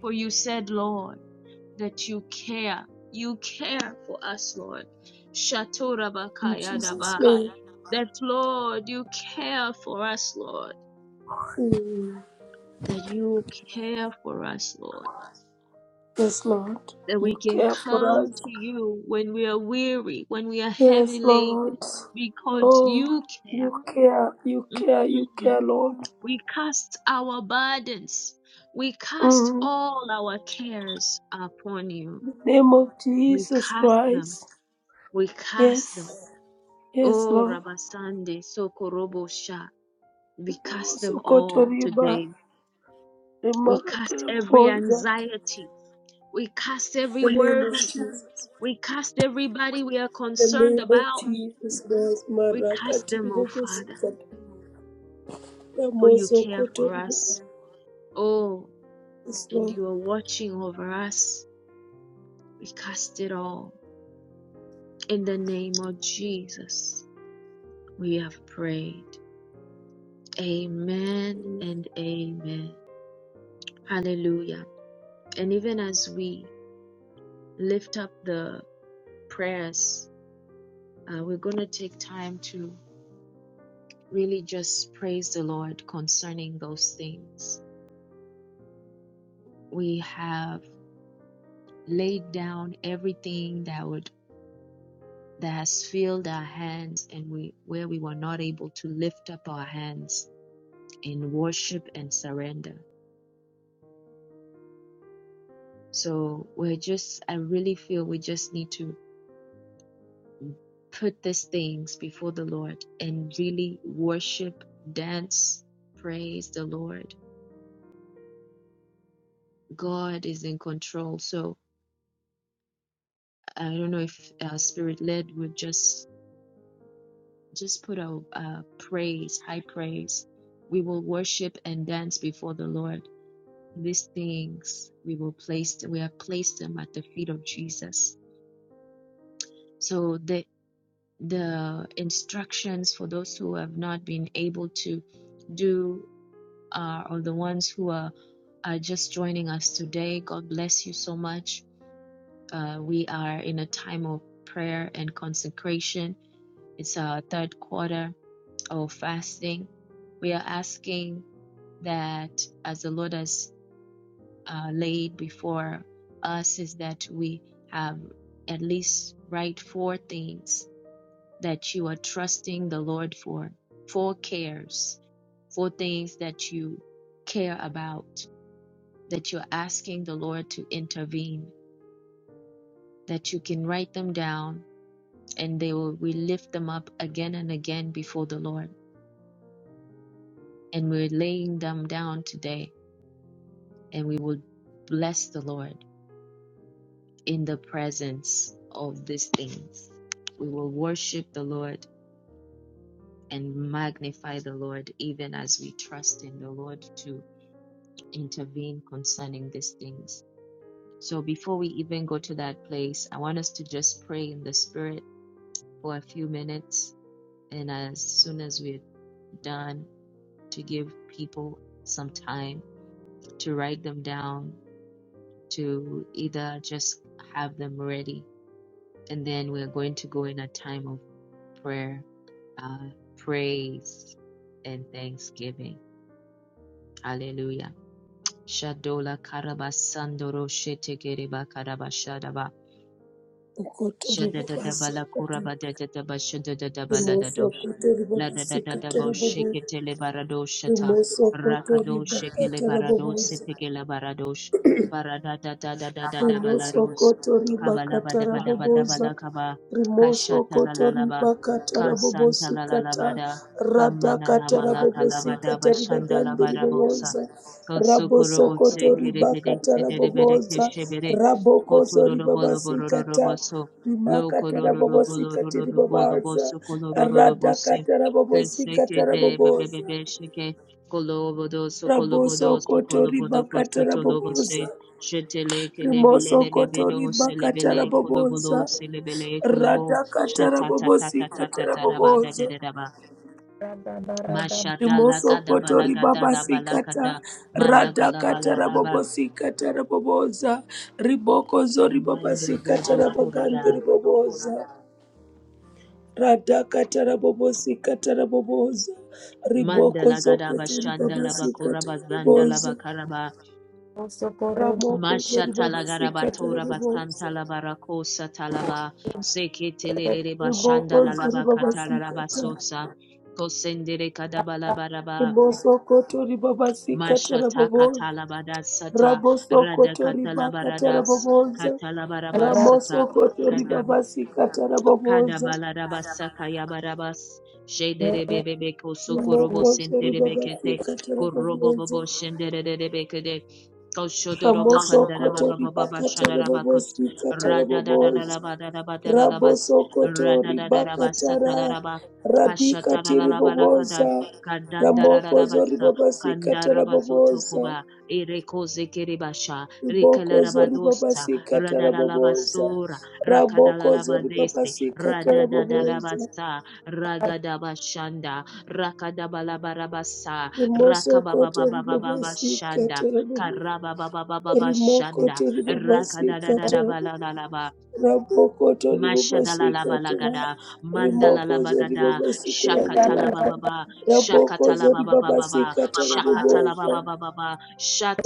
[SPEAKER 1] For you said, Lord, that you care. You care for us, Lord.
[SPEAKER 3] In Jesus'
[SPEAKER 1] Shatorabakayadaba.
[SPEAKER 3] name.
[SPEAKER 1] That, Lord, you care for us, Lord.
[SPEAKER 3] Mm.
[SPEAKER 1] That you care for us, Lord
[SPEAKER 3] Yes, Lord.
[SPEAKER 1] that we
[SPEAKER 3] You
[SPEAKER 1] can
[SPEAKER 3] care for
[SPEAKER 1] come
[SPEAKER 3] us.
[SPEAKER 1] to you when we are weary, when we are heavy
[SPEAKER 3] Yes, Lord.
[SPEAKER 1] laden, because
[SPEAKER 3] Oh,
[SPEAKER 1] you care.
[SPEAKER 3] you care, you care, you
[SPEAKER 1] Mhm.
[SPEAKER 3] care, Lord.
[SPEAKER 1] We cast our burdens, we cast
[SPEAKER 3] Mm.
[SPEAKER 1] all our cares upon you.
[SPEAKER 3] Name of
[SPEAKER 1] We
[SPEAKER 3] Jesus
[SPEAKER 1] cast them,
[SPEAKER 3] Christ.
[SPEAKER 1] we cast them.
[SPEAKER 3] Yes, yes,
[SPEAKER 1] Oh,
[SPEAKER 3] Lord.
[SPEAKER 1] Rabasande, Sokorobosha, we
[SPEAKER 3] Oh,
[SPEAKER 1] cast them
[SPEAKER 3] Sokoto
[SPEAKER 1] all
[SPEAKER 3] Riba,
[SPEAKER 1] today. We cast
[SPEAKER 3] Remakate
[SPEAKER 1] every
[SPEAKER 3] Bonza.
[SPEAKER 1] anxiety, we cast every
[SPEAKER 3] The name of
[SPEAKER 1] worry,
[SPEAKER 3] Jesus.
[SPEAKER 1] we cast everybody we are
[SPEAKER 3] The
[SPEAKER 1] concerned
[SPEAKER 3] name of
[SPEAKER 1] about.
[SPEAKER 3] Jesus Christ.
[SPEAKER 1] We cast
[SPEAKER 3] Marakati
[SPEAKER 1] them out,
[SPEAKER 3] Riba
[SPEAKER 1] Father,
[SPEAKER 3] Sikati.
[SPEAKER 1] for
[SPEAKER 3] Ramo
[SPEAKER 1] you care
[SPEAKER 3] Sokoto
[SPEAKER 1] for
[SPEAKER 3] Riba.
[SPEAKER 1] us. Oh,
[SPEAKER 3] Yes,
[SPEAKER 1] and
[SPEAKER 3] Lord.
[SPEAKER 1] you are watching over us. We cast it all. In the name of Jesus, we have prayed. Amen
[SPEAKER 3] Mm.
[SPEAKER 1] and amen. Hallelujah. And even as we lift up the prayers, uh, we're going to take time to really just praise the Lord concerning those things. We have laid down everything that would that has filled our hands and we where we were not able to lift up our hands in worship and surrender. So we're just I really feel we just need to put these things before the Lord and really worship, dance, praise the Lord. God is in control. So I don't know if uh, spirit led would just just put our uh, praise, high praise. We will worship and dance before the Lord these things we will place we have placed them at the feet of jesus so the the instructions for those who have not been able to do uh, or the ones who are are just joining us today god bless you so much uh, we are in a time of prayer and consecration it's our third quarter of fasting we are asking that as the lord has uh, laid before us is that we have at least write four things that you are trusting the Lord for, four cares, four things that you care about, that you're asking the Lord to intervene, that you can write them down and they will we lift them up again and again before the Lord. And we're laying them down today and we will bless the Lord in the presence of these things. We will worship the Lord and magnify the Lord even as we trust in the Lord to intervene concerning these things. So before we even go to that place, I want us to just pray in the Spirit for a few minutes. And as soon as we're done, to give people some time to write them down, to either just have them ready. And then we're going to go in a time of prayer uh, praise and thanksgiving. Hallelujah. Shadola karaba sandoro shete
[SPEAKER 3] Sokoto Riba
[SPEAKER 1] Shadadadabala
[SPEAKER 3] Sikati.
[SPEAKER 1] kuraba
[SPEAKER 3] Rimoso
[SPEAKER 1] dadadaba
[SPEAKER 3] koto
[SPEAKER 1] La da
[SPEAKER 3] ribabasi
[SPEAKER 1] da da da
[SPEAKER 3] katara
[SPEAKER 1] bo
[SPEAKER 3] bobo.
[SPEAKER 1] shekete le barado shata.
[SPEAKER 3] Rimoso koto
[SPEAKER 1] Rakado shekele
[SPEAKER 3] ribakatara
[SPEAKER 1] barado
[SPEAKER 3] boboza.
[SPEAKER 1] setekele baradosh. Barada da da da da da da
[SPEAKER 3] Rimoso
[SPEAKER 1] balaros.
[SPEAKER 3] koto
[SPEAKER 1] Kabala
[SPEAKER 3] ribakata
[SPEAKER 1] bada bada bada
[SPEAKER 3] raboboza.
[SPEAKER 1] bala kaba.
[SPEAKER 3] Rimoso
[SPEAKER 1] Kashata la la
[SPEAKER 3] koto
[SPEAKER 1] la ba.
[SPEAKER 3] ribakata
[SPEAKER 1] Kasanta
[SPEAKER 3] rabobosi
[SPEAKER 1] la la la
[SPEAKER 3] kata.
[SPEAKER 1] bada. Kamana na
[SPEAKER 3] Radakata
[SPEAKER 1] malaka la
[SPEAKER 3] rabobosi
[SPEAKER 1] bada
[SPEAKER 3] kata
[SPEAKER 1] bashanda la
[SPEAKER 3] ribagambi
[SPEAKER 1] barabosa.
[SPEAKER 3] riboboza. Raboso
[SPEAKER 1] Kosokorobosse
[SPEAKER 3] koto
[SPEAKER 1] kerebere
[SPEAKER 3] ribakata
[SPEAKER 1] sederebere
[SPEAKER 3] raboboza.
[SPEAKER 1] keşebere.
[SPEAKER 3] Rabokoso
[SPEAKER 1] Kotororo bolo
[SPEAKER 3] ribabasi
[SPEAKER 1] bororo
[SPEAKER 3] kata.
[SPEAKER 1] boso. Lo
[SPEAKER 3] Rimakata
[SPEAKER 1] kororo
[SPEAKER 3] rabobosi
[SPEAKER 1] bolo
[SPEAKER 3] kata
[SPEAKER 1] roro bolo
[SPEAKER 3] ribabaza. Radakata rabobosi
[SPEAKER 1] Keseke
[SPEAKER 3] kata
[SPEAKER 1] de
[SPEAKER 3] raboboza.
[SPEAKER 1] bebebebe sheke kolobodo so kolobodo
[SPEAKER 3] Raboso
[SPEAKER 1] so
[SPEAKER 3] koto
[SPEAKER 1] kolobodo kosto
[SPEAKER 3] ribakata
[SPEAKER 1] tolobo se
[SPEAKER 3] raboboza.
[SPEAKER 1] shetele kelebele
[SPEAKER 3] Rimoso
[SPEAKER 1] lebelo
[SPEAKER 3] kotoriba
[SPEAKER 1] selebele kolobodo
[SPEAKER 3] katarabobosa.
[SPEAKER 1] selebele kolobo
[SPEAKER 3] Rata
[SPEAKER 1] shata ta ta
[SPEAKER 3] katarabobosi
[SPEAKER 1] ta ta ta ta raba da da
[SPEAKER 3] katarabobosa.
[SPEAKER 1] da da ba
[SPEAKER 4] Adabarada
[SPEAKER 1] mashada la
[SPEAKER 3] Rimoso
[SPEAKER 1] kada bala
[SPEAKER 3] kotori
[SPEAKER 1] gada la
[SPEAKER 3] babasi
[SPEAKER 1] bala
[SPEAKER 3] kata.
[SPEAKER 1] kada malaga
[SPEAKER 3] rada basikata. Rata
[SPEAKER 1] la bala la ba
[SPEAKER 3] katarabobosi katarabobosa. Riboko zori babasi
[SPEAKER 1] mando do do
[SPEAKER 3] zoriba rada
[SPEAKER 1] kurada
[SPEAKER 3] ribobosa. Rata katarabobosi katarabobosa. Riboko
[SPEAKER 1] mandala gada
[SPEAKER 3] zokotori
[SPEAKER 1] bashanda la ba
[SPEAKER 3] babasi zokotoriba
[SPEAKER 1] kuraba zanda la
[SPEAKER 3] basikatarabobosa.
[SPEAKER 1] ba karaba
[SPEAKER 4] bosokoro
[SPEAKER 3] Ramoko zori babasi zoriba
[SPEAKER 1] Mashatalagarabatora
[SPEAKER 3] basikatarabobosa.
[SPEAKER 1] Basantalabarakosha Talaba Seketelere Bashanda
[SPEAKER 3] Riboboza
[SPEAKER 1] Lalaba
[SPEAKER 3] ribabasikata.
[SPEAKER 1] Katarabasota Kosendere Kadabalabaraba
[SPEAKER 3] Ribosokoto ribabasikata
[SPEAKER 1] Mashataka
[SPEAKER 3] raboboza.
[SPEAKER 1] Talabarasata
[SPEAKER 3] Rabosokoto ribakata
[SPEAKER 1] Radakatalabaradas
[SPEAKER 3] raboboza.
[SPEAKER 1] Katalabarabasata
[SPEAKER 3] Ramosokoto
[SPEAKER 1] Kadab
[SPEAKER 3] ribabasikata raboboza.
[SPEAKER 1] Kadabalarabasaka Yabarabas Shedere Bebeko Sokurubo
[SPEAKER 3] Rimokoto
[SPEAKER 1] Sentere Bekete
[SPEAKER 3] ribabasikata
[SPEAKER 1] Korobo
[SPEAKER 3] raboboza.
[SPEAKER 1] Bobo Koshodorobo kandara
[SPEAKER 3] Ramosokoto
[SPEAKER 1] baba baba
[SPEAKER 3] ribakata
[SPEAKER 1] bashanara bakos
[SPEAKER 3] rabobosikata
[SPEAKER 1] rada da da da da
[SPEAKER 3] raboboza.
[SPEAKER 1] ba da da ba da da da bas
[SPEAKER 3] Rabosokoto
[SPEAKER 1] rada da da da ba
[SPEAKER 3] ribakata ra
[SPEAKER 1] satala da ba hashata la
[SPEAKER 3] radikati
[SPEAKER 1] la la ba la kadan
[SPEAKER 3] riboboza. Ramokozo ribabasikata raboboza. Riboko zori babasika taraboboza. Raboko zori babasika taraboboza. Rimoso koto ribobasika taraboboza. Rimoko
[SPEAKER 1] Karababababashanda.
[SPEAKER 3] to ribobasika taraboboza.
[SPEAKER 1] Rakadadadabalalaba.
[SPEAKER 3] Raboko to ribobasika taraboboza.
[SPEAKER 1] Mashadalabalagada,
[SPEAKER 3] Rimoko zori
[SPEAKER 1] Mandalabagada,
[SPEAKER 3] babasika taraboboza.
[SPEAKER 1] Shakatalababa,
[SPEAKER 3] Raboko zori
[SPEAKER 1] Shakatalababa,
[SPEAKER 3] babasika taraboboza.
[SPEAKER 1] Shakatalababa,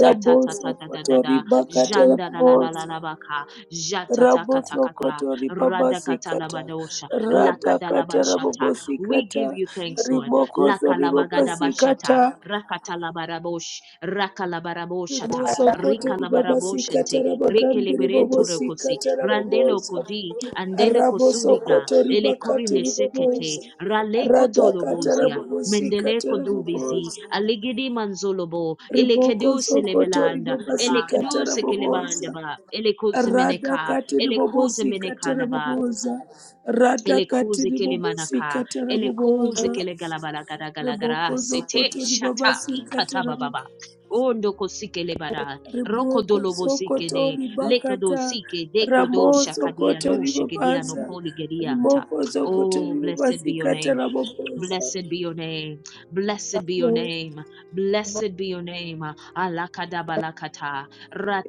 [SPEAKER 3] Raboso koto ribaka taraboboza.
[SPEAKER 1] Jandalalalabaka, Jatatakatakata,
[SPEAKER 3] Rabosokoto ribabasikata,
[SPEAKER 1] Radakatalabadosha,
[SPEAKER 3] radakata
[SPEAKER 1] Lakadalabashata. We
[SPEAKER 3] rabobosikata,
[SPEAKER 1] give you thanks, Lord.
[SPEAKER 3] rimokozo
[SPEAKER 1] Lakalabagadabashata,
[SPEAKER 3] ribabasikata,
[SPEAKER 1] Rakatalabarabosha, Rakalabaroshata,
[SPEAKER 3] rimosokoto ribabasikata,
[SPEAKER 1] Rikalabaroshente,
[SPEAKER 3] rabagandi
[SPEAKER 1] rekeleberento rokosi
[SPEAKER 3] ribobosikata,
[SPEAKER 1] randelo
[SPEAKER 3] raboboza,
[SPEAKER 1] kodi andele kosuriga
[SPEAKER 3] rabosokoto
[SPEAKER 1] ele
[SPEAKER 3] ribakati
[SPEAKER 1] korine sekete
[SPEAKER 3] riboboza,
[SPEAKER 1] rale
[SPEAKER 3] radakata
[SPEAKER 1] kotolobozia mendele
[SPEAKER 3] rabobosikata,
[SPEAKER 1] kodubizi
[SPEAKER 3] raboboza.
[SPEAKER 1] aligidi manzolobo ele
[SPEAKER 3] Riboko
[SPEAKER 1] kedu
[SPEAKER 3] Sokoto
[SPEAKER 1] selebelanda ele
[SPEAKER 3] Ribabasika
[SPEAKER 1] kedu sekelebanda
[SPEAKER 3] Tarabobosa.
[SPEAKER 1] ba ele
[SPEAKER 3] Rada
[SPEAKER 1] kuzemeneka
[SPEAKER 3] katiri
[SPEAKER 1] ele
[SPEAKER 3] bobosi katara
[SPEAKER 1] kuzemeneka
[SPEAKER 3] boboza. Rada
[SPEAKER 1] Elekuze
[SPEAKER 3] katiri
[SPEAKER 1] kele
[SPEAKER 3] bobosi
[SPEAKER 1] manaka,
[SPEAKER 3] katara
[SPEAKER 1] elekuze
[SPEAKER 3] boboza.
[SPEAKER 1] kele galabala gara gara gara,
[SPEAKER 3] Reboko
[SPEAKER 1] sete
[SPEAKER 3] zokoto
[SPEAKER 1] shata
[SPEAKER 3] ribabasi
[SPEAKER 1] ikata
[SPEAKER 3] katara
[SPEAKER 1] bababa.
[SPEAKER 3] boboza.
[SPEAKER 1] Ondo kosikele bara, roko
[SPEAKER 3] Riboko
[SPEAKER 1] dolobo
[SPEAKER 3] sokoto
[SPEAKER 1] sikene, leko
[SPEAKER 3] ribakata.
[SPEAKER 1] sike, deko
[SPEAKER 3] Ramo
[SPEAKER 1] shakadia
[SPEAKER 3] sokoto
[SPEAKER 1] no shigedia no
[SPEAKER 3] ribabaza.
[SPEAKER 1] koli
[SPEAKER 3] Rimoko sokoto
[SPEAKER 1] Oh, blessed be
[SPEAKER 3] ribabasi
[SPEAKER 1] your name.
[SPEAKER 3] katara boboza.
[SPEAKER 1] Blessed be your name. Blessed be your
[SPEAKER 3] Lord,
[SPEAKER 1] name. Blessed be your name. Alakada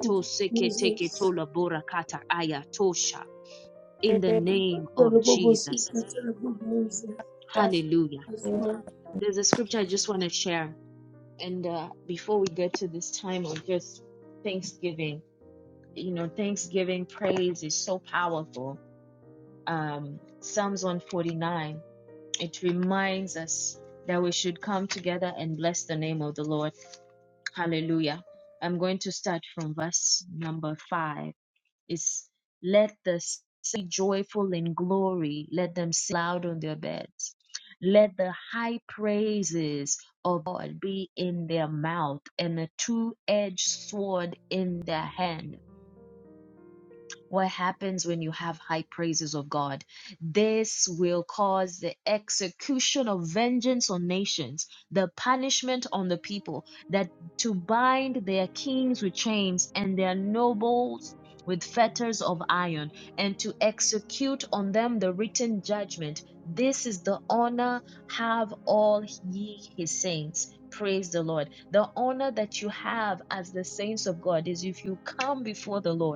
[SPEAKER 3] thank you,
[SPEAKER 1] seke teke
[SPEAKER 3] Jesus.
[SPEAKER 1] tola borakata aya tosha. In the
[SPEAKER 4] debekebebebebebebebebebebebebebe.
[SPEAKER 1] name of
[SPEAKER 3] Katara bobosi
[SPEAKER 1] Jesus.
[SPEAKER 3] katara boboza.
[SPEAKER 1] Hallelujah.
[SPEAKER 3] Yes, Lord.
[SPEAKER 1] There's a scripture I just want to share. And uh, before we get to this time of just thanksgiving, you know, thanksgiving praise is so powerful. Um, Psalms 149, it reminds us that we should come together and bless the name of the Lord. Hallelujah. I'm going to start from verse number five. is let the sea joyful in glory, let them sing loud on their beds. Let the high praises of God be in their mouth and a two edged sword in their hand what happens when you have high praises of God. This will cause the execution of vengeance on nations, the punishment on the people, that to bind their kings with chains and their nobles with fetters of iron, and to execute on them the written judgment. This is the honor have all ye his saints. Praise the Lord. The honor that you have as the saints of God is if you come before the Lord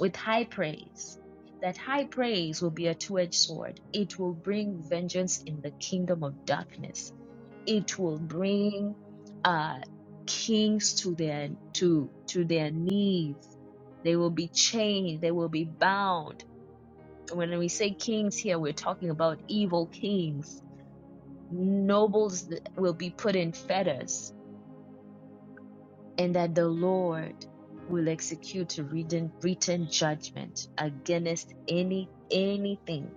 [SPEAKER 1] with high praise. That high praise will be a two edged sword. It will bring vengeance in the kingdom of darkness. It will bring uh, kings to their to to their knees. They will be chained. They will be bound. When we say kings here, we're talking about evil kings. Nobles th- will be put in fetters and that the Lord will execute a written, written judgment against any anything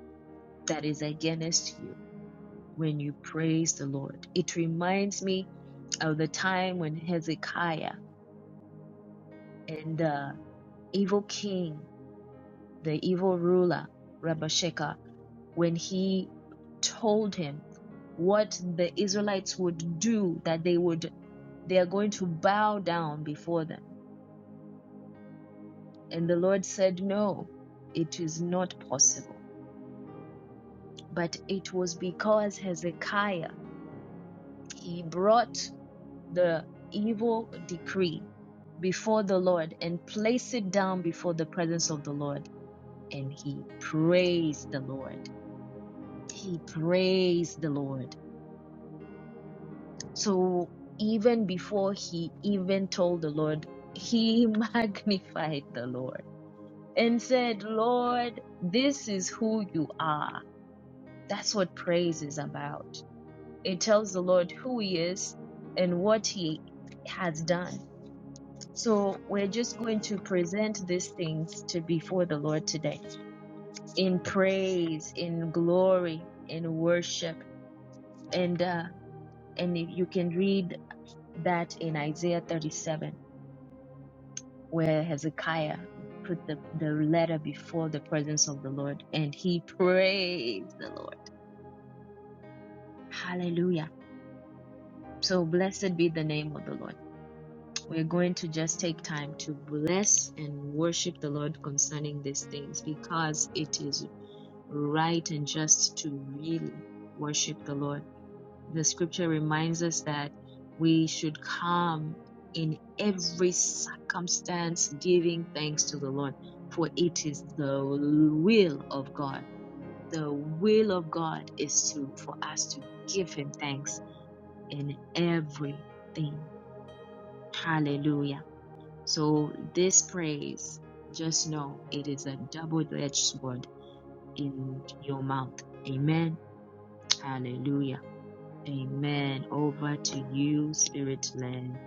[SPEAKER 1] that is against you when you praise the Lord. It reminds me of the time when Hezekiah and the evil king, the evil ruler, Rabashakeh, when he told him what the Israelites would do, that they would they are going to bow down before them And the Lord said, No, it is not possible. But it was because Hezekiah, he brought the evil decree before the Lord and placed it down before the presence of the Lord. And he praised the Lord. He praised the Lord. So even before he even told the Lord, he magnified the Lord and said, Lord, this is who you are That's what praise is about. It tells the Lord who He is and what He has done. So we're just going to present these things to before the Lord today in praise, in glory, in worship, and uh, and if you can read that in Isaiah 37, where Hezekiah put the the letter before the presence of the Lord, and he praised the Lord. Hallelujah. So blessed be the name of the Lord. We're going to just take time to bless and worship the Lord concerning these things because it is right and just to really worship the Lord. The scripture reminds us that we should come in every circumstance giving thanks to the Lord, for it is the will of God. The will of God is to for us to give him thanks in everything. Hallelujah. So this praise, just know it is a double-edged sword in your mouth. Amen. Hallelujah. Amen. Over to you, Spirit led.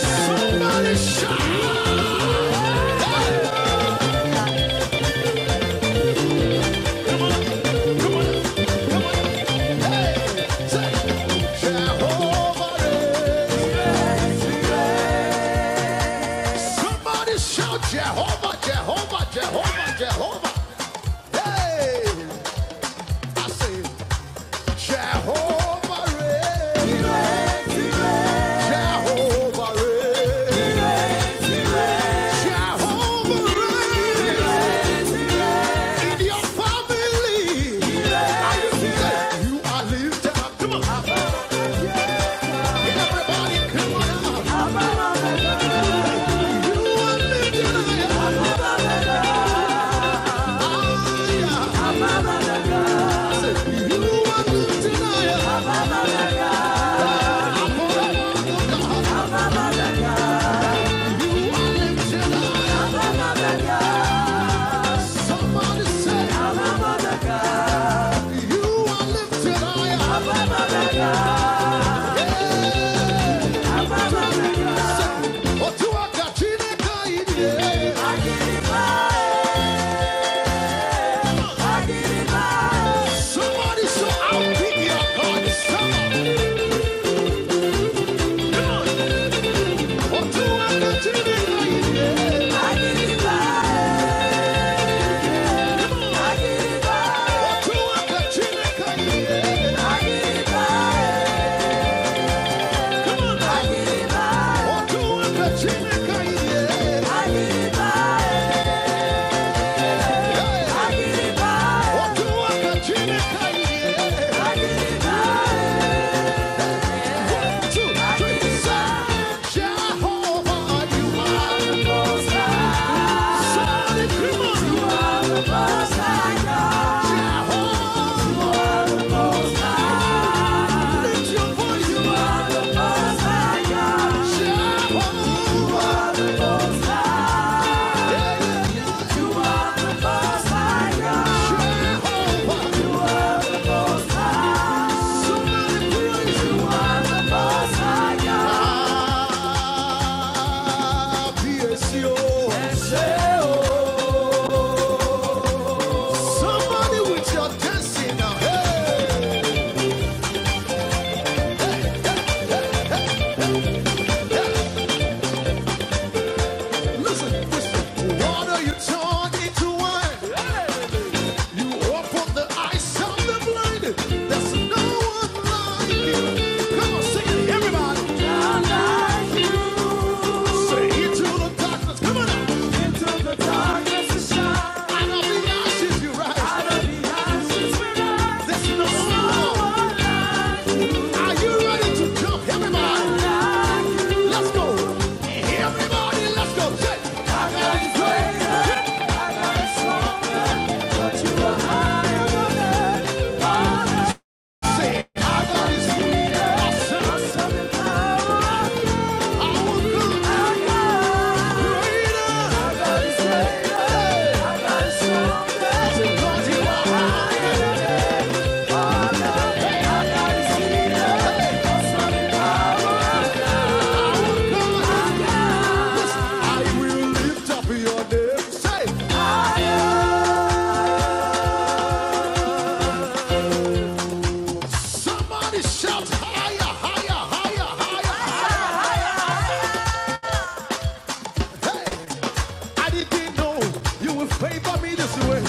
[SPEAKER 5] Somebody shout! Somebody shout Jehovah, Jehovah, Jehovah, Jehovah. Hey, I say Jehovah, reign. Jehovah, Jehovah, in your family. you are lifted up. Come on. Everybody, come on. You are lifted up. Ah, yeah. Somebody so I'll pick your God. come on. Otua Katina Kaide. Jehovah, Listen, listen, water you turned into wine. You open the eyes of the blind. There's no one like you. Come on, sing it, everybody. Say it to the darkness. Come on now. Out of the ashes you rise. There's no one. Are you ready to jump? Everybody, let's go. Everybody, let's go. Shake. Say it. I got this feeling. I sense it. I will do it. Because you are mine. I will do it. I will lift up your name. Say, somebody shout higher, higher, higher, higher. Hey, I didn't know you would favor me this way.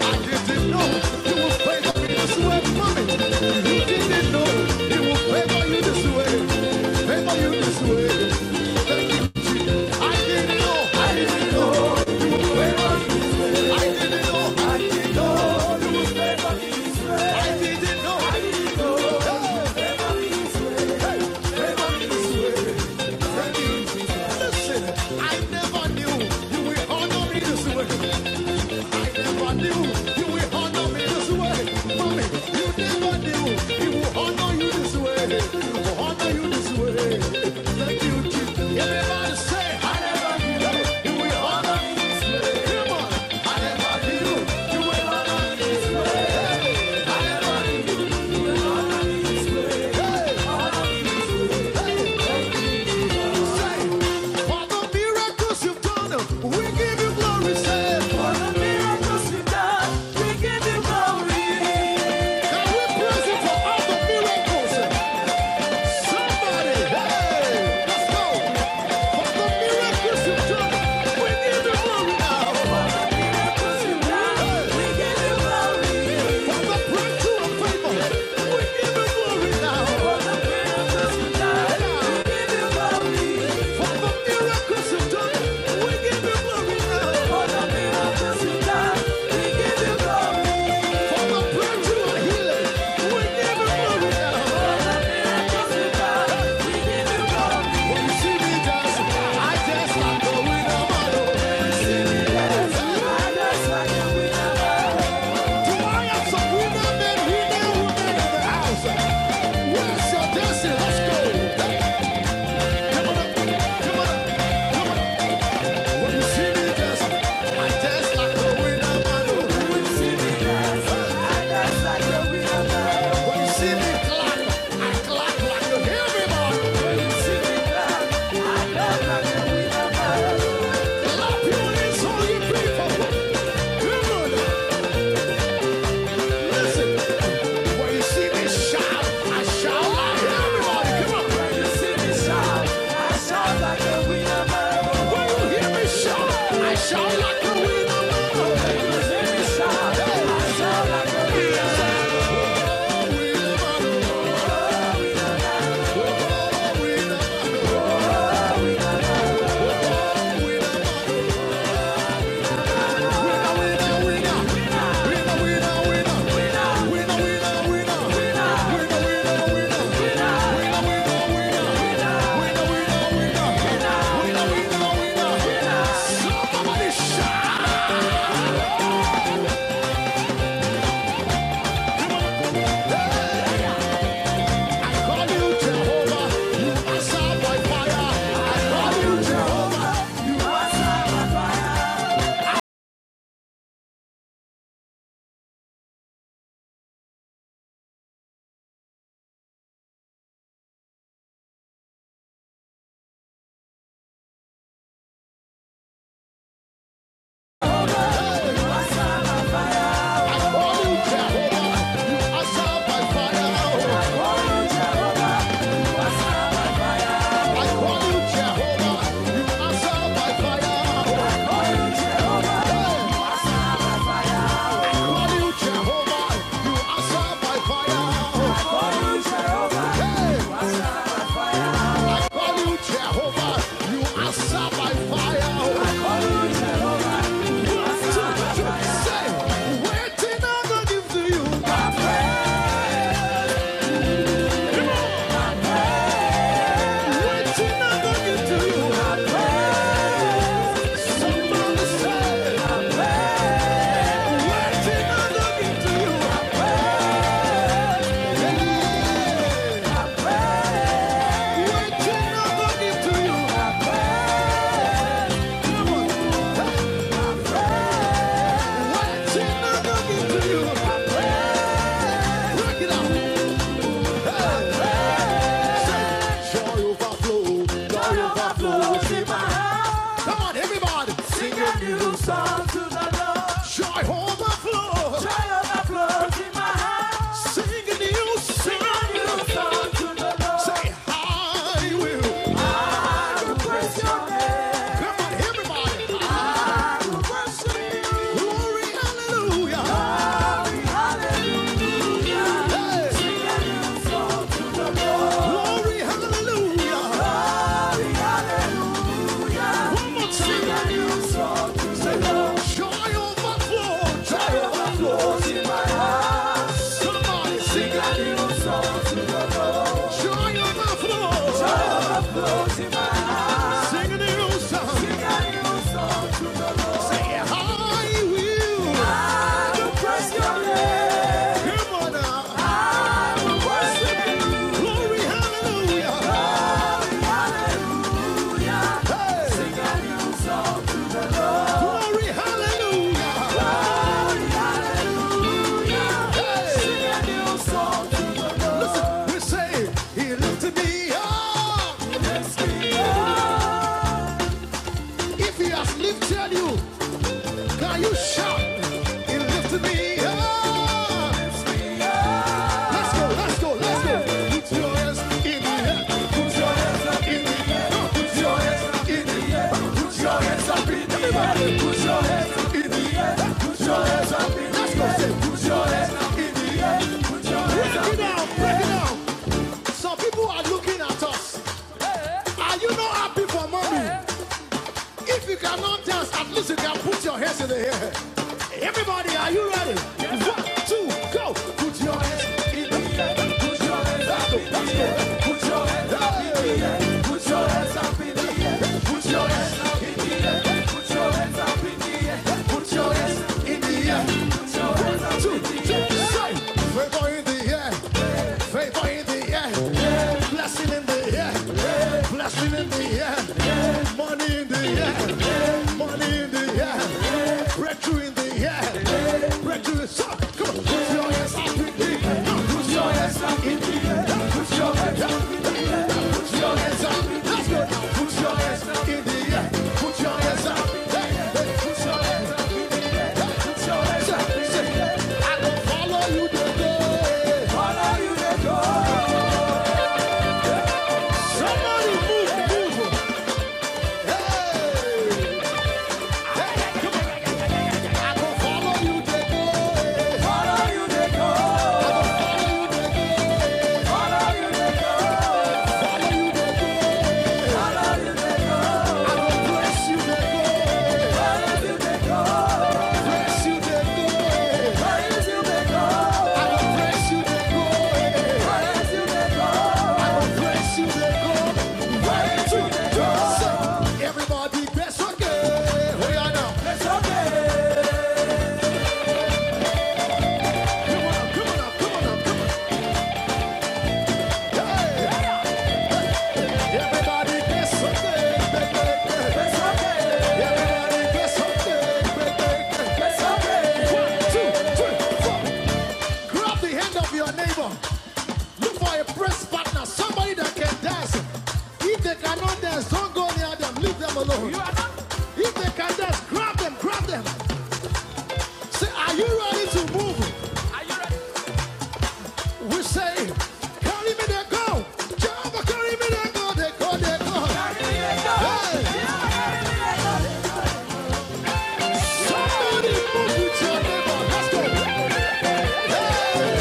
[SPEAKER 5] I didn't know you would favor me this way, mommy. You didn't know you would favor you this way. Favor you this way. Thank you. I didn't know. I didn't know. I never knew you would honor me this way. Hey! Can we praise Him for all the miracles? Somebody, hey, let's go. For the miracles you we give you glory now. Hey, for the breakthrough of we give you glory For the miracles you we give you glory now. We give you glory. Let's go. Come on up. Come on up. Come on Clap your hands, all you people. Come on. Listen, when you see me shout, I shout like everybody. Come on. When you see me shout, I shout like a winner. When you hear me shout, I shout like a winner. When you hear me shout, I shout like a winner. Oh, winner. Oh, winner. Oh, winner. Jehovah, you are saved by fire. I call you Jehovah. You answer by fire. I call you Jehovah. You answer by fire. Hey. I call you Jehovah. You answer by fire. Say, waiting I'm gonna give to you. Waiting I'm gonna give to you. Somebody say, waiting on the to you. Waiting on the to you. Come on, waiting on the to you. Break it out. Joy overflow, joy overflow, see my heart. Come on, everybody, sing a new song to the Lord. Joy overflow, joy overflow, see my heart. Sing a new, sing a new song to the Lord. Say, I will, I will praise your name. Come on, everybody, Sing a new song. sing a new song. I will. You your hand. Come on now. I will worship you. Glory, hallelujah. Hey. Glory, hallelujah. Hey. Listen, we say he lifted me up. If he has lifted you, can you shout? He lifted me up. Let's go, let's go, let's go. Put your hands in the air. Put your hands up in the air. Put your hands up in the air. Put your hands up in the air. Everybody, put your hands up in the air. Put your hands up in the air. Let's go, say, put your hands up in the air. Put your hands break it down, break it down. Some people are looking at us. Are you not happy for mommy? If you cannot dance, at least you can put your hands in the air. Everybody, are you ready? Yes. One, two, go. Put your hands in the air. Put your hands up. in the air. Put your hands up in the air. Put your hands up in the air. Put your hands up in the air. Put your hands up in the air. Put your hands in the air. Put your hands up in the air. Put your hands up in the air. We're going in the air. Favor in the air. yeah. Blessing in the air. yeah. Blessing in the air. yeah. Money in the air. yeah. Money in the air. yeah. Breakthrough in the air. yeah. Breakthrough is up. Come on. Put your hands up in the air. Put your hands up in the air. Follow you, they go. Follow you, they go. Everybody, press okay. We are now. Press okay. Come on up, come on up, come on up, come on. Hey. Everybody get something, break, break, break. Everybody get something, break, break, break. One, two, three, four. Grab the hand of your neighbor. Look for a press partner, somebody that can dance. If they cannot dance, don't go near them, leave them alone. If they can dance, grab them, grab them. Say, are you ready to move? We say, carry me there, go. Jehovah, carry me there, go. they go. They go, Carry me there, go. Hey, somebody move with your neighbor. Let's go. Hey.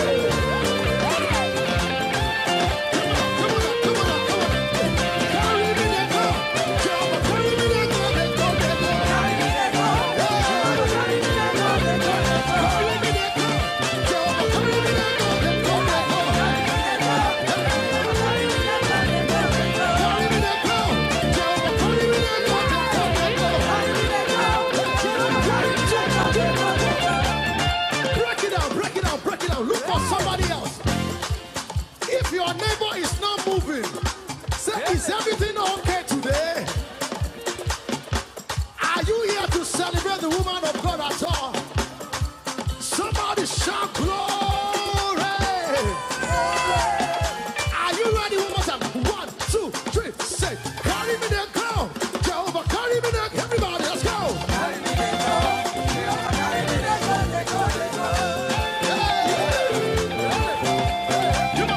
[SPEAKER 5] Break it out, break it out, break it out. Look for somebody else. If your neighbor is not moving, say, yeah. is everything okay today? Are you here to celebrate the woman of God at all? Somebody shout glory! Are you ready one more time? One, two, three, say, carry me there, girl. Jehovah, carry me there. Everybody, let's go. Carry carry me there, girl. Carry me there, there, there, Hey! Take me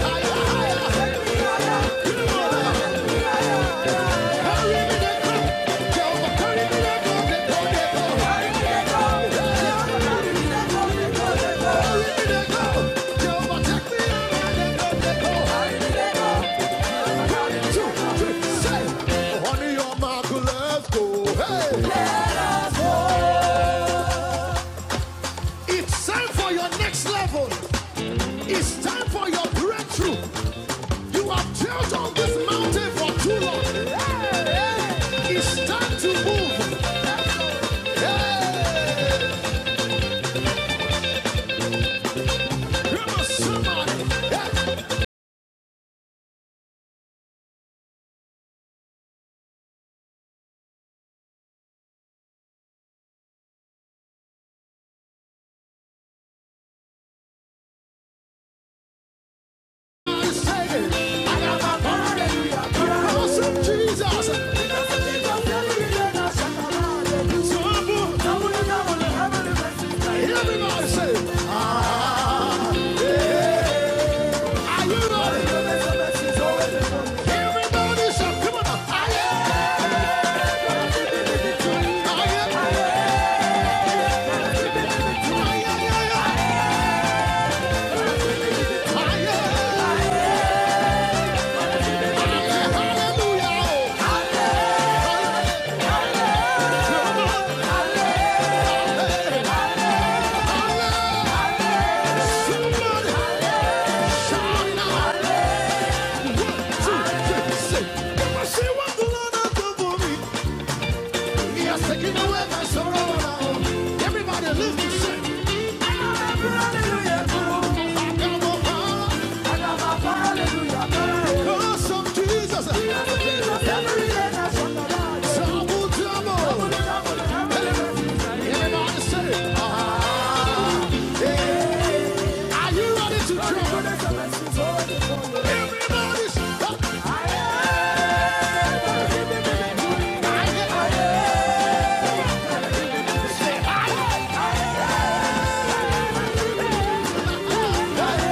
[SPEAKER 5] higher, Hey! It's time for your next level. It's time for your breakthrough. You have chilled on this mountain for too long. Yeah. It's time to move. Hey, come on, somebody. Hey, I say it. I got my hallelujah. Because of Jesus. So move. Everybody say, it. ah, yeah. Are you ready? Everybody shout, come on. Ah, yeah. Taking away my sorrow now. Everybody lift and sing. Because of Jesus, Sabu Everybody say, ah, yeah. Are you ready to jump? Everybody say, ah, yeah.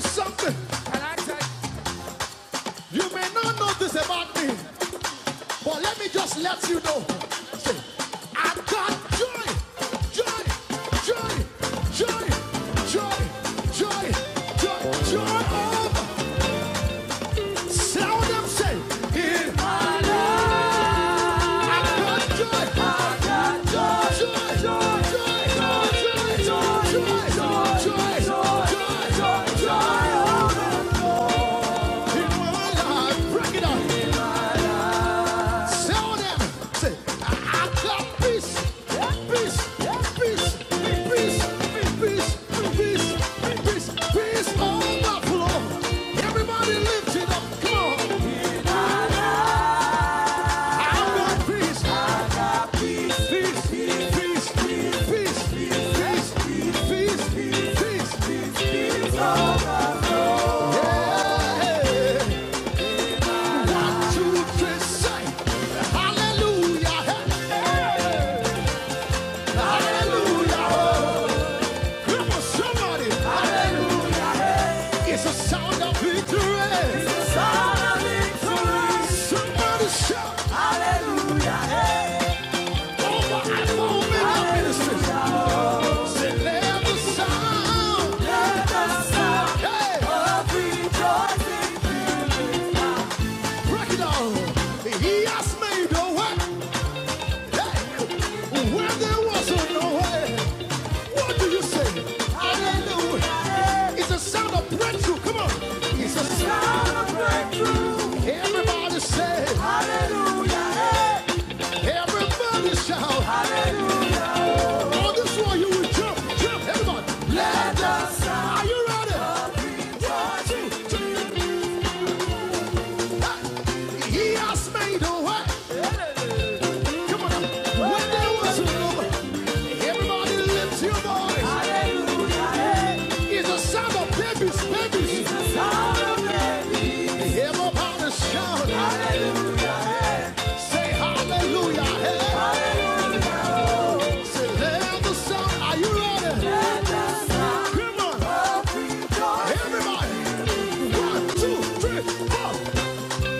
[SPEAKER 5] Something you may not know this about me, but let me just let you know. I got joy, joy, joy, joy, joy, joy, joy, joy. Sound them say, it Everybody lift it up, come on. I want peace. It's a sound of victory. It's a sound of victory. Somebody shout. Hallelujah. Hey. Over and over in our ministry. Everybody say, Hallelujah! Hey. Everybody shout, Hallelujah! On this one, you will jump, jump, everybody. Let us. Are you ready? One, two, three, four. He has made a way. Come on, now. when there was room, everybody lift your voice. Hallelujah. It's a sound of babies, babies. It's a sound of babies. Everybody shout. Hallelujah. Say hallelujah. Hey. Hallelujah. Say, let the sound. Are you ready? Come on. Everybody, one, two, three, four.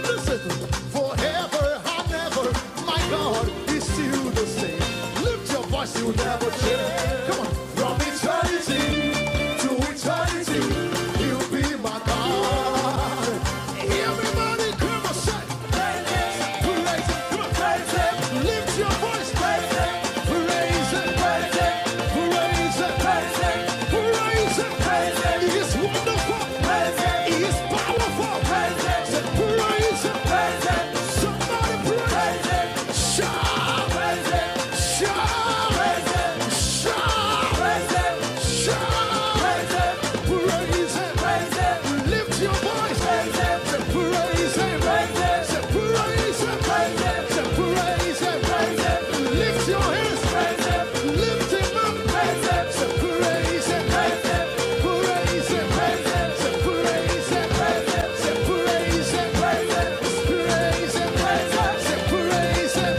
[SPEAKER 5] Listen, forever and ever, my God is still the same. Lift your voice, you'll never change. Come on, from eternity to eternity, you'll be my God. Everybody, come on, say, Live lift your voice. Praise Him. Say praise Him. Praise Him. Say praise Him. Praise Him. Say praise Him. Praise Him. Lift your hands. Praise Him. Lift Him up. Praise Him. Say praise Him. Praise Him. Praise Him. Praise Him. Say praise Him. Praise Him. Say praise Him. Praise Him. It's praise Him. Praise Him.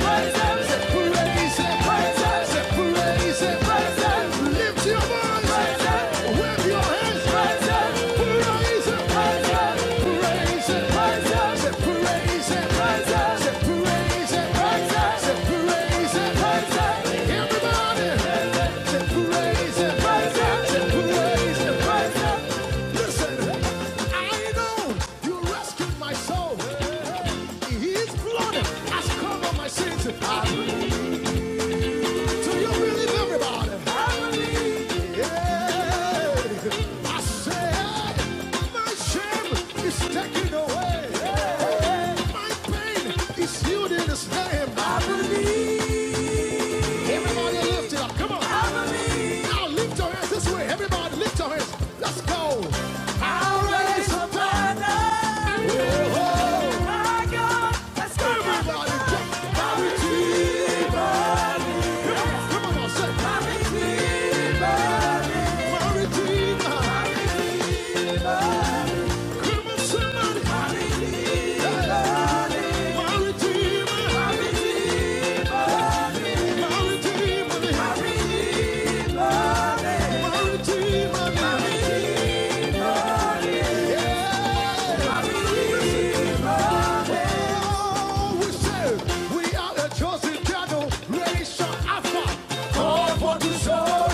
[SPEAKER 5] Say praise Him. Praise Him. Say praise Him. Praise Him. Say praise Him. Praise Him. Lift your your voice. Wave your hands. Praise Him. Praise Him. Say praise Him. Say praise Him. Say praise Him. Everybody. Say praise Him. Say praise Him. Listen, I know you rescued my soul. His blood has covered my sins. Do you believe everybody? Yeah. I said, my shame is taken away. My pain is healed in His name. I believe. Everybody lift it up. Come on. Now lift your hands this way. Everybody lift your hands. Let's go. I'll raise a banner. Oh, my God. Let's go! Everybody jump. Come on. Come on now. Say. Maritima. Maritima. Come on, somebody. Hey. Redeemer, my Redeemer, my Redeemer. Oh, we are the chosen cattle, nation Alpha, called for to show.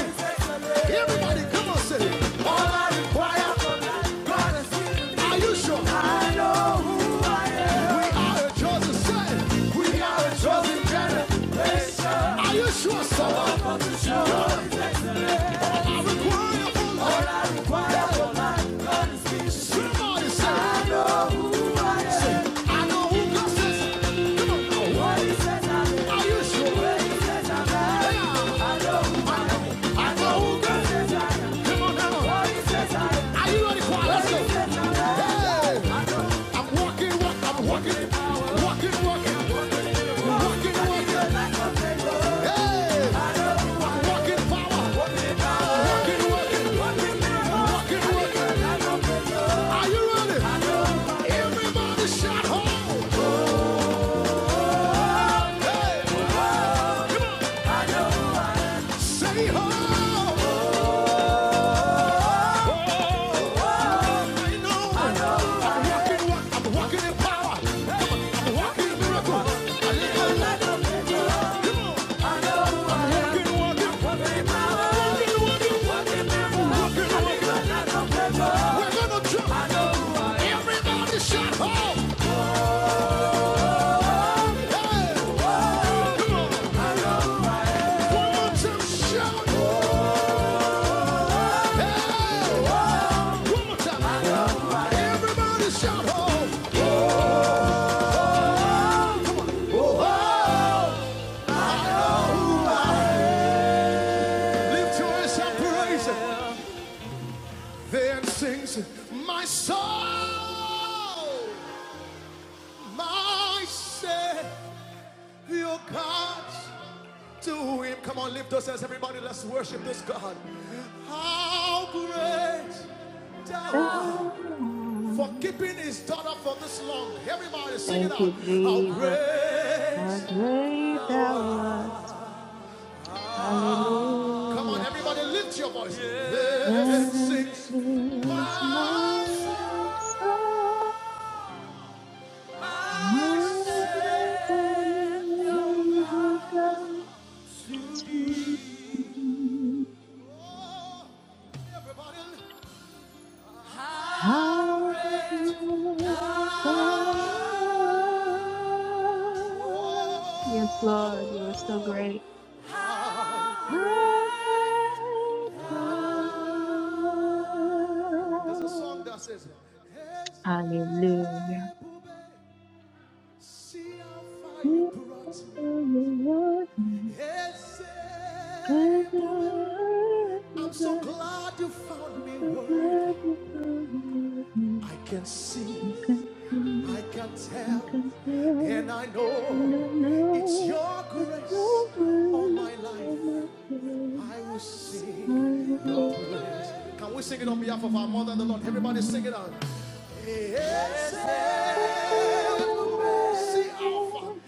[SPEAKER 5] Everybody, come on, say it. All I require, God is- Are you sure? I know who I am. We are a chosen set. We are a chosen generation. Are you sure, someone? Walking, walking, walking, walking, walking. Hey! Everybody shout ho! Hey! Say ho! Shut up! Hey! Come on! One more time, shout! Hey! One more time! Everybody shout! Oh! Lift your voice and praise him. Then sings my soul, my Savior God to him. Come on, lift those hands, everybody. Let's worship this God. How great thou art for keeping his daughter for this long. Everybody sing it
[SPEAKER 1] Thank
[SPEAKER 5] out.
[SPEAKER 1] you,
[SPEAKER 5] How
[SPEAKER 1] Jesus.
[SPEAKER 5] great.
[SPEAKER 1] How great thou art.
[SPEAKER 5] Come on,
[SPEAKER 1] Hallelujah.
[SPEAKER 5] everybody, lift your voice. Then
[SPEAKER 1] And
[SPEAKER 5] sings
[SPEAKER 1] I,
[SPEAKER 5] my soul,
[SPEAKER 1] I,
[SPEAKER 5] my Savior.
[SPEAKER 1] I, I, I, I, I,
[SPEAKER 5] Oh,
[SPEAKER 1] How great Thou art! Yes, Lord, you are so
[SPEAKER 5] Oh,
[SPEAKER 1] great. How great thou
[SPEAKER 5] There's a song
[SPEAKER 1] art.
[SPEAKER 5] that says, Heze,
[SPEAKER 1] Hallelujah.
[SPEAKER 5] I'm so glad you found me worthy. I can see I can
[SPEAKER 1] I
[SPEAKER 5] tell
[SPEAKER 1] can do
[SPEAKER 5] and I know
[SPEAKER 1] No,
[SPEAKER 5] it's
[SPEAKER 1] no,
[SPEAKER 5] your
[SPEAKER 1] but
[SPEAKER 5] grace
[SPEAKER 1] your
[SPEAKER 5] on
[SPEAKER 1] words
[SPEAKER 5] my
[SPEAKER 1] are my
[SPEAKER 5] life.
[SPEAKER 1] tears.
[SPEAKER 5] I will sing
[SPEAKER 1] I
[SPEAKER 5] your
[SPEAKER 1] will
[SPEAKER 5] praise. Can we sing it on behalf of our mother and the Lord? Everybody sing it
[SPEAKER 1] sing.
[SPEAKER 5] out. Yes, yes, yes. see Alpha,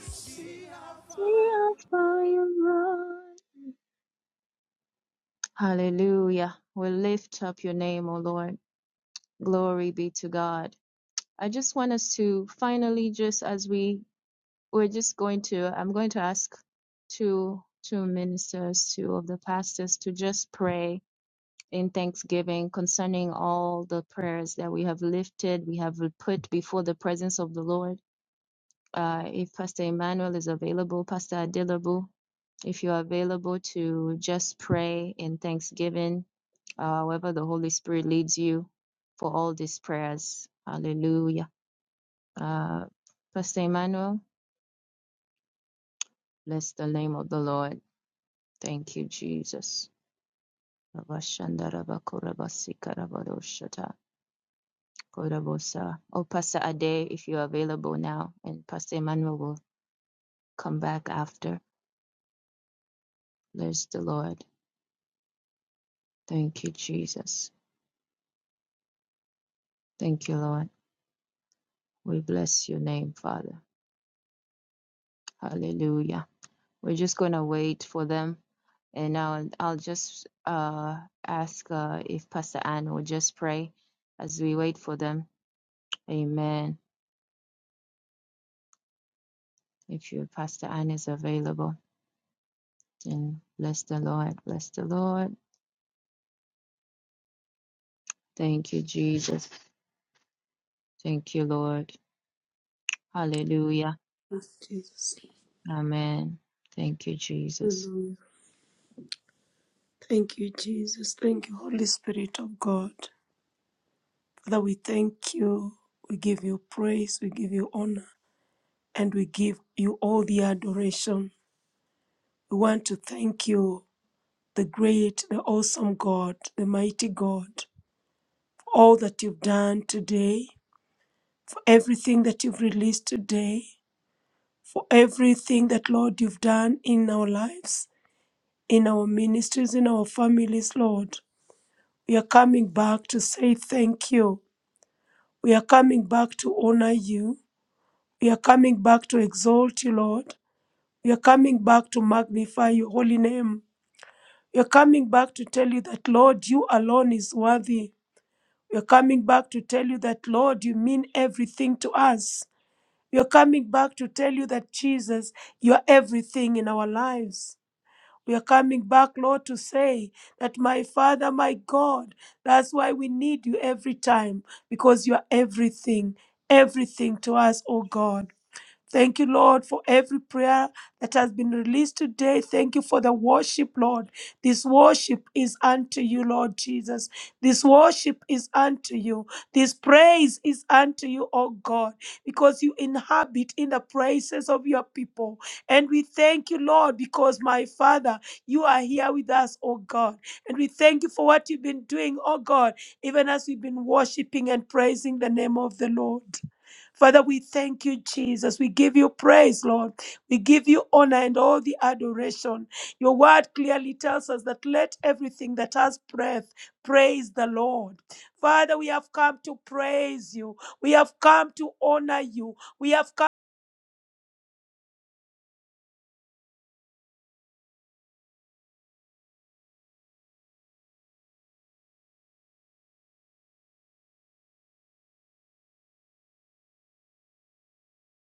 [SPEAKER 1] Hallelujah. We lift up your name, O Lord. Glory be to God. I just want us to finally, just as we, we're just going to, I'm going to ask two, two ministers, two of the pastors to just pray in thanksgiving concerning all the prayers that we have lifted, we have put before the presence of the Lord. Uh, if Pastor Emmanuel is available, Pastor Adilabu, if you're available to just pray in thanksgiving, uh, however the Holy Spirit leads you for all these prayers. Hallelujah. Uh, Pastor Emmanuel, bless the name of the Lord. Thank you, Jesus. Kodabosa or Pastor Ade if you're available now, and Pastor Emmanuel will come back after. Bless the Lord. Thank you, Jesus. Thank you, Lord. We bless your name, Father. Hallelujah. We're just going to wait for them. And I'll, I'll just uh, ask uh, if Pastor Ann will just pray as we wait for them. Amen. If your Pastor Ann is available, then bless the Lord. Bless the Lord. Thank you, Jesus. Thank you, Lord. Hallelujah.
[SPEAKER 3] Yes, Jesus.
[SPEAKER 1] Amen. Thank you, Jesus.
[SPEAKER 3] Hallelujah. Thank you, Jesus. Thank you, Holy Spirit of God. Father, we thank you. We give you praise. We give you honor. And we give you all the adoration. We want to thank you, the great, the awesome God, the mighty God, for all that you've done today, for everything that you've released today, for everything that, Lord, you've done in our lives, in our ministries, in our families, Lord. We are coming back to say thank you. We are coming back to honor you. We are coming back to exalt you, Lord. We are coming back to magnify your holy name. We are coming back to tell you that, Lord, you alone is worthy. We are coming back to tell you that, Lord, you mean everything to us. We are coming back to tell you that, Jesus, you are everything in our lives. We are coming back, Lord, to say that, my Father, my God, that's why we need you every time because you are everything, everything to us, oh God. Thank you, Lord, for every prayer that has been released today. Thank you for the worship, Lord. This worship is unto you, Lord Jesus. This worship is unto you. This praise is unto you, O God, because you inhabit in the praises of your people. And we thank you, Lord, because my Father, you are here with us, O God. And we thank you for what you've been doing, O God, even as we've been worshiping and praising the name of the Lord. Father, we thank you, Jesus. We give you praise, Lord. We give you honor and all the adoration. Your word clearly tells us that let everything that has breath praise the Lord. Father, we have come to praise you. We have come to honor you. We have come,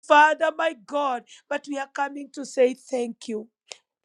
[SPEAKER 3] Father, my God, but we are coming to say thank you.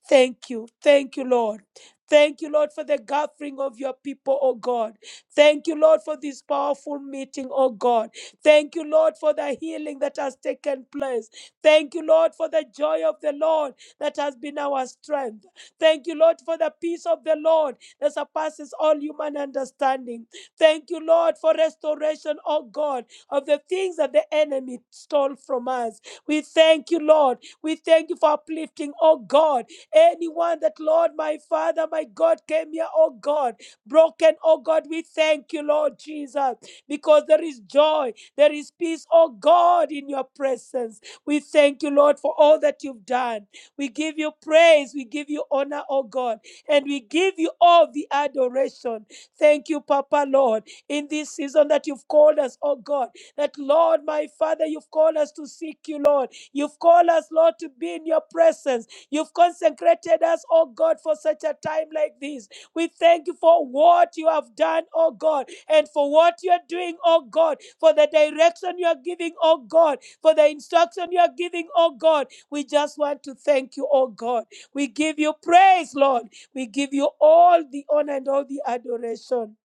[SPEAKER 3] Thank you. Thank you, Lord. Thank you, Lord, for the gathering of your people, oh God. Thank you, Lord, for this powerful meeting, oh God. Thank you, Lord, for the healing that has taken place. Thank you, Lord, for the joy of the Lord that has been our strength. Thank you, Lord, for the peace of the Lord that surpasses all human understanding. Thank you, Lord, for restoration, oh God, of the things that the enemy stole from us. We thank you, Lord. We thank you for uplifting, oh God Anyone that, Lord, my Father, my God, came here, oh God, broken, oh God, we thank you, Lord Jesus, because there is joy, there is peace, oh God, in your presence. We thank you, Lord, for all that you've done. We give you praise, we give you honor, oh God, and we give you all the adoration. Thank you, Papa, Lord, in this season that you've called us, oh God, that, Lord, my Father, you've called us to seek you, Lord. You've called us, Lord, to be in your presence. You've consecrated us, oh God, for such a time like this. We thank you for what you have done, oh God, and for what you are doing, oh God, for the direction you are giving, oh God, for the instruction you are giving, oh God. We just want to thank you, oh God. We give you praise, Lord. We give you all the honor and all the adoration.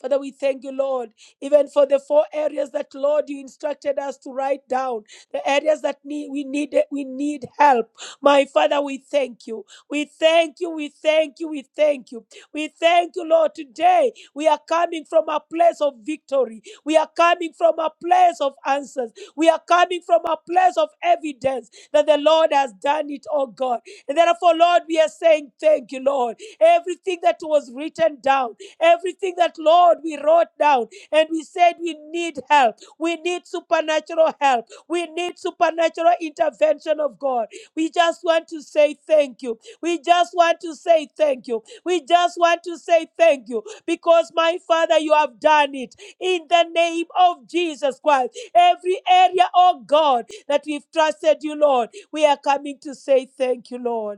[SPEAKER 3] Father, we thank you, Lord, even for the four areas that, Lord, you instructed us to write down, the areas that need, we need we need help. My Father, we thank you. We thank you. We thank you. We thank you. We thank you, Lord. Today we are coming from a place of victory. We are coming from a place of answers. We are coming from a place of evidence that the Lord has done it, oh God. And therefore, Lord, we are saying thank you, Lord. Everything that was written down. Everything that, Lord, we wrote down and we said we need help. We need supernatural help. We need supernatural intervention of God. We just want to say thank you. We just want to say thank you. We just want to say thank you because, my Father, you have done it in the name of Jesus Christ. Every area, oh God, that we've trusted you, Lord, we are coming to say thank you, Lord.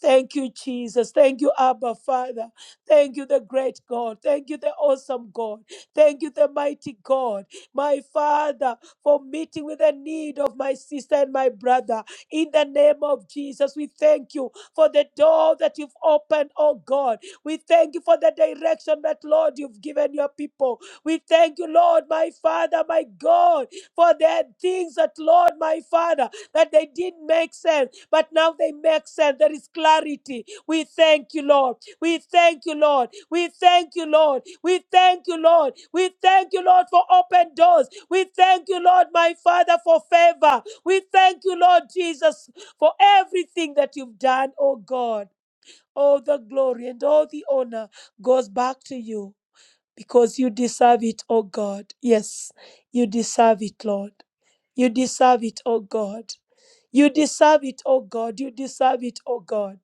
[SPEAKER 3] Thank you, Jesus. Thank you, Abba Father. Thank you, the great God. Thank you, the awesome God. Thank you, the mighty God. My Father, for meeting with the need of my sister and my brother. In the name of Jesus, we thank you for the door that you've opened, oh God. We thank you for the direction that, Lord, you've given your people. We thank you, Lord, my Father, my God, for the things that, Lord, my Father, that they didn't make sense but now they make sense. There is clarity. We thank you, Lord. We thank you, Lord. We thank you, Lord. We thank you, Lord. We thank you, Lord, for open doors. We thank you, Lord, my Father, for favor. We thank you, Lord Jesus, for everything that you've done, oh God. All the glory and all the honor goes back to you because you deserve it, oh God. Yes, you deserve it, Lord. You deserve it, oh God. You deserve it, oh God. You deserve it, oh God.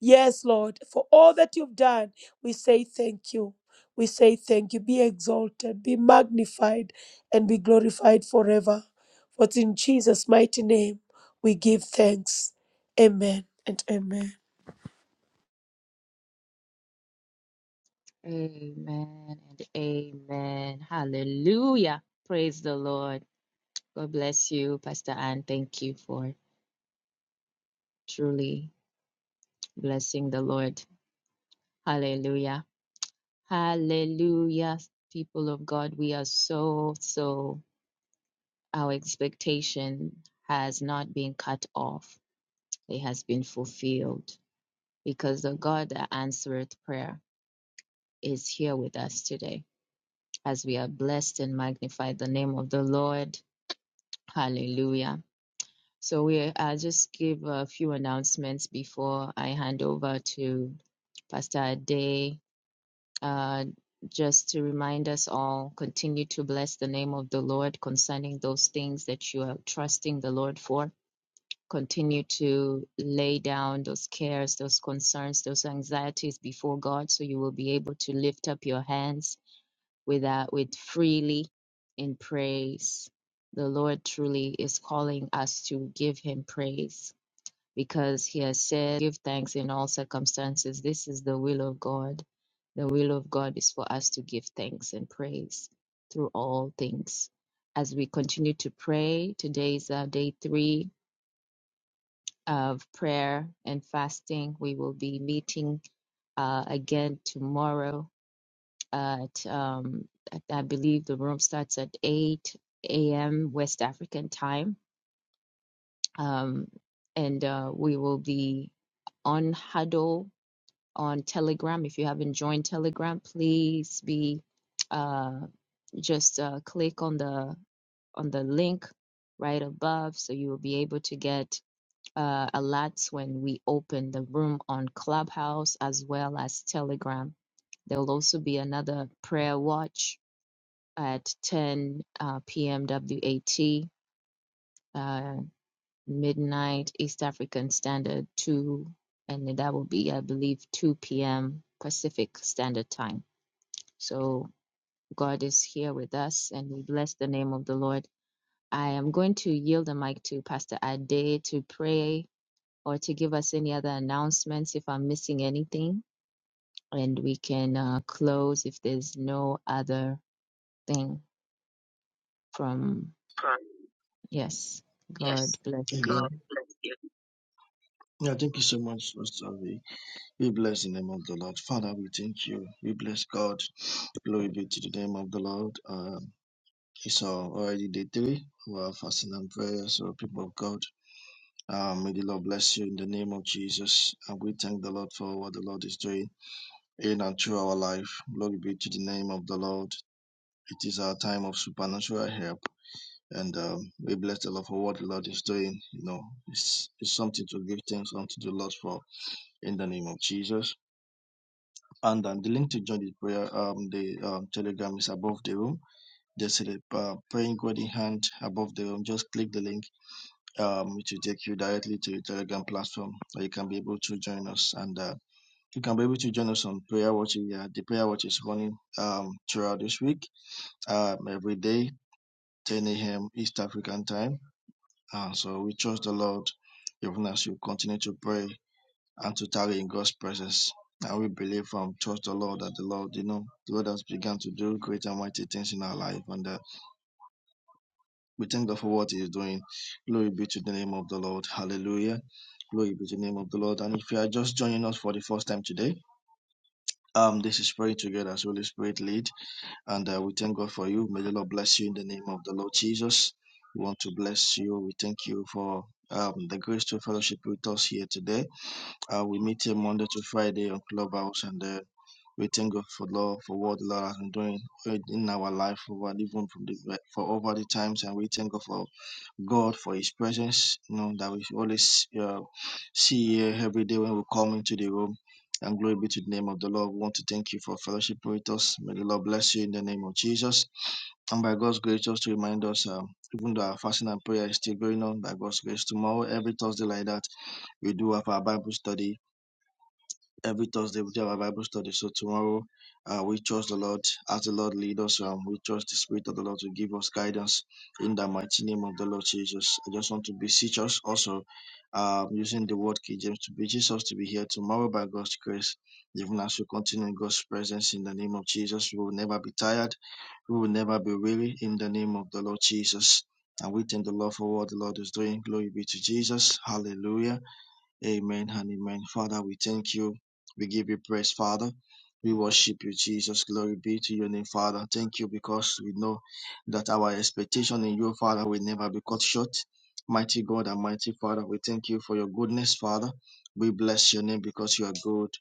[SPEAKER 3] Yes, Lord, for all that you've done, we say thank you. We say thank you. Be exalted, be magnified, and be glorified forever. For it's in Jesus' mighty name we give thanks. Amen and amen.
[SPEAKER 1] Amen and amen. Hallelujah. Praise the Lord. God bless you, Pastor Anne. Thank you for truly blessing the Lord. Hallelujah. Hallelujah. People of God, we are so, so, our expectation has not been cut off, it has been fulfilled because the God that answereth prayer is here with us today. as we are blessed and magnify the name of the Lord. Hallelujah. So we I'll just give a few announcements before I hand over to Pastor Ade. Uh, just to remind us all, continue to bless the name of the Lord concerning those things that you are trusting the Lord for. Continue to lay down those cares, those concerns, those anxieties before God so you will be able to lift up your hands with that with freely in praise. The Lord truly is calling us to give him praise because he has said, Give thanks in all circumstances. This is the will of God. The will of God is for us to give thanks and praise through all things. As we continue to pray, today is uh, day three of prayer and fasting. We will be meeting uh, again tomorrow at um at, I believe the room starts at 8 a.m. West African time. Um and uh we will be on Huddle on Telegram. If you haven't joined Telegram, please be uh just uh, click on the on the link right above so you will be able to get uh, alerts when we open the room on Clubhouse as well as Telegram. There will also be another prayer watch at 10 uh, p.m. WAT, uh, midnight East African Standard 2, and that will be, I believe, 2 p.m. Pacific Standard Time. So God is here with us, and we bless the name of the Lord. I am going to yield the mic to Pastor Ade to pray or to give us any other announcements if I'm missing anything, and we can uh, close if there's no other thing from, yes, God bless
[SPEAKER 6] Amen.
[SPEAKER 1] you.
[SPEAKER 6] Yeah, thank you so much, Pastor Avi. We bless the name of the Lord. Father, we thank you. We bless God. Glory be to the name of the Lord. Um, it's uh, already day three of our fasting and prayer, so people of God, um, may the Lord bless you in the name of Jesus. And we thank the Lord for what the Lord is doing in and through our life. Glory be to the name of the Lord. It is our time of supernatural help. And um, we bless the Lord for what the Lord is doing. You know, it's, it's something to give thanks unto the Lord for in the name of Jesus. And um, the link to join the prayer, um, the um, telegram is above the room. Just see the uh, praying God in hand above the room. Just click the link, um, which will take you directly to the telegram platform where you can be able to join us. And uh, you can be able to join us on prayer watch. Yeah, the prayer watch is running um, throughout this week, um, every day, 10 a.m. East African time. Uh, so we trust the Lord even as you continue to pray and to tarry in God's presence. And we believe and trust the Lord that the Lord, you know, the Lord has begun to do great and mighty things in our life. And uh, we thank God for what He is doing. Glory be to the name of the Lord. Hallelujah. Glory be to the name of the Lord. And if you are just joining us for the first time today, um, this is praying together as Holy Spirit lead. And uh, we thank God for you. May the Lord bless you in the name of the Lord Jesus. We want to bless you. We thank you for um, the grace to fellowship with us here today. Uh, we meet here Monday to Friday on Clubhouse and uh, We thank God for Lord for what the Lord has been doing in our life over even from the for over the times, and we thank God for God for His presence. You know that we always uh, see here every day when we come into the room. And glory be to the name of the Lord. We want to thank you for fellowship with us. May the Lord bless you in the name of Jesus. And by God's grace, just to remind us, um, even though our fasting and prayer is still going on, by God's grace, tomorrow, every Thursday like that, we do have our Bible study every Thursday we do our Bible study. So tomorrow, uh, we trust the Lord as the Lord lead us. Um, we trust the Spirit of the Lord to give us guidance in the mighty name of the Lord Jesus. I just want to beseech us also, um, using the word King James to beseech us to be here tomorrow by God's grace. Even as we continue in God's presence in the name of Jesus, we will never be tired. We will never be weary in the name of the Lord Jesus. And we thank the Lord for what the Lord is doing. Glory be to Jesus. Hallelujah. Amen and amen. Father, we thank you. We give you praise, Father. We worship you, Jesus. Glory be to your name, Father. Thank you because we know that our expectation in you, Father, will never be cut short. Mighty God and mighty Father, we thank you for your goodness, Father. We bless your name because you are good.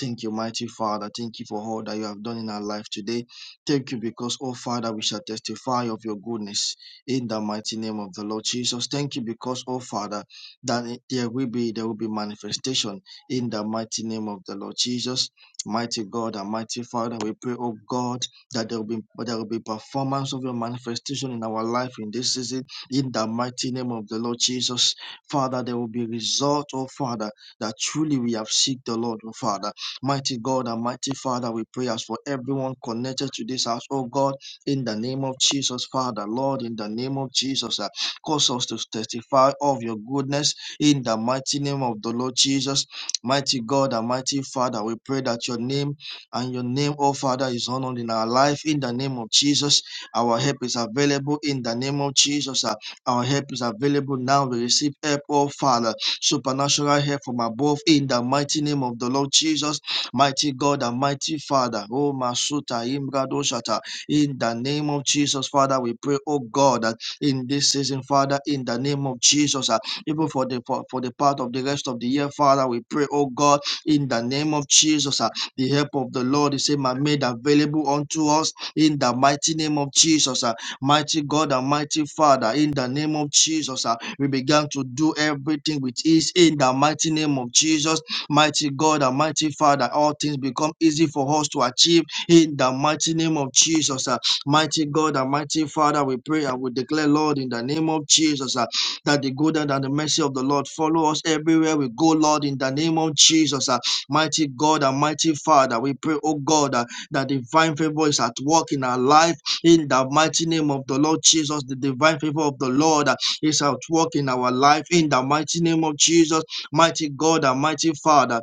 [SPEAKER 6] Thank you, mighty Father. Thank you for all that you have done in our life today. Thank you because, oh Father, we shall testify of your goodness in the mighty name of the Lord Jesus. Thank you because, oh Father, then there will be there will be manifestation in the mighty name of the Lord Jesus. Mighty God and mighty Father, we pray, oh God, that there will be there will be performance of your manifestation in our life in this season, in the mighty name of the Lord Jesus. Father, there will be result, oh Father, that truly we have seeked the Lord, oh Father. Mighty God and mighty Father, we pray as for everyone connected to this house, oh God, in the name of Jesus, Father, Lord, in the name of Jesus, uh, cause us to testify of your goodness in the mighty name of the Lord Jesus, mighty God and mighty Father, we pray that your name and your name, oh Father, is honored in our life. In the name of Jesus, our help is available. In the name of Jesus, uh, our help is available now. We receive help, oh Father, supernatural help from above. In the mighty name of the Lord Jesus, mighty God and mighty Father, oh Masuta Imgadoshata. In the name of Jesus, Father, we pray, oh God, that in this season, Father, in the name of Jesus. uh, even for the for, for the part of the rest of the year, Father. We pray, oh God, in the name of Jesus, ah, the help of the Lord is ma- made available unto us in the mighty name of Jesus. ah. Mighty God and mighty Father, in the name of Jesus, ah, we began to do everything with ease in the mighty name of Jesus. Mighty God and mighty Father, all things become easy for us to achieve in the mighty name of Jesus. ah. Mighty God and mighty Father, we pray and we declare, Lord, in the name of Jesus. ah, that the goodness and the mercy of the Lord follow us everywhere we go, Lord, in the name of Jesus. ah. mighty God and mighty Father, we pray, oh God, ah, that divine favor is at work in our life in the mighty name of the Lord Jesus. The divine favor of the Lord ah, is at work in our life in the mighty name of Jesus, mighty God and mighty Father.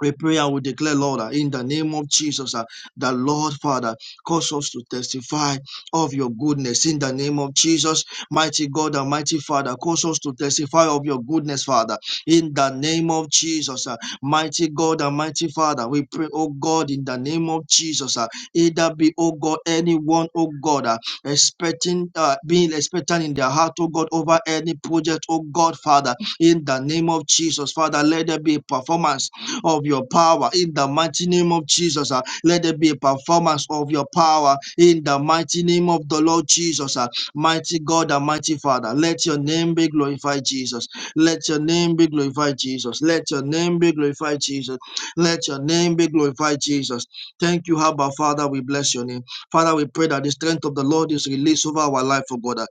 [SPEAKER 6] We pray and we declare, Lord, uh, in the name of Jesus, uh, the Lord Father, cause us to testify of your goodness. In the name of Jesus, mighty God and mighty Father, cause us to testify of your goodness, Father. In the name of Jesus, uh, mighty God and mighty Father, we pray, oh God, in the name of Jesus, uh, either be, oh God, anyone, oh God, uh, expecting, uh, being expectant in their heart, oh God, over any project, oh God, Father, in the name of Jesus, Father, let there be a performance of your power in the mighty name of Jesus. ah. Let there be a performance of your power in the mighty name of the Lord Jesus. ah. Mighty God and mighty Father, let your name be glorified, Jesus. Let your name be glorified, Jesus. Let your name be glorified, Jesus. Let your name be glorified, Jesus. Thank you, Abba Father. We bless your name. Father, we pray that the strength of the Lord is released over our life, oh God. uh.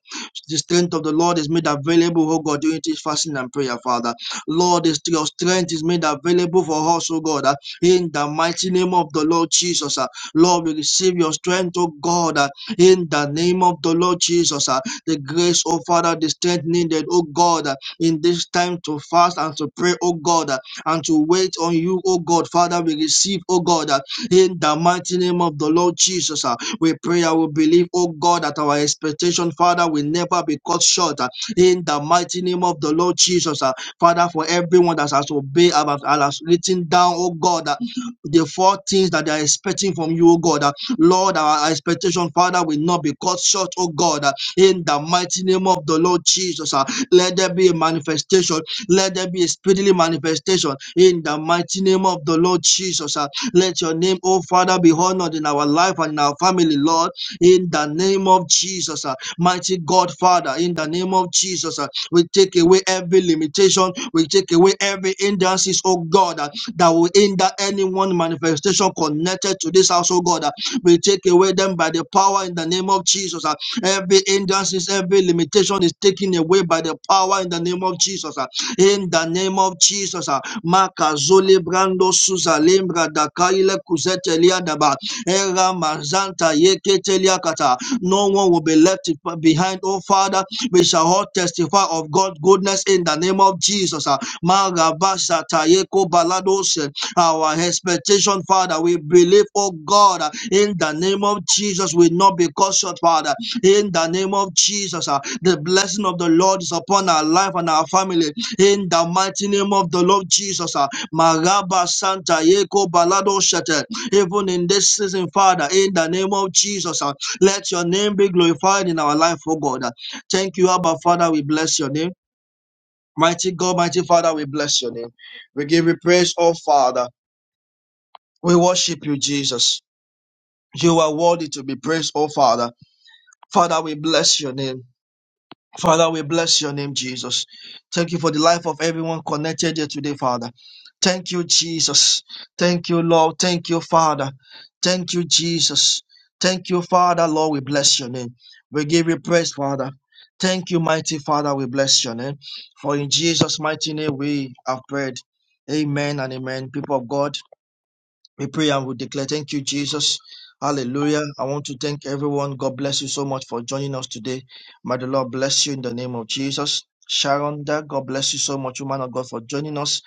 [SPEAKER 6] The strength of the Lord is made available, oh God, during this fasting and prayer, Father. Lord, is your strength is made available for us, oh God, uh, in the mighty name of the Lord Jesus. uh. Lord, we receive your strength, oh God, uh, in the name of the Lord Jesus. uh. The grace, oh Father, the strength needed, oh God, uh, in this time to fast and to pray, oh God, uh, and to wait on you, oh God. Father, we receive, oh God, uh, in the mighty name of the Lord Jesus. uh. We pray and we believe, oh God, that our expectation, Father, will never be cut short. uh, in the mighty name of the Lord Jesus. uh, Father, for everyone that has obeyed and has written down, oh God, uh, the four things that they are expecting from you, oh God. uh, Lord, our expectation, Father, will not be cut short, oh God. uh, In the mighty name of the Lord Jesus, uh, let there be a manifestation. Let there be a speedily manifestation. In the mighty name of the Lord Jesus, uh, let your name, oh Father, be honored in our life and in our family, Lord. In the name of Jesus, uh, mighty God, Father, in the name of Jesus, uh, we take away every limitation. We take away every hindrances, oh God, uh, that will hinder anyone manifestation connected to this house, oh God. uh. We take away them by the power in the name of Jesus. uh. Every hindrances, every limitation is taken away by the power in the name of Jesus. uh. In the name of Jesus. uh. Makazole brando suza lembra dakaile kuzetelia daba. Era mazanta yeketelia kata. No one will be left behind, oh Father we shall all testify of God's goodness in the name of Jesus. Ah, Magabasa tayeko baladose. Our expectation, Father, we believe, oh God, ah, in the name of Jesus, we not be cut short, Father. In the name of Jesus, ah, the blessing of the Lord is upon our life and our family. In the mighty name of the Lord Jesus, ah, Magaba Santa Yeko Balado Shete. Even in this season, Father, in the name of Jesus, ah, let your name be glorified in our life, oh God. Thank you, Abba Father. We bless your name. Mighty God, mighty Father, we bless your name. We give you praise, oh Father. We worship you, Jesus. You are worthy to be praised, oh Father. Father, we bless your name. Father, we bless your name, Jesus. Thank you for the life of everyone connected here today, Father. Thank you, Jesus. Thank you, Lord. Thank you, Father. Thank you, Jesus. Thank you, Father. Lord, we bless your name. We give you praise, Father. Thank you, mighty Father. We bless your name. For in Jesus' mighty name we have prayed. Amen and amen. People of God. We pray and we declare, Thank you, Jesus. Hallelujah. I want to thank everyone. God bless you so much for joining us today. May the Lord bless you in the name of Jesus. Sharonda, God bless you so much, woman of God, for joining us.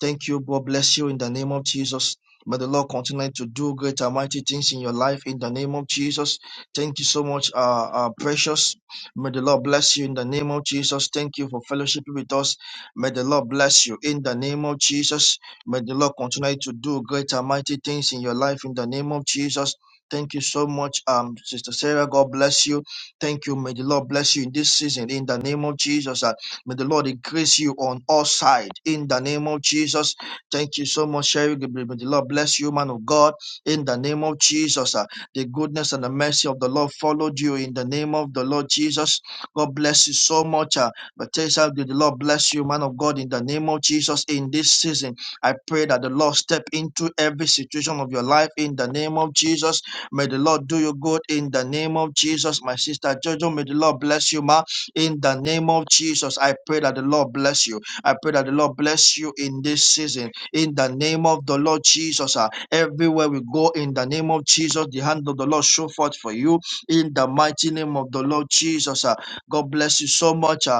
[SPEAKER 6] Thank you. God bless you in the name of Jesus. May the Lord continue to do great and mighty things in your life in the name of Jesus. Thank you so much, uh, uh, precious. May the Lord bless you in the name of Jesus. Thank you for fellowshiping with us. May the Lord bless you in the name of Jesus. May the Lord continue to do great and mighty things in your life in the name of Jesus. Thank you so much, um, Sister Sarah. God bless you. Thank you. May the Lord bless you in this season in the name of Jesus. Uh, may the Lord increase you on all sides in the name of Jesus. Thank you so much, Sherry. May the Lord bless you, man of God, in the name of Jesus. Uh, the goodness and the mercy of the Lord followed you in the name of the Lord Jesus. God bless you so much. Uh, but tell yourself, did the Lord bless you, man of God, in the name of Jesus in this season I pray that the Lord step into every situation of your life in the name of Jesus. May the Lord do you good in the name of Jesus. My sister Jojo, may the Lord bless you, ma. In the name of Jesus, I pray that the Lord bless you. I pray that the Lord bless you in this season. In the name of the Lord Jesus, ah, everywhere we go, in the name of Jesus, the hand of the Lord show forth for you. In the mighty name of the Lord Jesus, ah. God bless you so much. ah.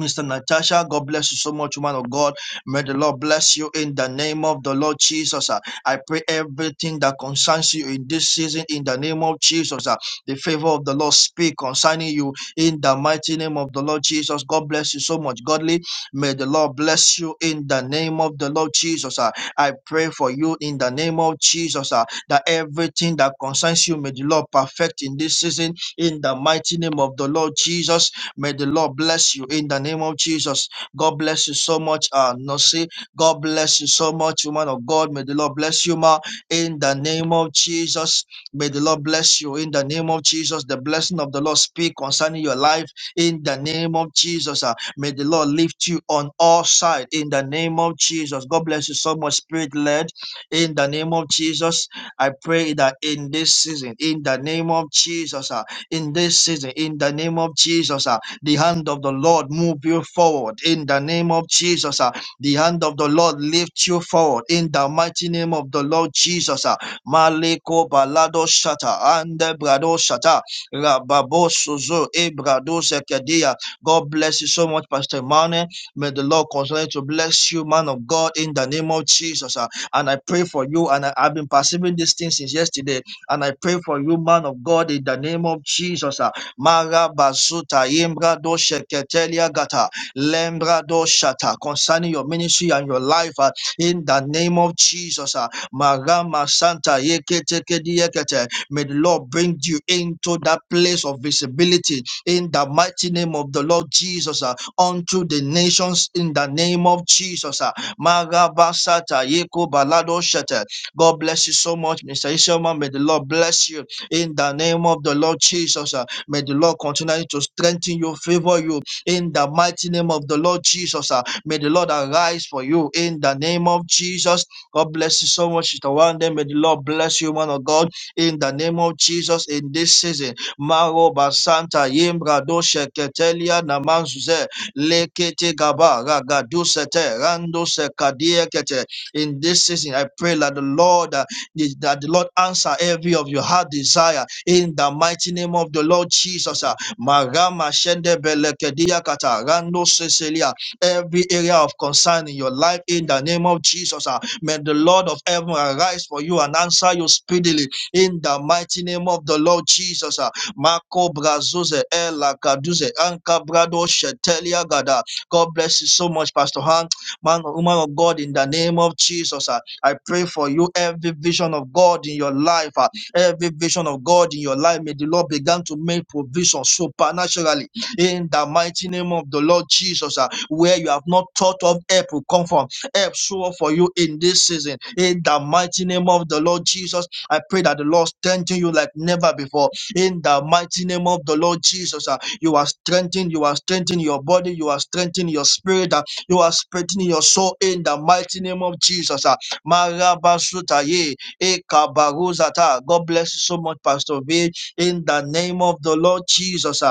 [SPEAKER 6] Mr. Natasha, God bless you so much, man of God. May the Lord bless you in the name of the Lord Jesus. ah. I pray everything that concerns you in this season in the name of Jesus. ah. The favor of the Lord speak concerning you in the mighty name of the Lord Jesus. God bless you so much, godly. May the Lord bless you in the name of the Lord Jesus. ah. I pray for you in the name of Jesus ah, that everything that concerns you may the Lord perfect in this season in the mighty name of the Lord Jesus. May the Lord bless you in the name of Jesus. God bless you so much, uh, Nonsi. God bless you so much, woman of God. May the Lord bless you, ma, in the name of Jesus. May the Lord bless you in the name of Jesus. The blessing of the Lord speak concerning your life in the name of Jesus. ah. may the Lord lift you on all sides in the name of Jesus. God bless you so much, spirit led, in the name of Jesus. I pray that in this season, in the name of Jesus, ah, in this season, in the name of Jesus. Ah. The hand of the Lord move you forward in the name of Jesus. ah. The hand of the Lord lift you forward in the mighty name of the Lord Jesus. ah. Maliko balado shata and brado shata rababo suzo ebrado sekedia. God bless you so much, Pastor Mane. May the Lord continue to bless you, man of God, in the name of Jesus. ah. And I pray for you, and I, I've been perceiving this thing since yesterday. And I pray for you, man of God, in the name of Jesus. ah. Mara Bazuta Imbra do Sheketelia Gata Lembra do Shata concerning your ministry and your life uh, in the name of Jesus. uh, Marama Santa Yeketekediekete. May the Lord bring you into that place of visibility in the mighty name of the Lord Jesus uh, unto the nations in the name of Jesus. uh, Marabasata Yeko Balado Shete. God bless you so much, Mr. Ishama. May the Lord bless you in the name of the Lord Jesus. uh, May the Lord continue to strengthen you, favor you in the mighty name of the Lord Jesus. ah. May the Lord arise for you in the name of Jesus. God bless you so much, Sister Wanda. May the Lord bless you, man of God, in the name of Jesus in this season. Maro Basanta Yimbrado Sheketelia Namanzuze Lekete Gaba Ragadu Sete Rando Sekadie Kete. In this season, I pray that the Lord uh, the- that the Lord answer every of your heart desire in the mighty name of the Lord Jesus. ah. Marama shende belekedia kata rando seselia. Every area of concern in your life in the name of Jesus. ah. May the Lord of heaven arise for you and answer you speedily in the mighty name of the Lord Jesus. ah. Marco Brazuze Ella Kaduze Anka Brado Shetelia Gada. God bless you so much, Pastor Han, man, woman of God, in the name of Jesus. ah. I pray for you every vision of God in your life, ah, every vision of God in your life. May the Lord begin to make provision supernaturally in the mighty name of the Lord Jesus. ah. Where you have not thought of help will come from. Help show up for you in this season. In the mighty name of the Lord Jesus, I pray that the Lord strengthen you like never before. In the mighty name of the Lord Jesus, ah, you are strengthened. You are strengthening your body. You are strengthening your spirit. ah, you are strengthening your soul in the mighty name of Jesus. ah. Marabasutaye, Ekabaruzata. God bless you so much, Pastor V. In the name of the Lord Jesus.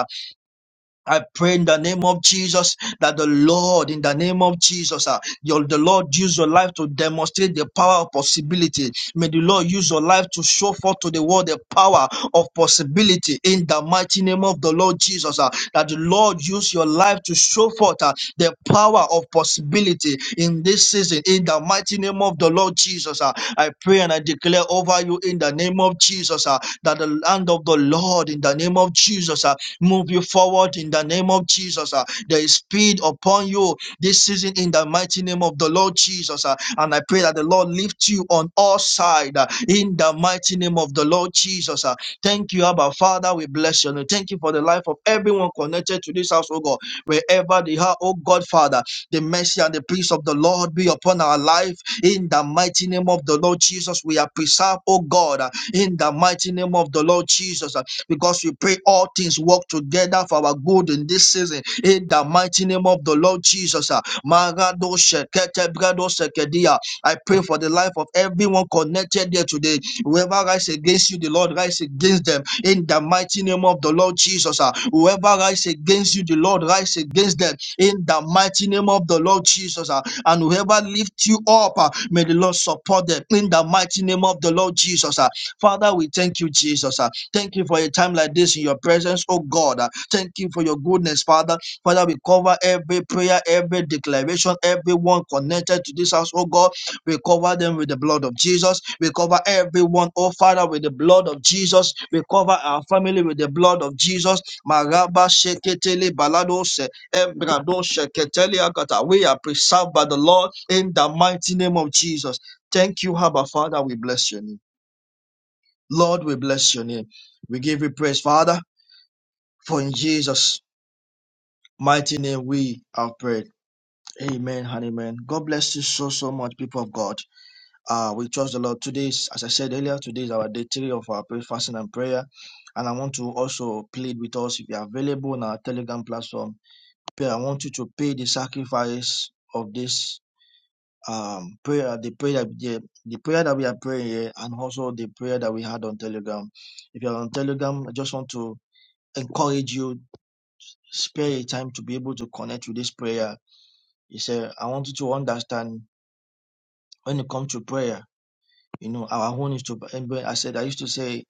[SPEAKER 6] I pray in the name of Jesus that the Lord, in the name of Jesus, uh, your, the Lord use your life to demonstrate the power of possibility. May the Lord use your life to show forth to the world the power of possibility in the mighty name of the Lord Jesus. uh, that the Lord use your life to show forth uh, the power of possibility in this season in the mighty name of the Lord Jesus. uh, I pray and I declare over you in the name of Jesus uh, that the hand of the Lord in the name of Jesus ah, Move you forward in the name of Jesus. ah. There is speed upon you this season in the mighty name of the Lord Jesus. ah. And I pray that the Lord lift you on all sides uh, in the mighty name of the Lord Jesus. ah. Thank you, Abba Father. We bless you. And thank you for the life of everyone connected to this house, oh God. Wherever they are, oh God, Father, the mercy and the peace of the Lord be upon our life in the mighty name of the Lord Jesus. We are preserved, oh God, ah, in the mighty name of the Lord Jesus. Uh, because we pray all things work together for our good in this season. In the mighty name of the Lord Jesus. ah. Marado shekete brado sekedia. I pray for the life of everyone connected here today. Whoever rise against you, the Lord rise against them. In the mighty name of the Lord Jesus. ah. Whoever rise against you, the Lord rise against them. In the mighty name of the Lord Jesus. ah. And whoever lift you up, ah, may the Lord support them. In the mighty name of the Lord Jesus. ah. Father, we thank you, Jesus. ah. Thank you for a time like this in your presence, oh God. Uh, Thank you for your goodness, Father. Father, we cover every prayer, every declaration, everyone connected to this house, oh God. We cover them with the blood of Jesus. We cover everyone, oh Father, with the blood of Jesus. We cover our family with the blood of Jesus. Maraba sheketele baladose, embrado sheketele akata. We are preserved by the Lord in the mighty name of Jesus. Thank you, Abba Father. We bless your name. Lord, we bless your name. We give you praise, Father, for in Jesus' mighty name we have prayed. Amen and amen. God bless you so, so much, people of God. Uh, we trust the Lord. Today, is, as I said earlier, today is our day three of our prayer, fasting, and prayer. And I want to also plead with us if you are available on our Telegram platform. pray- I want you to pay the sacrifice of this um, prayer, the prayer, the, the prayer that we are praying here, and also the prayer that we had on Telegram. If you are on Telegram, I just want to encourage you, spare a time to be able to connect with this prayer. He said, I want you to understand when it comes to prayer, you know, our own is to, and when I said, I used to say,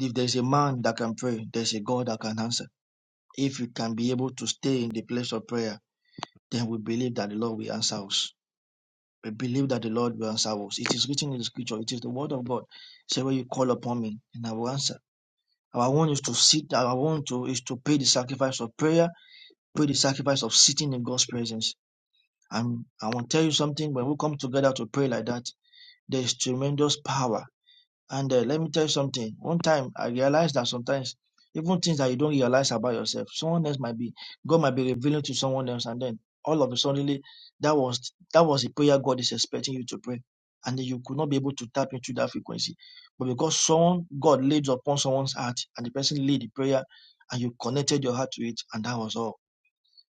[SPEAKER 6] if there's a man that can pray, there's a God that can answer. If you can be able to stay in the place of prayer, then we believe that the Lord will answer us. We believe that the Lord will answer us. It is written in the scripture, it is the word of God. Say, when you call upon me, and I will answer. Our one is to sit, our one to, is to pay the sacrifice of prayer, pay the sacrifice of sitting in God's presence I'm, I want to tell you something. When we come together to pray like that, there is tremendous power. And uh, let me tell you something. One time I realized that sometimes even things that you don't realize about yourself, someone else might be God might be revealing to someone else, and then all of a sudden that was that was the prayer God is expecting you to pray, and then you could not be able to tap into that frequency, but because someone God laid upon someone's heart, and the person laid the prayer, and you connected your heart to it, and that was all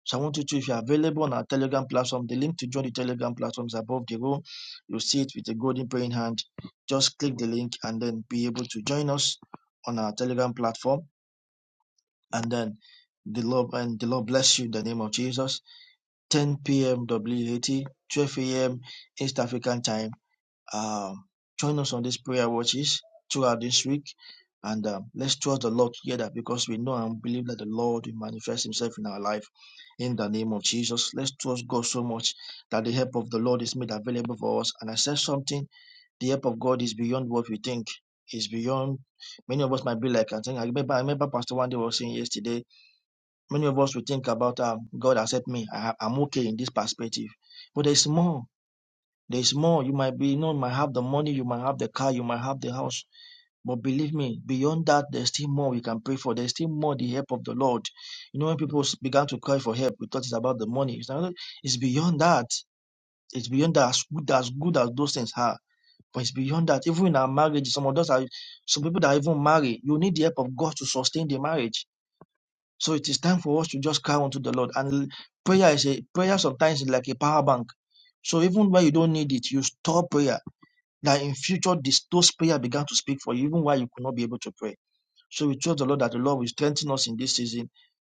[SPEAKER 6] so I want you to, if you're available on our Telegram platform, the link to join the Telegram platform is above the room. You see it with a golden praying hand. Just click the link and then be able to join us on our Telegram platform. And then the Lord and the Lord bless you in the name of Jesus. 10 p.m. WAT, 12 a.m. East African time. Um, join us on these prayer watches throughout this week. And um, let's trust the Lord together because we know and believe that the Lord will manifest Himself in our life in the name of Jesus. Let's trust God so much that the help of the Lord is made available for us. And I said something the help of God is beyond what we think, it's beyond. Many of us might be like, I think, I remember, I remember Pastor One was saying yesterday, many of us will think about, um, God has helped me, I, I'm okay in this perspective. But there's more there's more. You might be, you know, you might have the money, you might have the car, you might have the house. But believe me, beyond that, there's still more we can pray for. There's still more the help of the Lord. You know, when people s- began to cry for help, we thought it's about the money. It's, not, it's beyond that. It's beyond that. As good, as good as those things are, but it's beyond that. Even in our marriage, some of us are, some people that are even marry, you need the help of God to sustain the marriage. So it is time for us to just cry unto the Lord. And l- prayer is a prayer sometimes is like a power bank. So even when you don't need it, you store prayer that in future this, those prayer began to speak for you, even while you could not be able to pray. So we trust the Lord that the Lord will strengthen us in this season.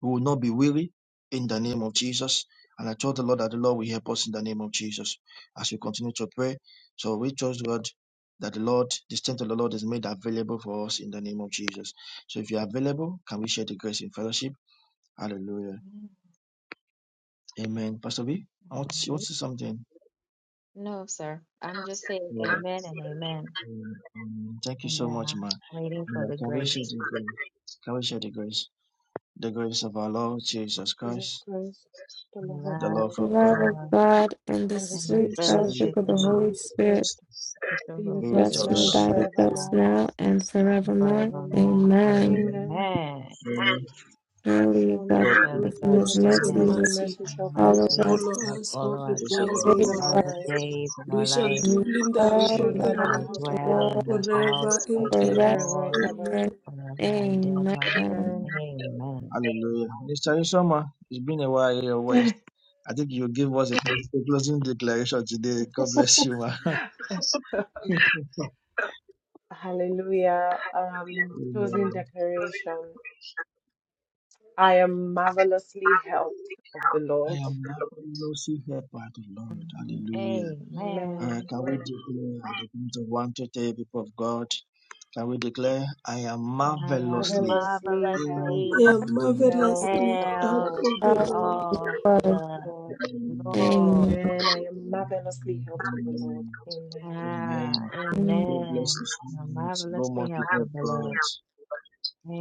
[SPEAKER 6] We will not be weary in the name of Jesus. And I trust the Lord that the Lord will help us in the name of Jesus as we continue to pray. So we trust God that the Lord, the strength of the Lord is made available for us in the name of Jesus. So if you are available, can we share the grace in fellowship? Hallelujah. Amen. Pastor B, I want to, you want to say something.
[SPEAKER 1] No, sir. I'm just saying
[SPEAKER 6] Yeah. Um,
[SPEAKER 1] amen and amen
[SPEAKER 6] um, Thank you
[SPEAKER 1] and
[SPEAKER 6] so
[SPEAKER 1] uh,
[SPEAKER 6] much, man.
[SPEAKER 1] waiting for
[SPEAKER 6] Yeah,
[SPEAKER 1] the
[SPEAKER 6] can we share
[SPEAKER 1] grace
[SPEAKER 6] the grace? Can we share the grace? The grace of our Lord Jesus
[SPEAKER 2] Jesus
[SPEAKER 6] Christ,
[SPEAKER 2] Christ, the
[SPEAKER 1] and
[SPEAKER 2] love of
[SPEAKER 6] the
[SPEAKER 1] love
[SPEAKER 6] love
[SPEAKER 2] God.
[SPEAKER 4] The
[SPEAKER 6] of
[SPEAKER 1] of
[SPEAKER 4] love
[SPEAKER 6] God,
[SPEAKER 4] of
[SPEAKER 1] God
[SPEAKER 4] God and the
[SPEAKER 2] and the
[SPEAKER 1] and the
[SPEAKER 6] the
[SPEAKER 2] sweet
[SPEAKER 4] sweet
[SPEAKER 6] Spirit
[SPEAKER 2] fellowship
[SPEAKER 4] fellowship
[SPEAKER 1] fellowship
[SPEAKER 4] of
[SPEAKER 2] of
[SPEAKER 4] the
[SPEAKER 1] of
[SPEAKER 2] the
[SPEAKER 1] love
[SPEAKER 4] Holy
[SPEAKER 2] Holy
[SPEAKER 4] Spirit
[SPEAKER 2] Spirit
[SPEAKER 1] with the
[SPEAKER 2] be
[SPEAKER 1] Holy
[SPEAKER 6] be
[SPEAKER 2] with
[SPEAKER 6] with
[SPEAKER 2] us
[SPEAKER 4] rest
[SPEAKER 1] Spirit
[SPEAKER 4] and
[SPEAKER 2] now and
[SPEAKER 6] us.
[SPEAKER 4] abide
[SPEAKER 1] with us
[SPEAKER 4] with us
[SPEAKER 1] now
[SPEAKER 2] forevermore.
[SPEAKER 4] now and
[SPEAKER 2] And
[SPEAKER 1] and
[SPEAKER 4] forevermore.
[SPEAKER 2] forevermore.
[SPEAKER 1] forevermore.
[SPEAKER 4] Amen.
[SPEAKER 6] Amen.
[SPEAKER 2] Amen.
[SPEAKER 1] Amen.
[SPEAKER 6] Surely,
[SPEAKER 4] Surely God's
[SPEAKER 6] God
[SPEAKER 2] Surely
[SPEAKER 1] Surely
[SPEAKER 3] Lord,
[SPEAKER 4] goodness
[SPEAKER 6] is
[SPEAKER 4] and His
[SPEAKER 1] God's
[SPEAKER 6] us
[SPEAKER 2] God's
[SPEAKER 6] and
[SPEAKER 3] goodness
[SPEAKER 6] for
[SPEAKER 4] mercy
[SPEAKER 3] and
[SPEAKER 6] you.
[SPEAKER 1] goodness
[SPEAKER 2] goodness
[SPEAKER 4] will
[SPEAKER 2] and
[SPEAKER 3] mercy
[SPEAKER 2] mercy
[SPEAKER 1] and
[SPEAKER 2] shall
[SPEAKER 4] follow
[SPEAKER 2] follow
[SPEAKER 1] mercy
[SPEAKER 4] us
[SPEAKER 2] us
[SPEAKER 3] follow
[SPEAKER 1] shall
[SPEAKER 3] us all
[SPEAKER 1] follow
[SPEAKER 3] the
[SPEAKER 6] This
[SPEAKER 1] us
[SPEAKER 6] is
[SPEAKER 2] all the
[SPEAKER 3] days of
[SPEAKER 6] our-
[SPEAKER 4] daily
[SPEAKER 2] days of
[SPEAKER 3] our
[SPEAKER 2] our
[SPEAKER 1] all
[SPEAKER 4] and
[SPEAKER 1] the
[SPEAKER 3] life.
[SPEAKER 2] lives,
[SPEAKER 1] days of
[SPEAKER 3] We
[SPEAKER 1] our
[SPEAKER 3] shall
[SPEAKER 1] life.
[SPEAKER 4] we
[SPEAKER 3] dwell in the
[SPEAKER 2] and we
[SPEAKER 3] house
[SPEAKER 4] dwell
[SPEAKER 2] shall
[SPEAKER 4] in
[SPEAKER 3] of
[SPEAKER 4] the
[SPEAKER 1] We
[SPEAKER 4] house
[SPEAKER 2] dwell
[SPEAKER 3] the
[SPEAKER 2] in
[SPEAKER 4] of
[SPEAKER 2] the
[SPEAKER 1] shall
[SPEAKER 2] house
[SPEAKER 3] Lord
[SPEAKER 2] of
[SPEAKER 4] the
[SPEAKER 2] the
[SPEAKER 1] dwell
[SPEAKER 2] Lord
[SPEAKER 4] Lord
[SPEAKER 1] in the house
[SPEAKER 3] forever
[SPEAKER 1] of
[SPEAKER 3] and
[SPEAKER 1] the
[SPEAKER 3] ever.
[SPEAKER 4] forever
[SPEAKER 2] forever and
[SPEAKER 1] Lord
[SPEAKER 4] and
[SPEAKER 2] ever.
[SPEAKER 3] Amen.
[SPEAKER 1] forever and ever.
[SPEAKER 4] ever. Amen.
[SPEAKER 2] Amen.
[SPEAKER 1] Amen.
[SPEAKER 6] Hallelujah. Mr. Isoma, it's been a while your voice. I think you give us a a closing declaration today. God bless you, ma.
[SPEAKER 2] Hallelujah. Um, closing
[SPEAKER 6] Amen.
[SPEAKER 2] declaration. I am marvelously helped of the
[SPEAKER 6] I
[SPEAKER 2] Lord.
[SPEAKER 6] am now a mercy help by the Lord. Hallelujah.
[SPEAKER 1] Amen.
[SPEAKER 6] All
[SPEAKER 2] Amen.
[SPEAKER 6] right, can we
[SPEAKER 2] Amen.
[SPEAKER 6] declare at the count of one to three people of God? Shall we declare, I am
[SPEAKER 1] I am
[SPEAKER 6] marvelously.
[SPEAKER 2] Marvelously helped
[SPEAKER 3] I
[SPEAKER 1] marvelously
[SPEAKER 4] My
[SPEAKER 3] am
[SPEAKER 2] be helped
[SPEAKER 3] marvelously
[SPEAKER 2] of the
[SPEAKER 3] out
[SPEAKER 1] held
[SPEAKER 2] Lord,
[SPEAKER 3] of the
[SPEAKER 4] God
[SPEAKER 3] Lord.
[SPEAKER 4] is
[SPEAKER 1] of
[SPEAKER 4] good.
[SPEAKER 1] the
[SPEAKER 2] Lord.
[SPEAKER 6] Amen.
[SPEAKER 1] Lord.
[SPEAKER 4] Amen.
[SPEAKER 2] Amen. I am marvelously helped of the Lord. Amen.
[SPEAKER 6] Amen.
[SPEAKER 1] Ah,
[SPEAKER 6] God bless
[SPEAKER 1] amen.
[SPEAKER 6] us. so
[SPEAKER 1] I'm
[SPEAKER 6] God
[SPEAKER 1] marvelously held
[SPEAKER 6] multiply
[SPEAKER 1] of the Lord.
[SPEAKER 6] God.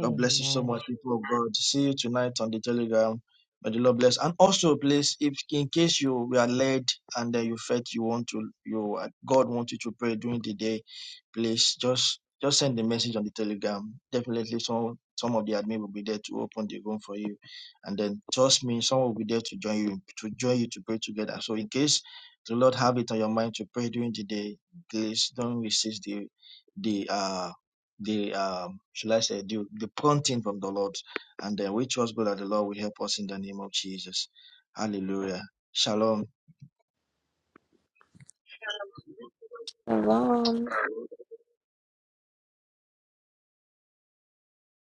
[SPEAKER 6] God bless you so much, people of God. See you tonight on the Telegram. May the Lord bless. And also, please, if in case you were led and uh, you felt you want to, you uh, God want you to pray during the day, please just just send the message on the Telegram. Definitely, some some of the admin will be there to open the room for you, and then trust me, some will be there to join you to join you to pray together. So, in case the Lord have it on your mind to pray during the day, please don't resist the the uh the um shall I say the, the prompting from the Lord and then we trust God that the Lord will help us in the name of Jesus. Hallelujah. Shalom.
[SPEAKER 4] Shalom.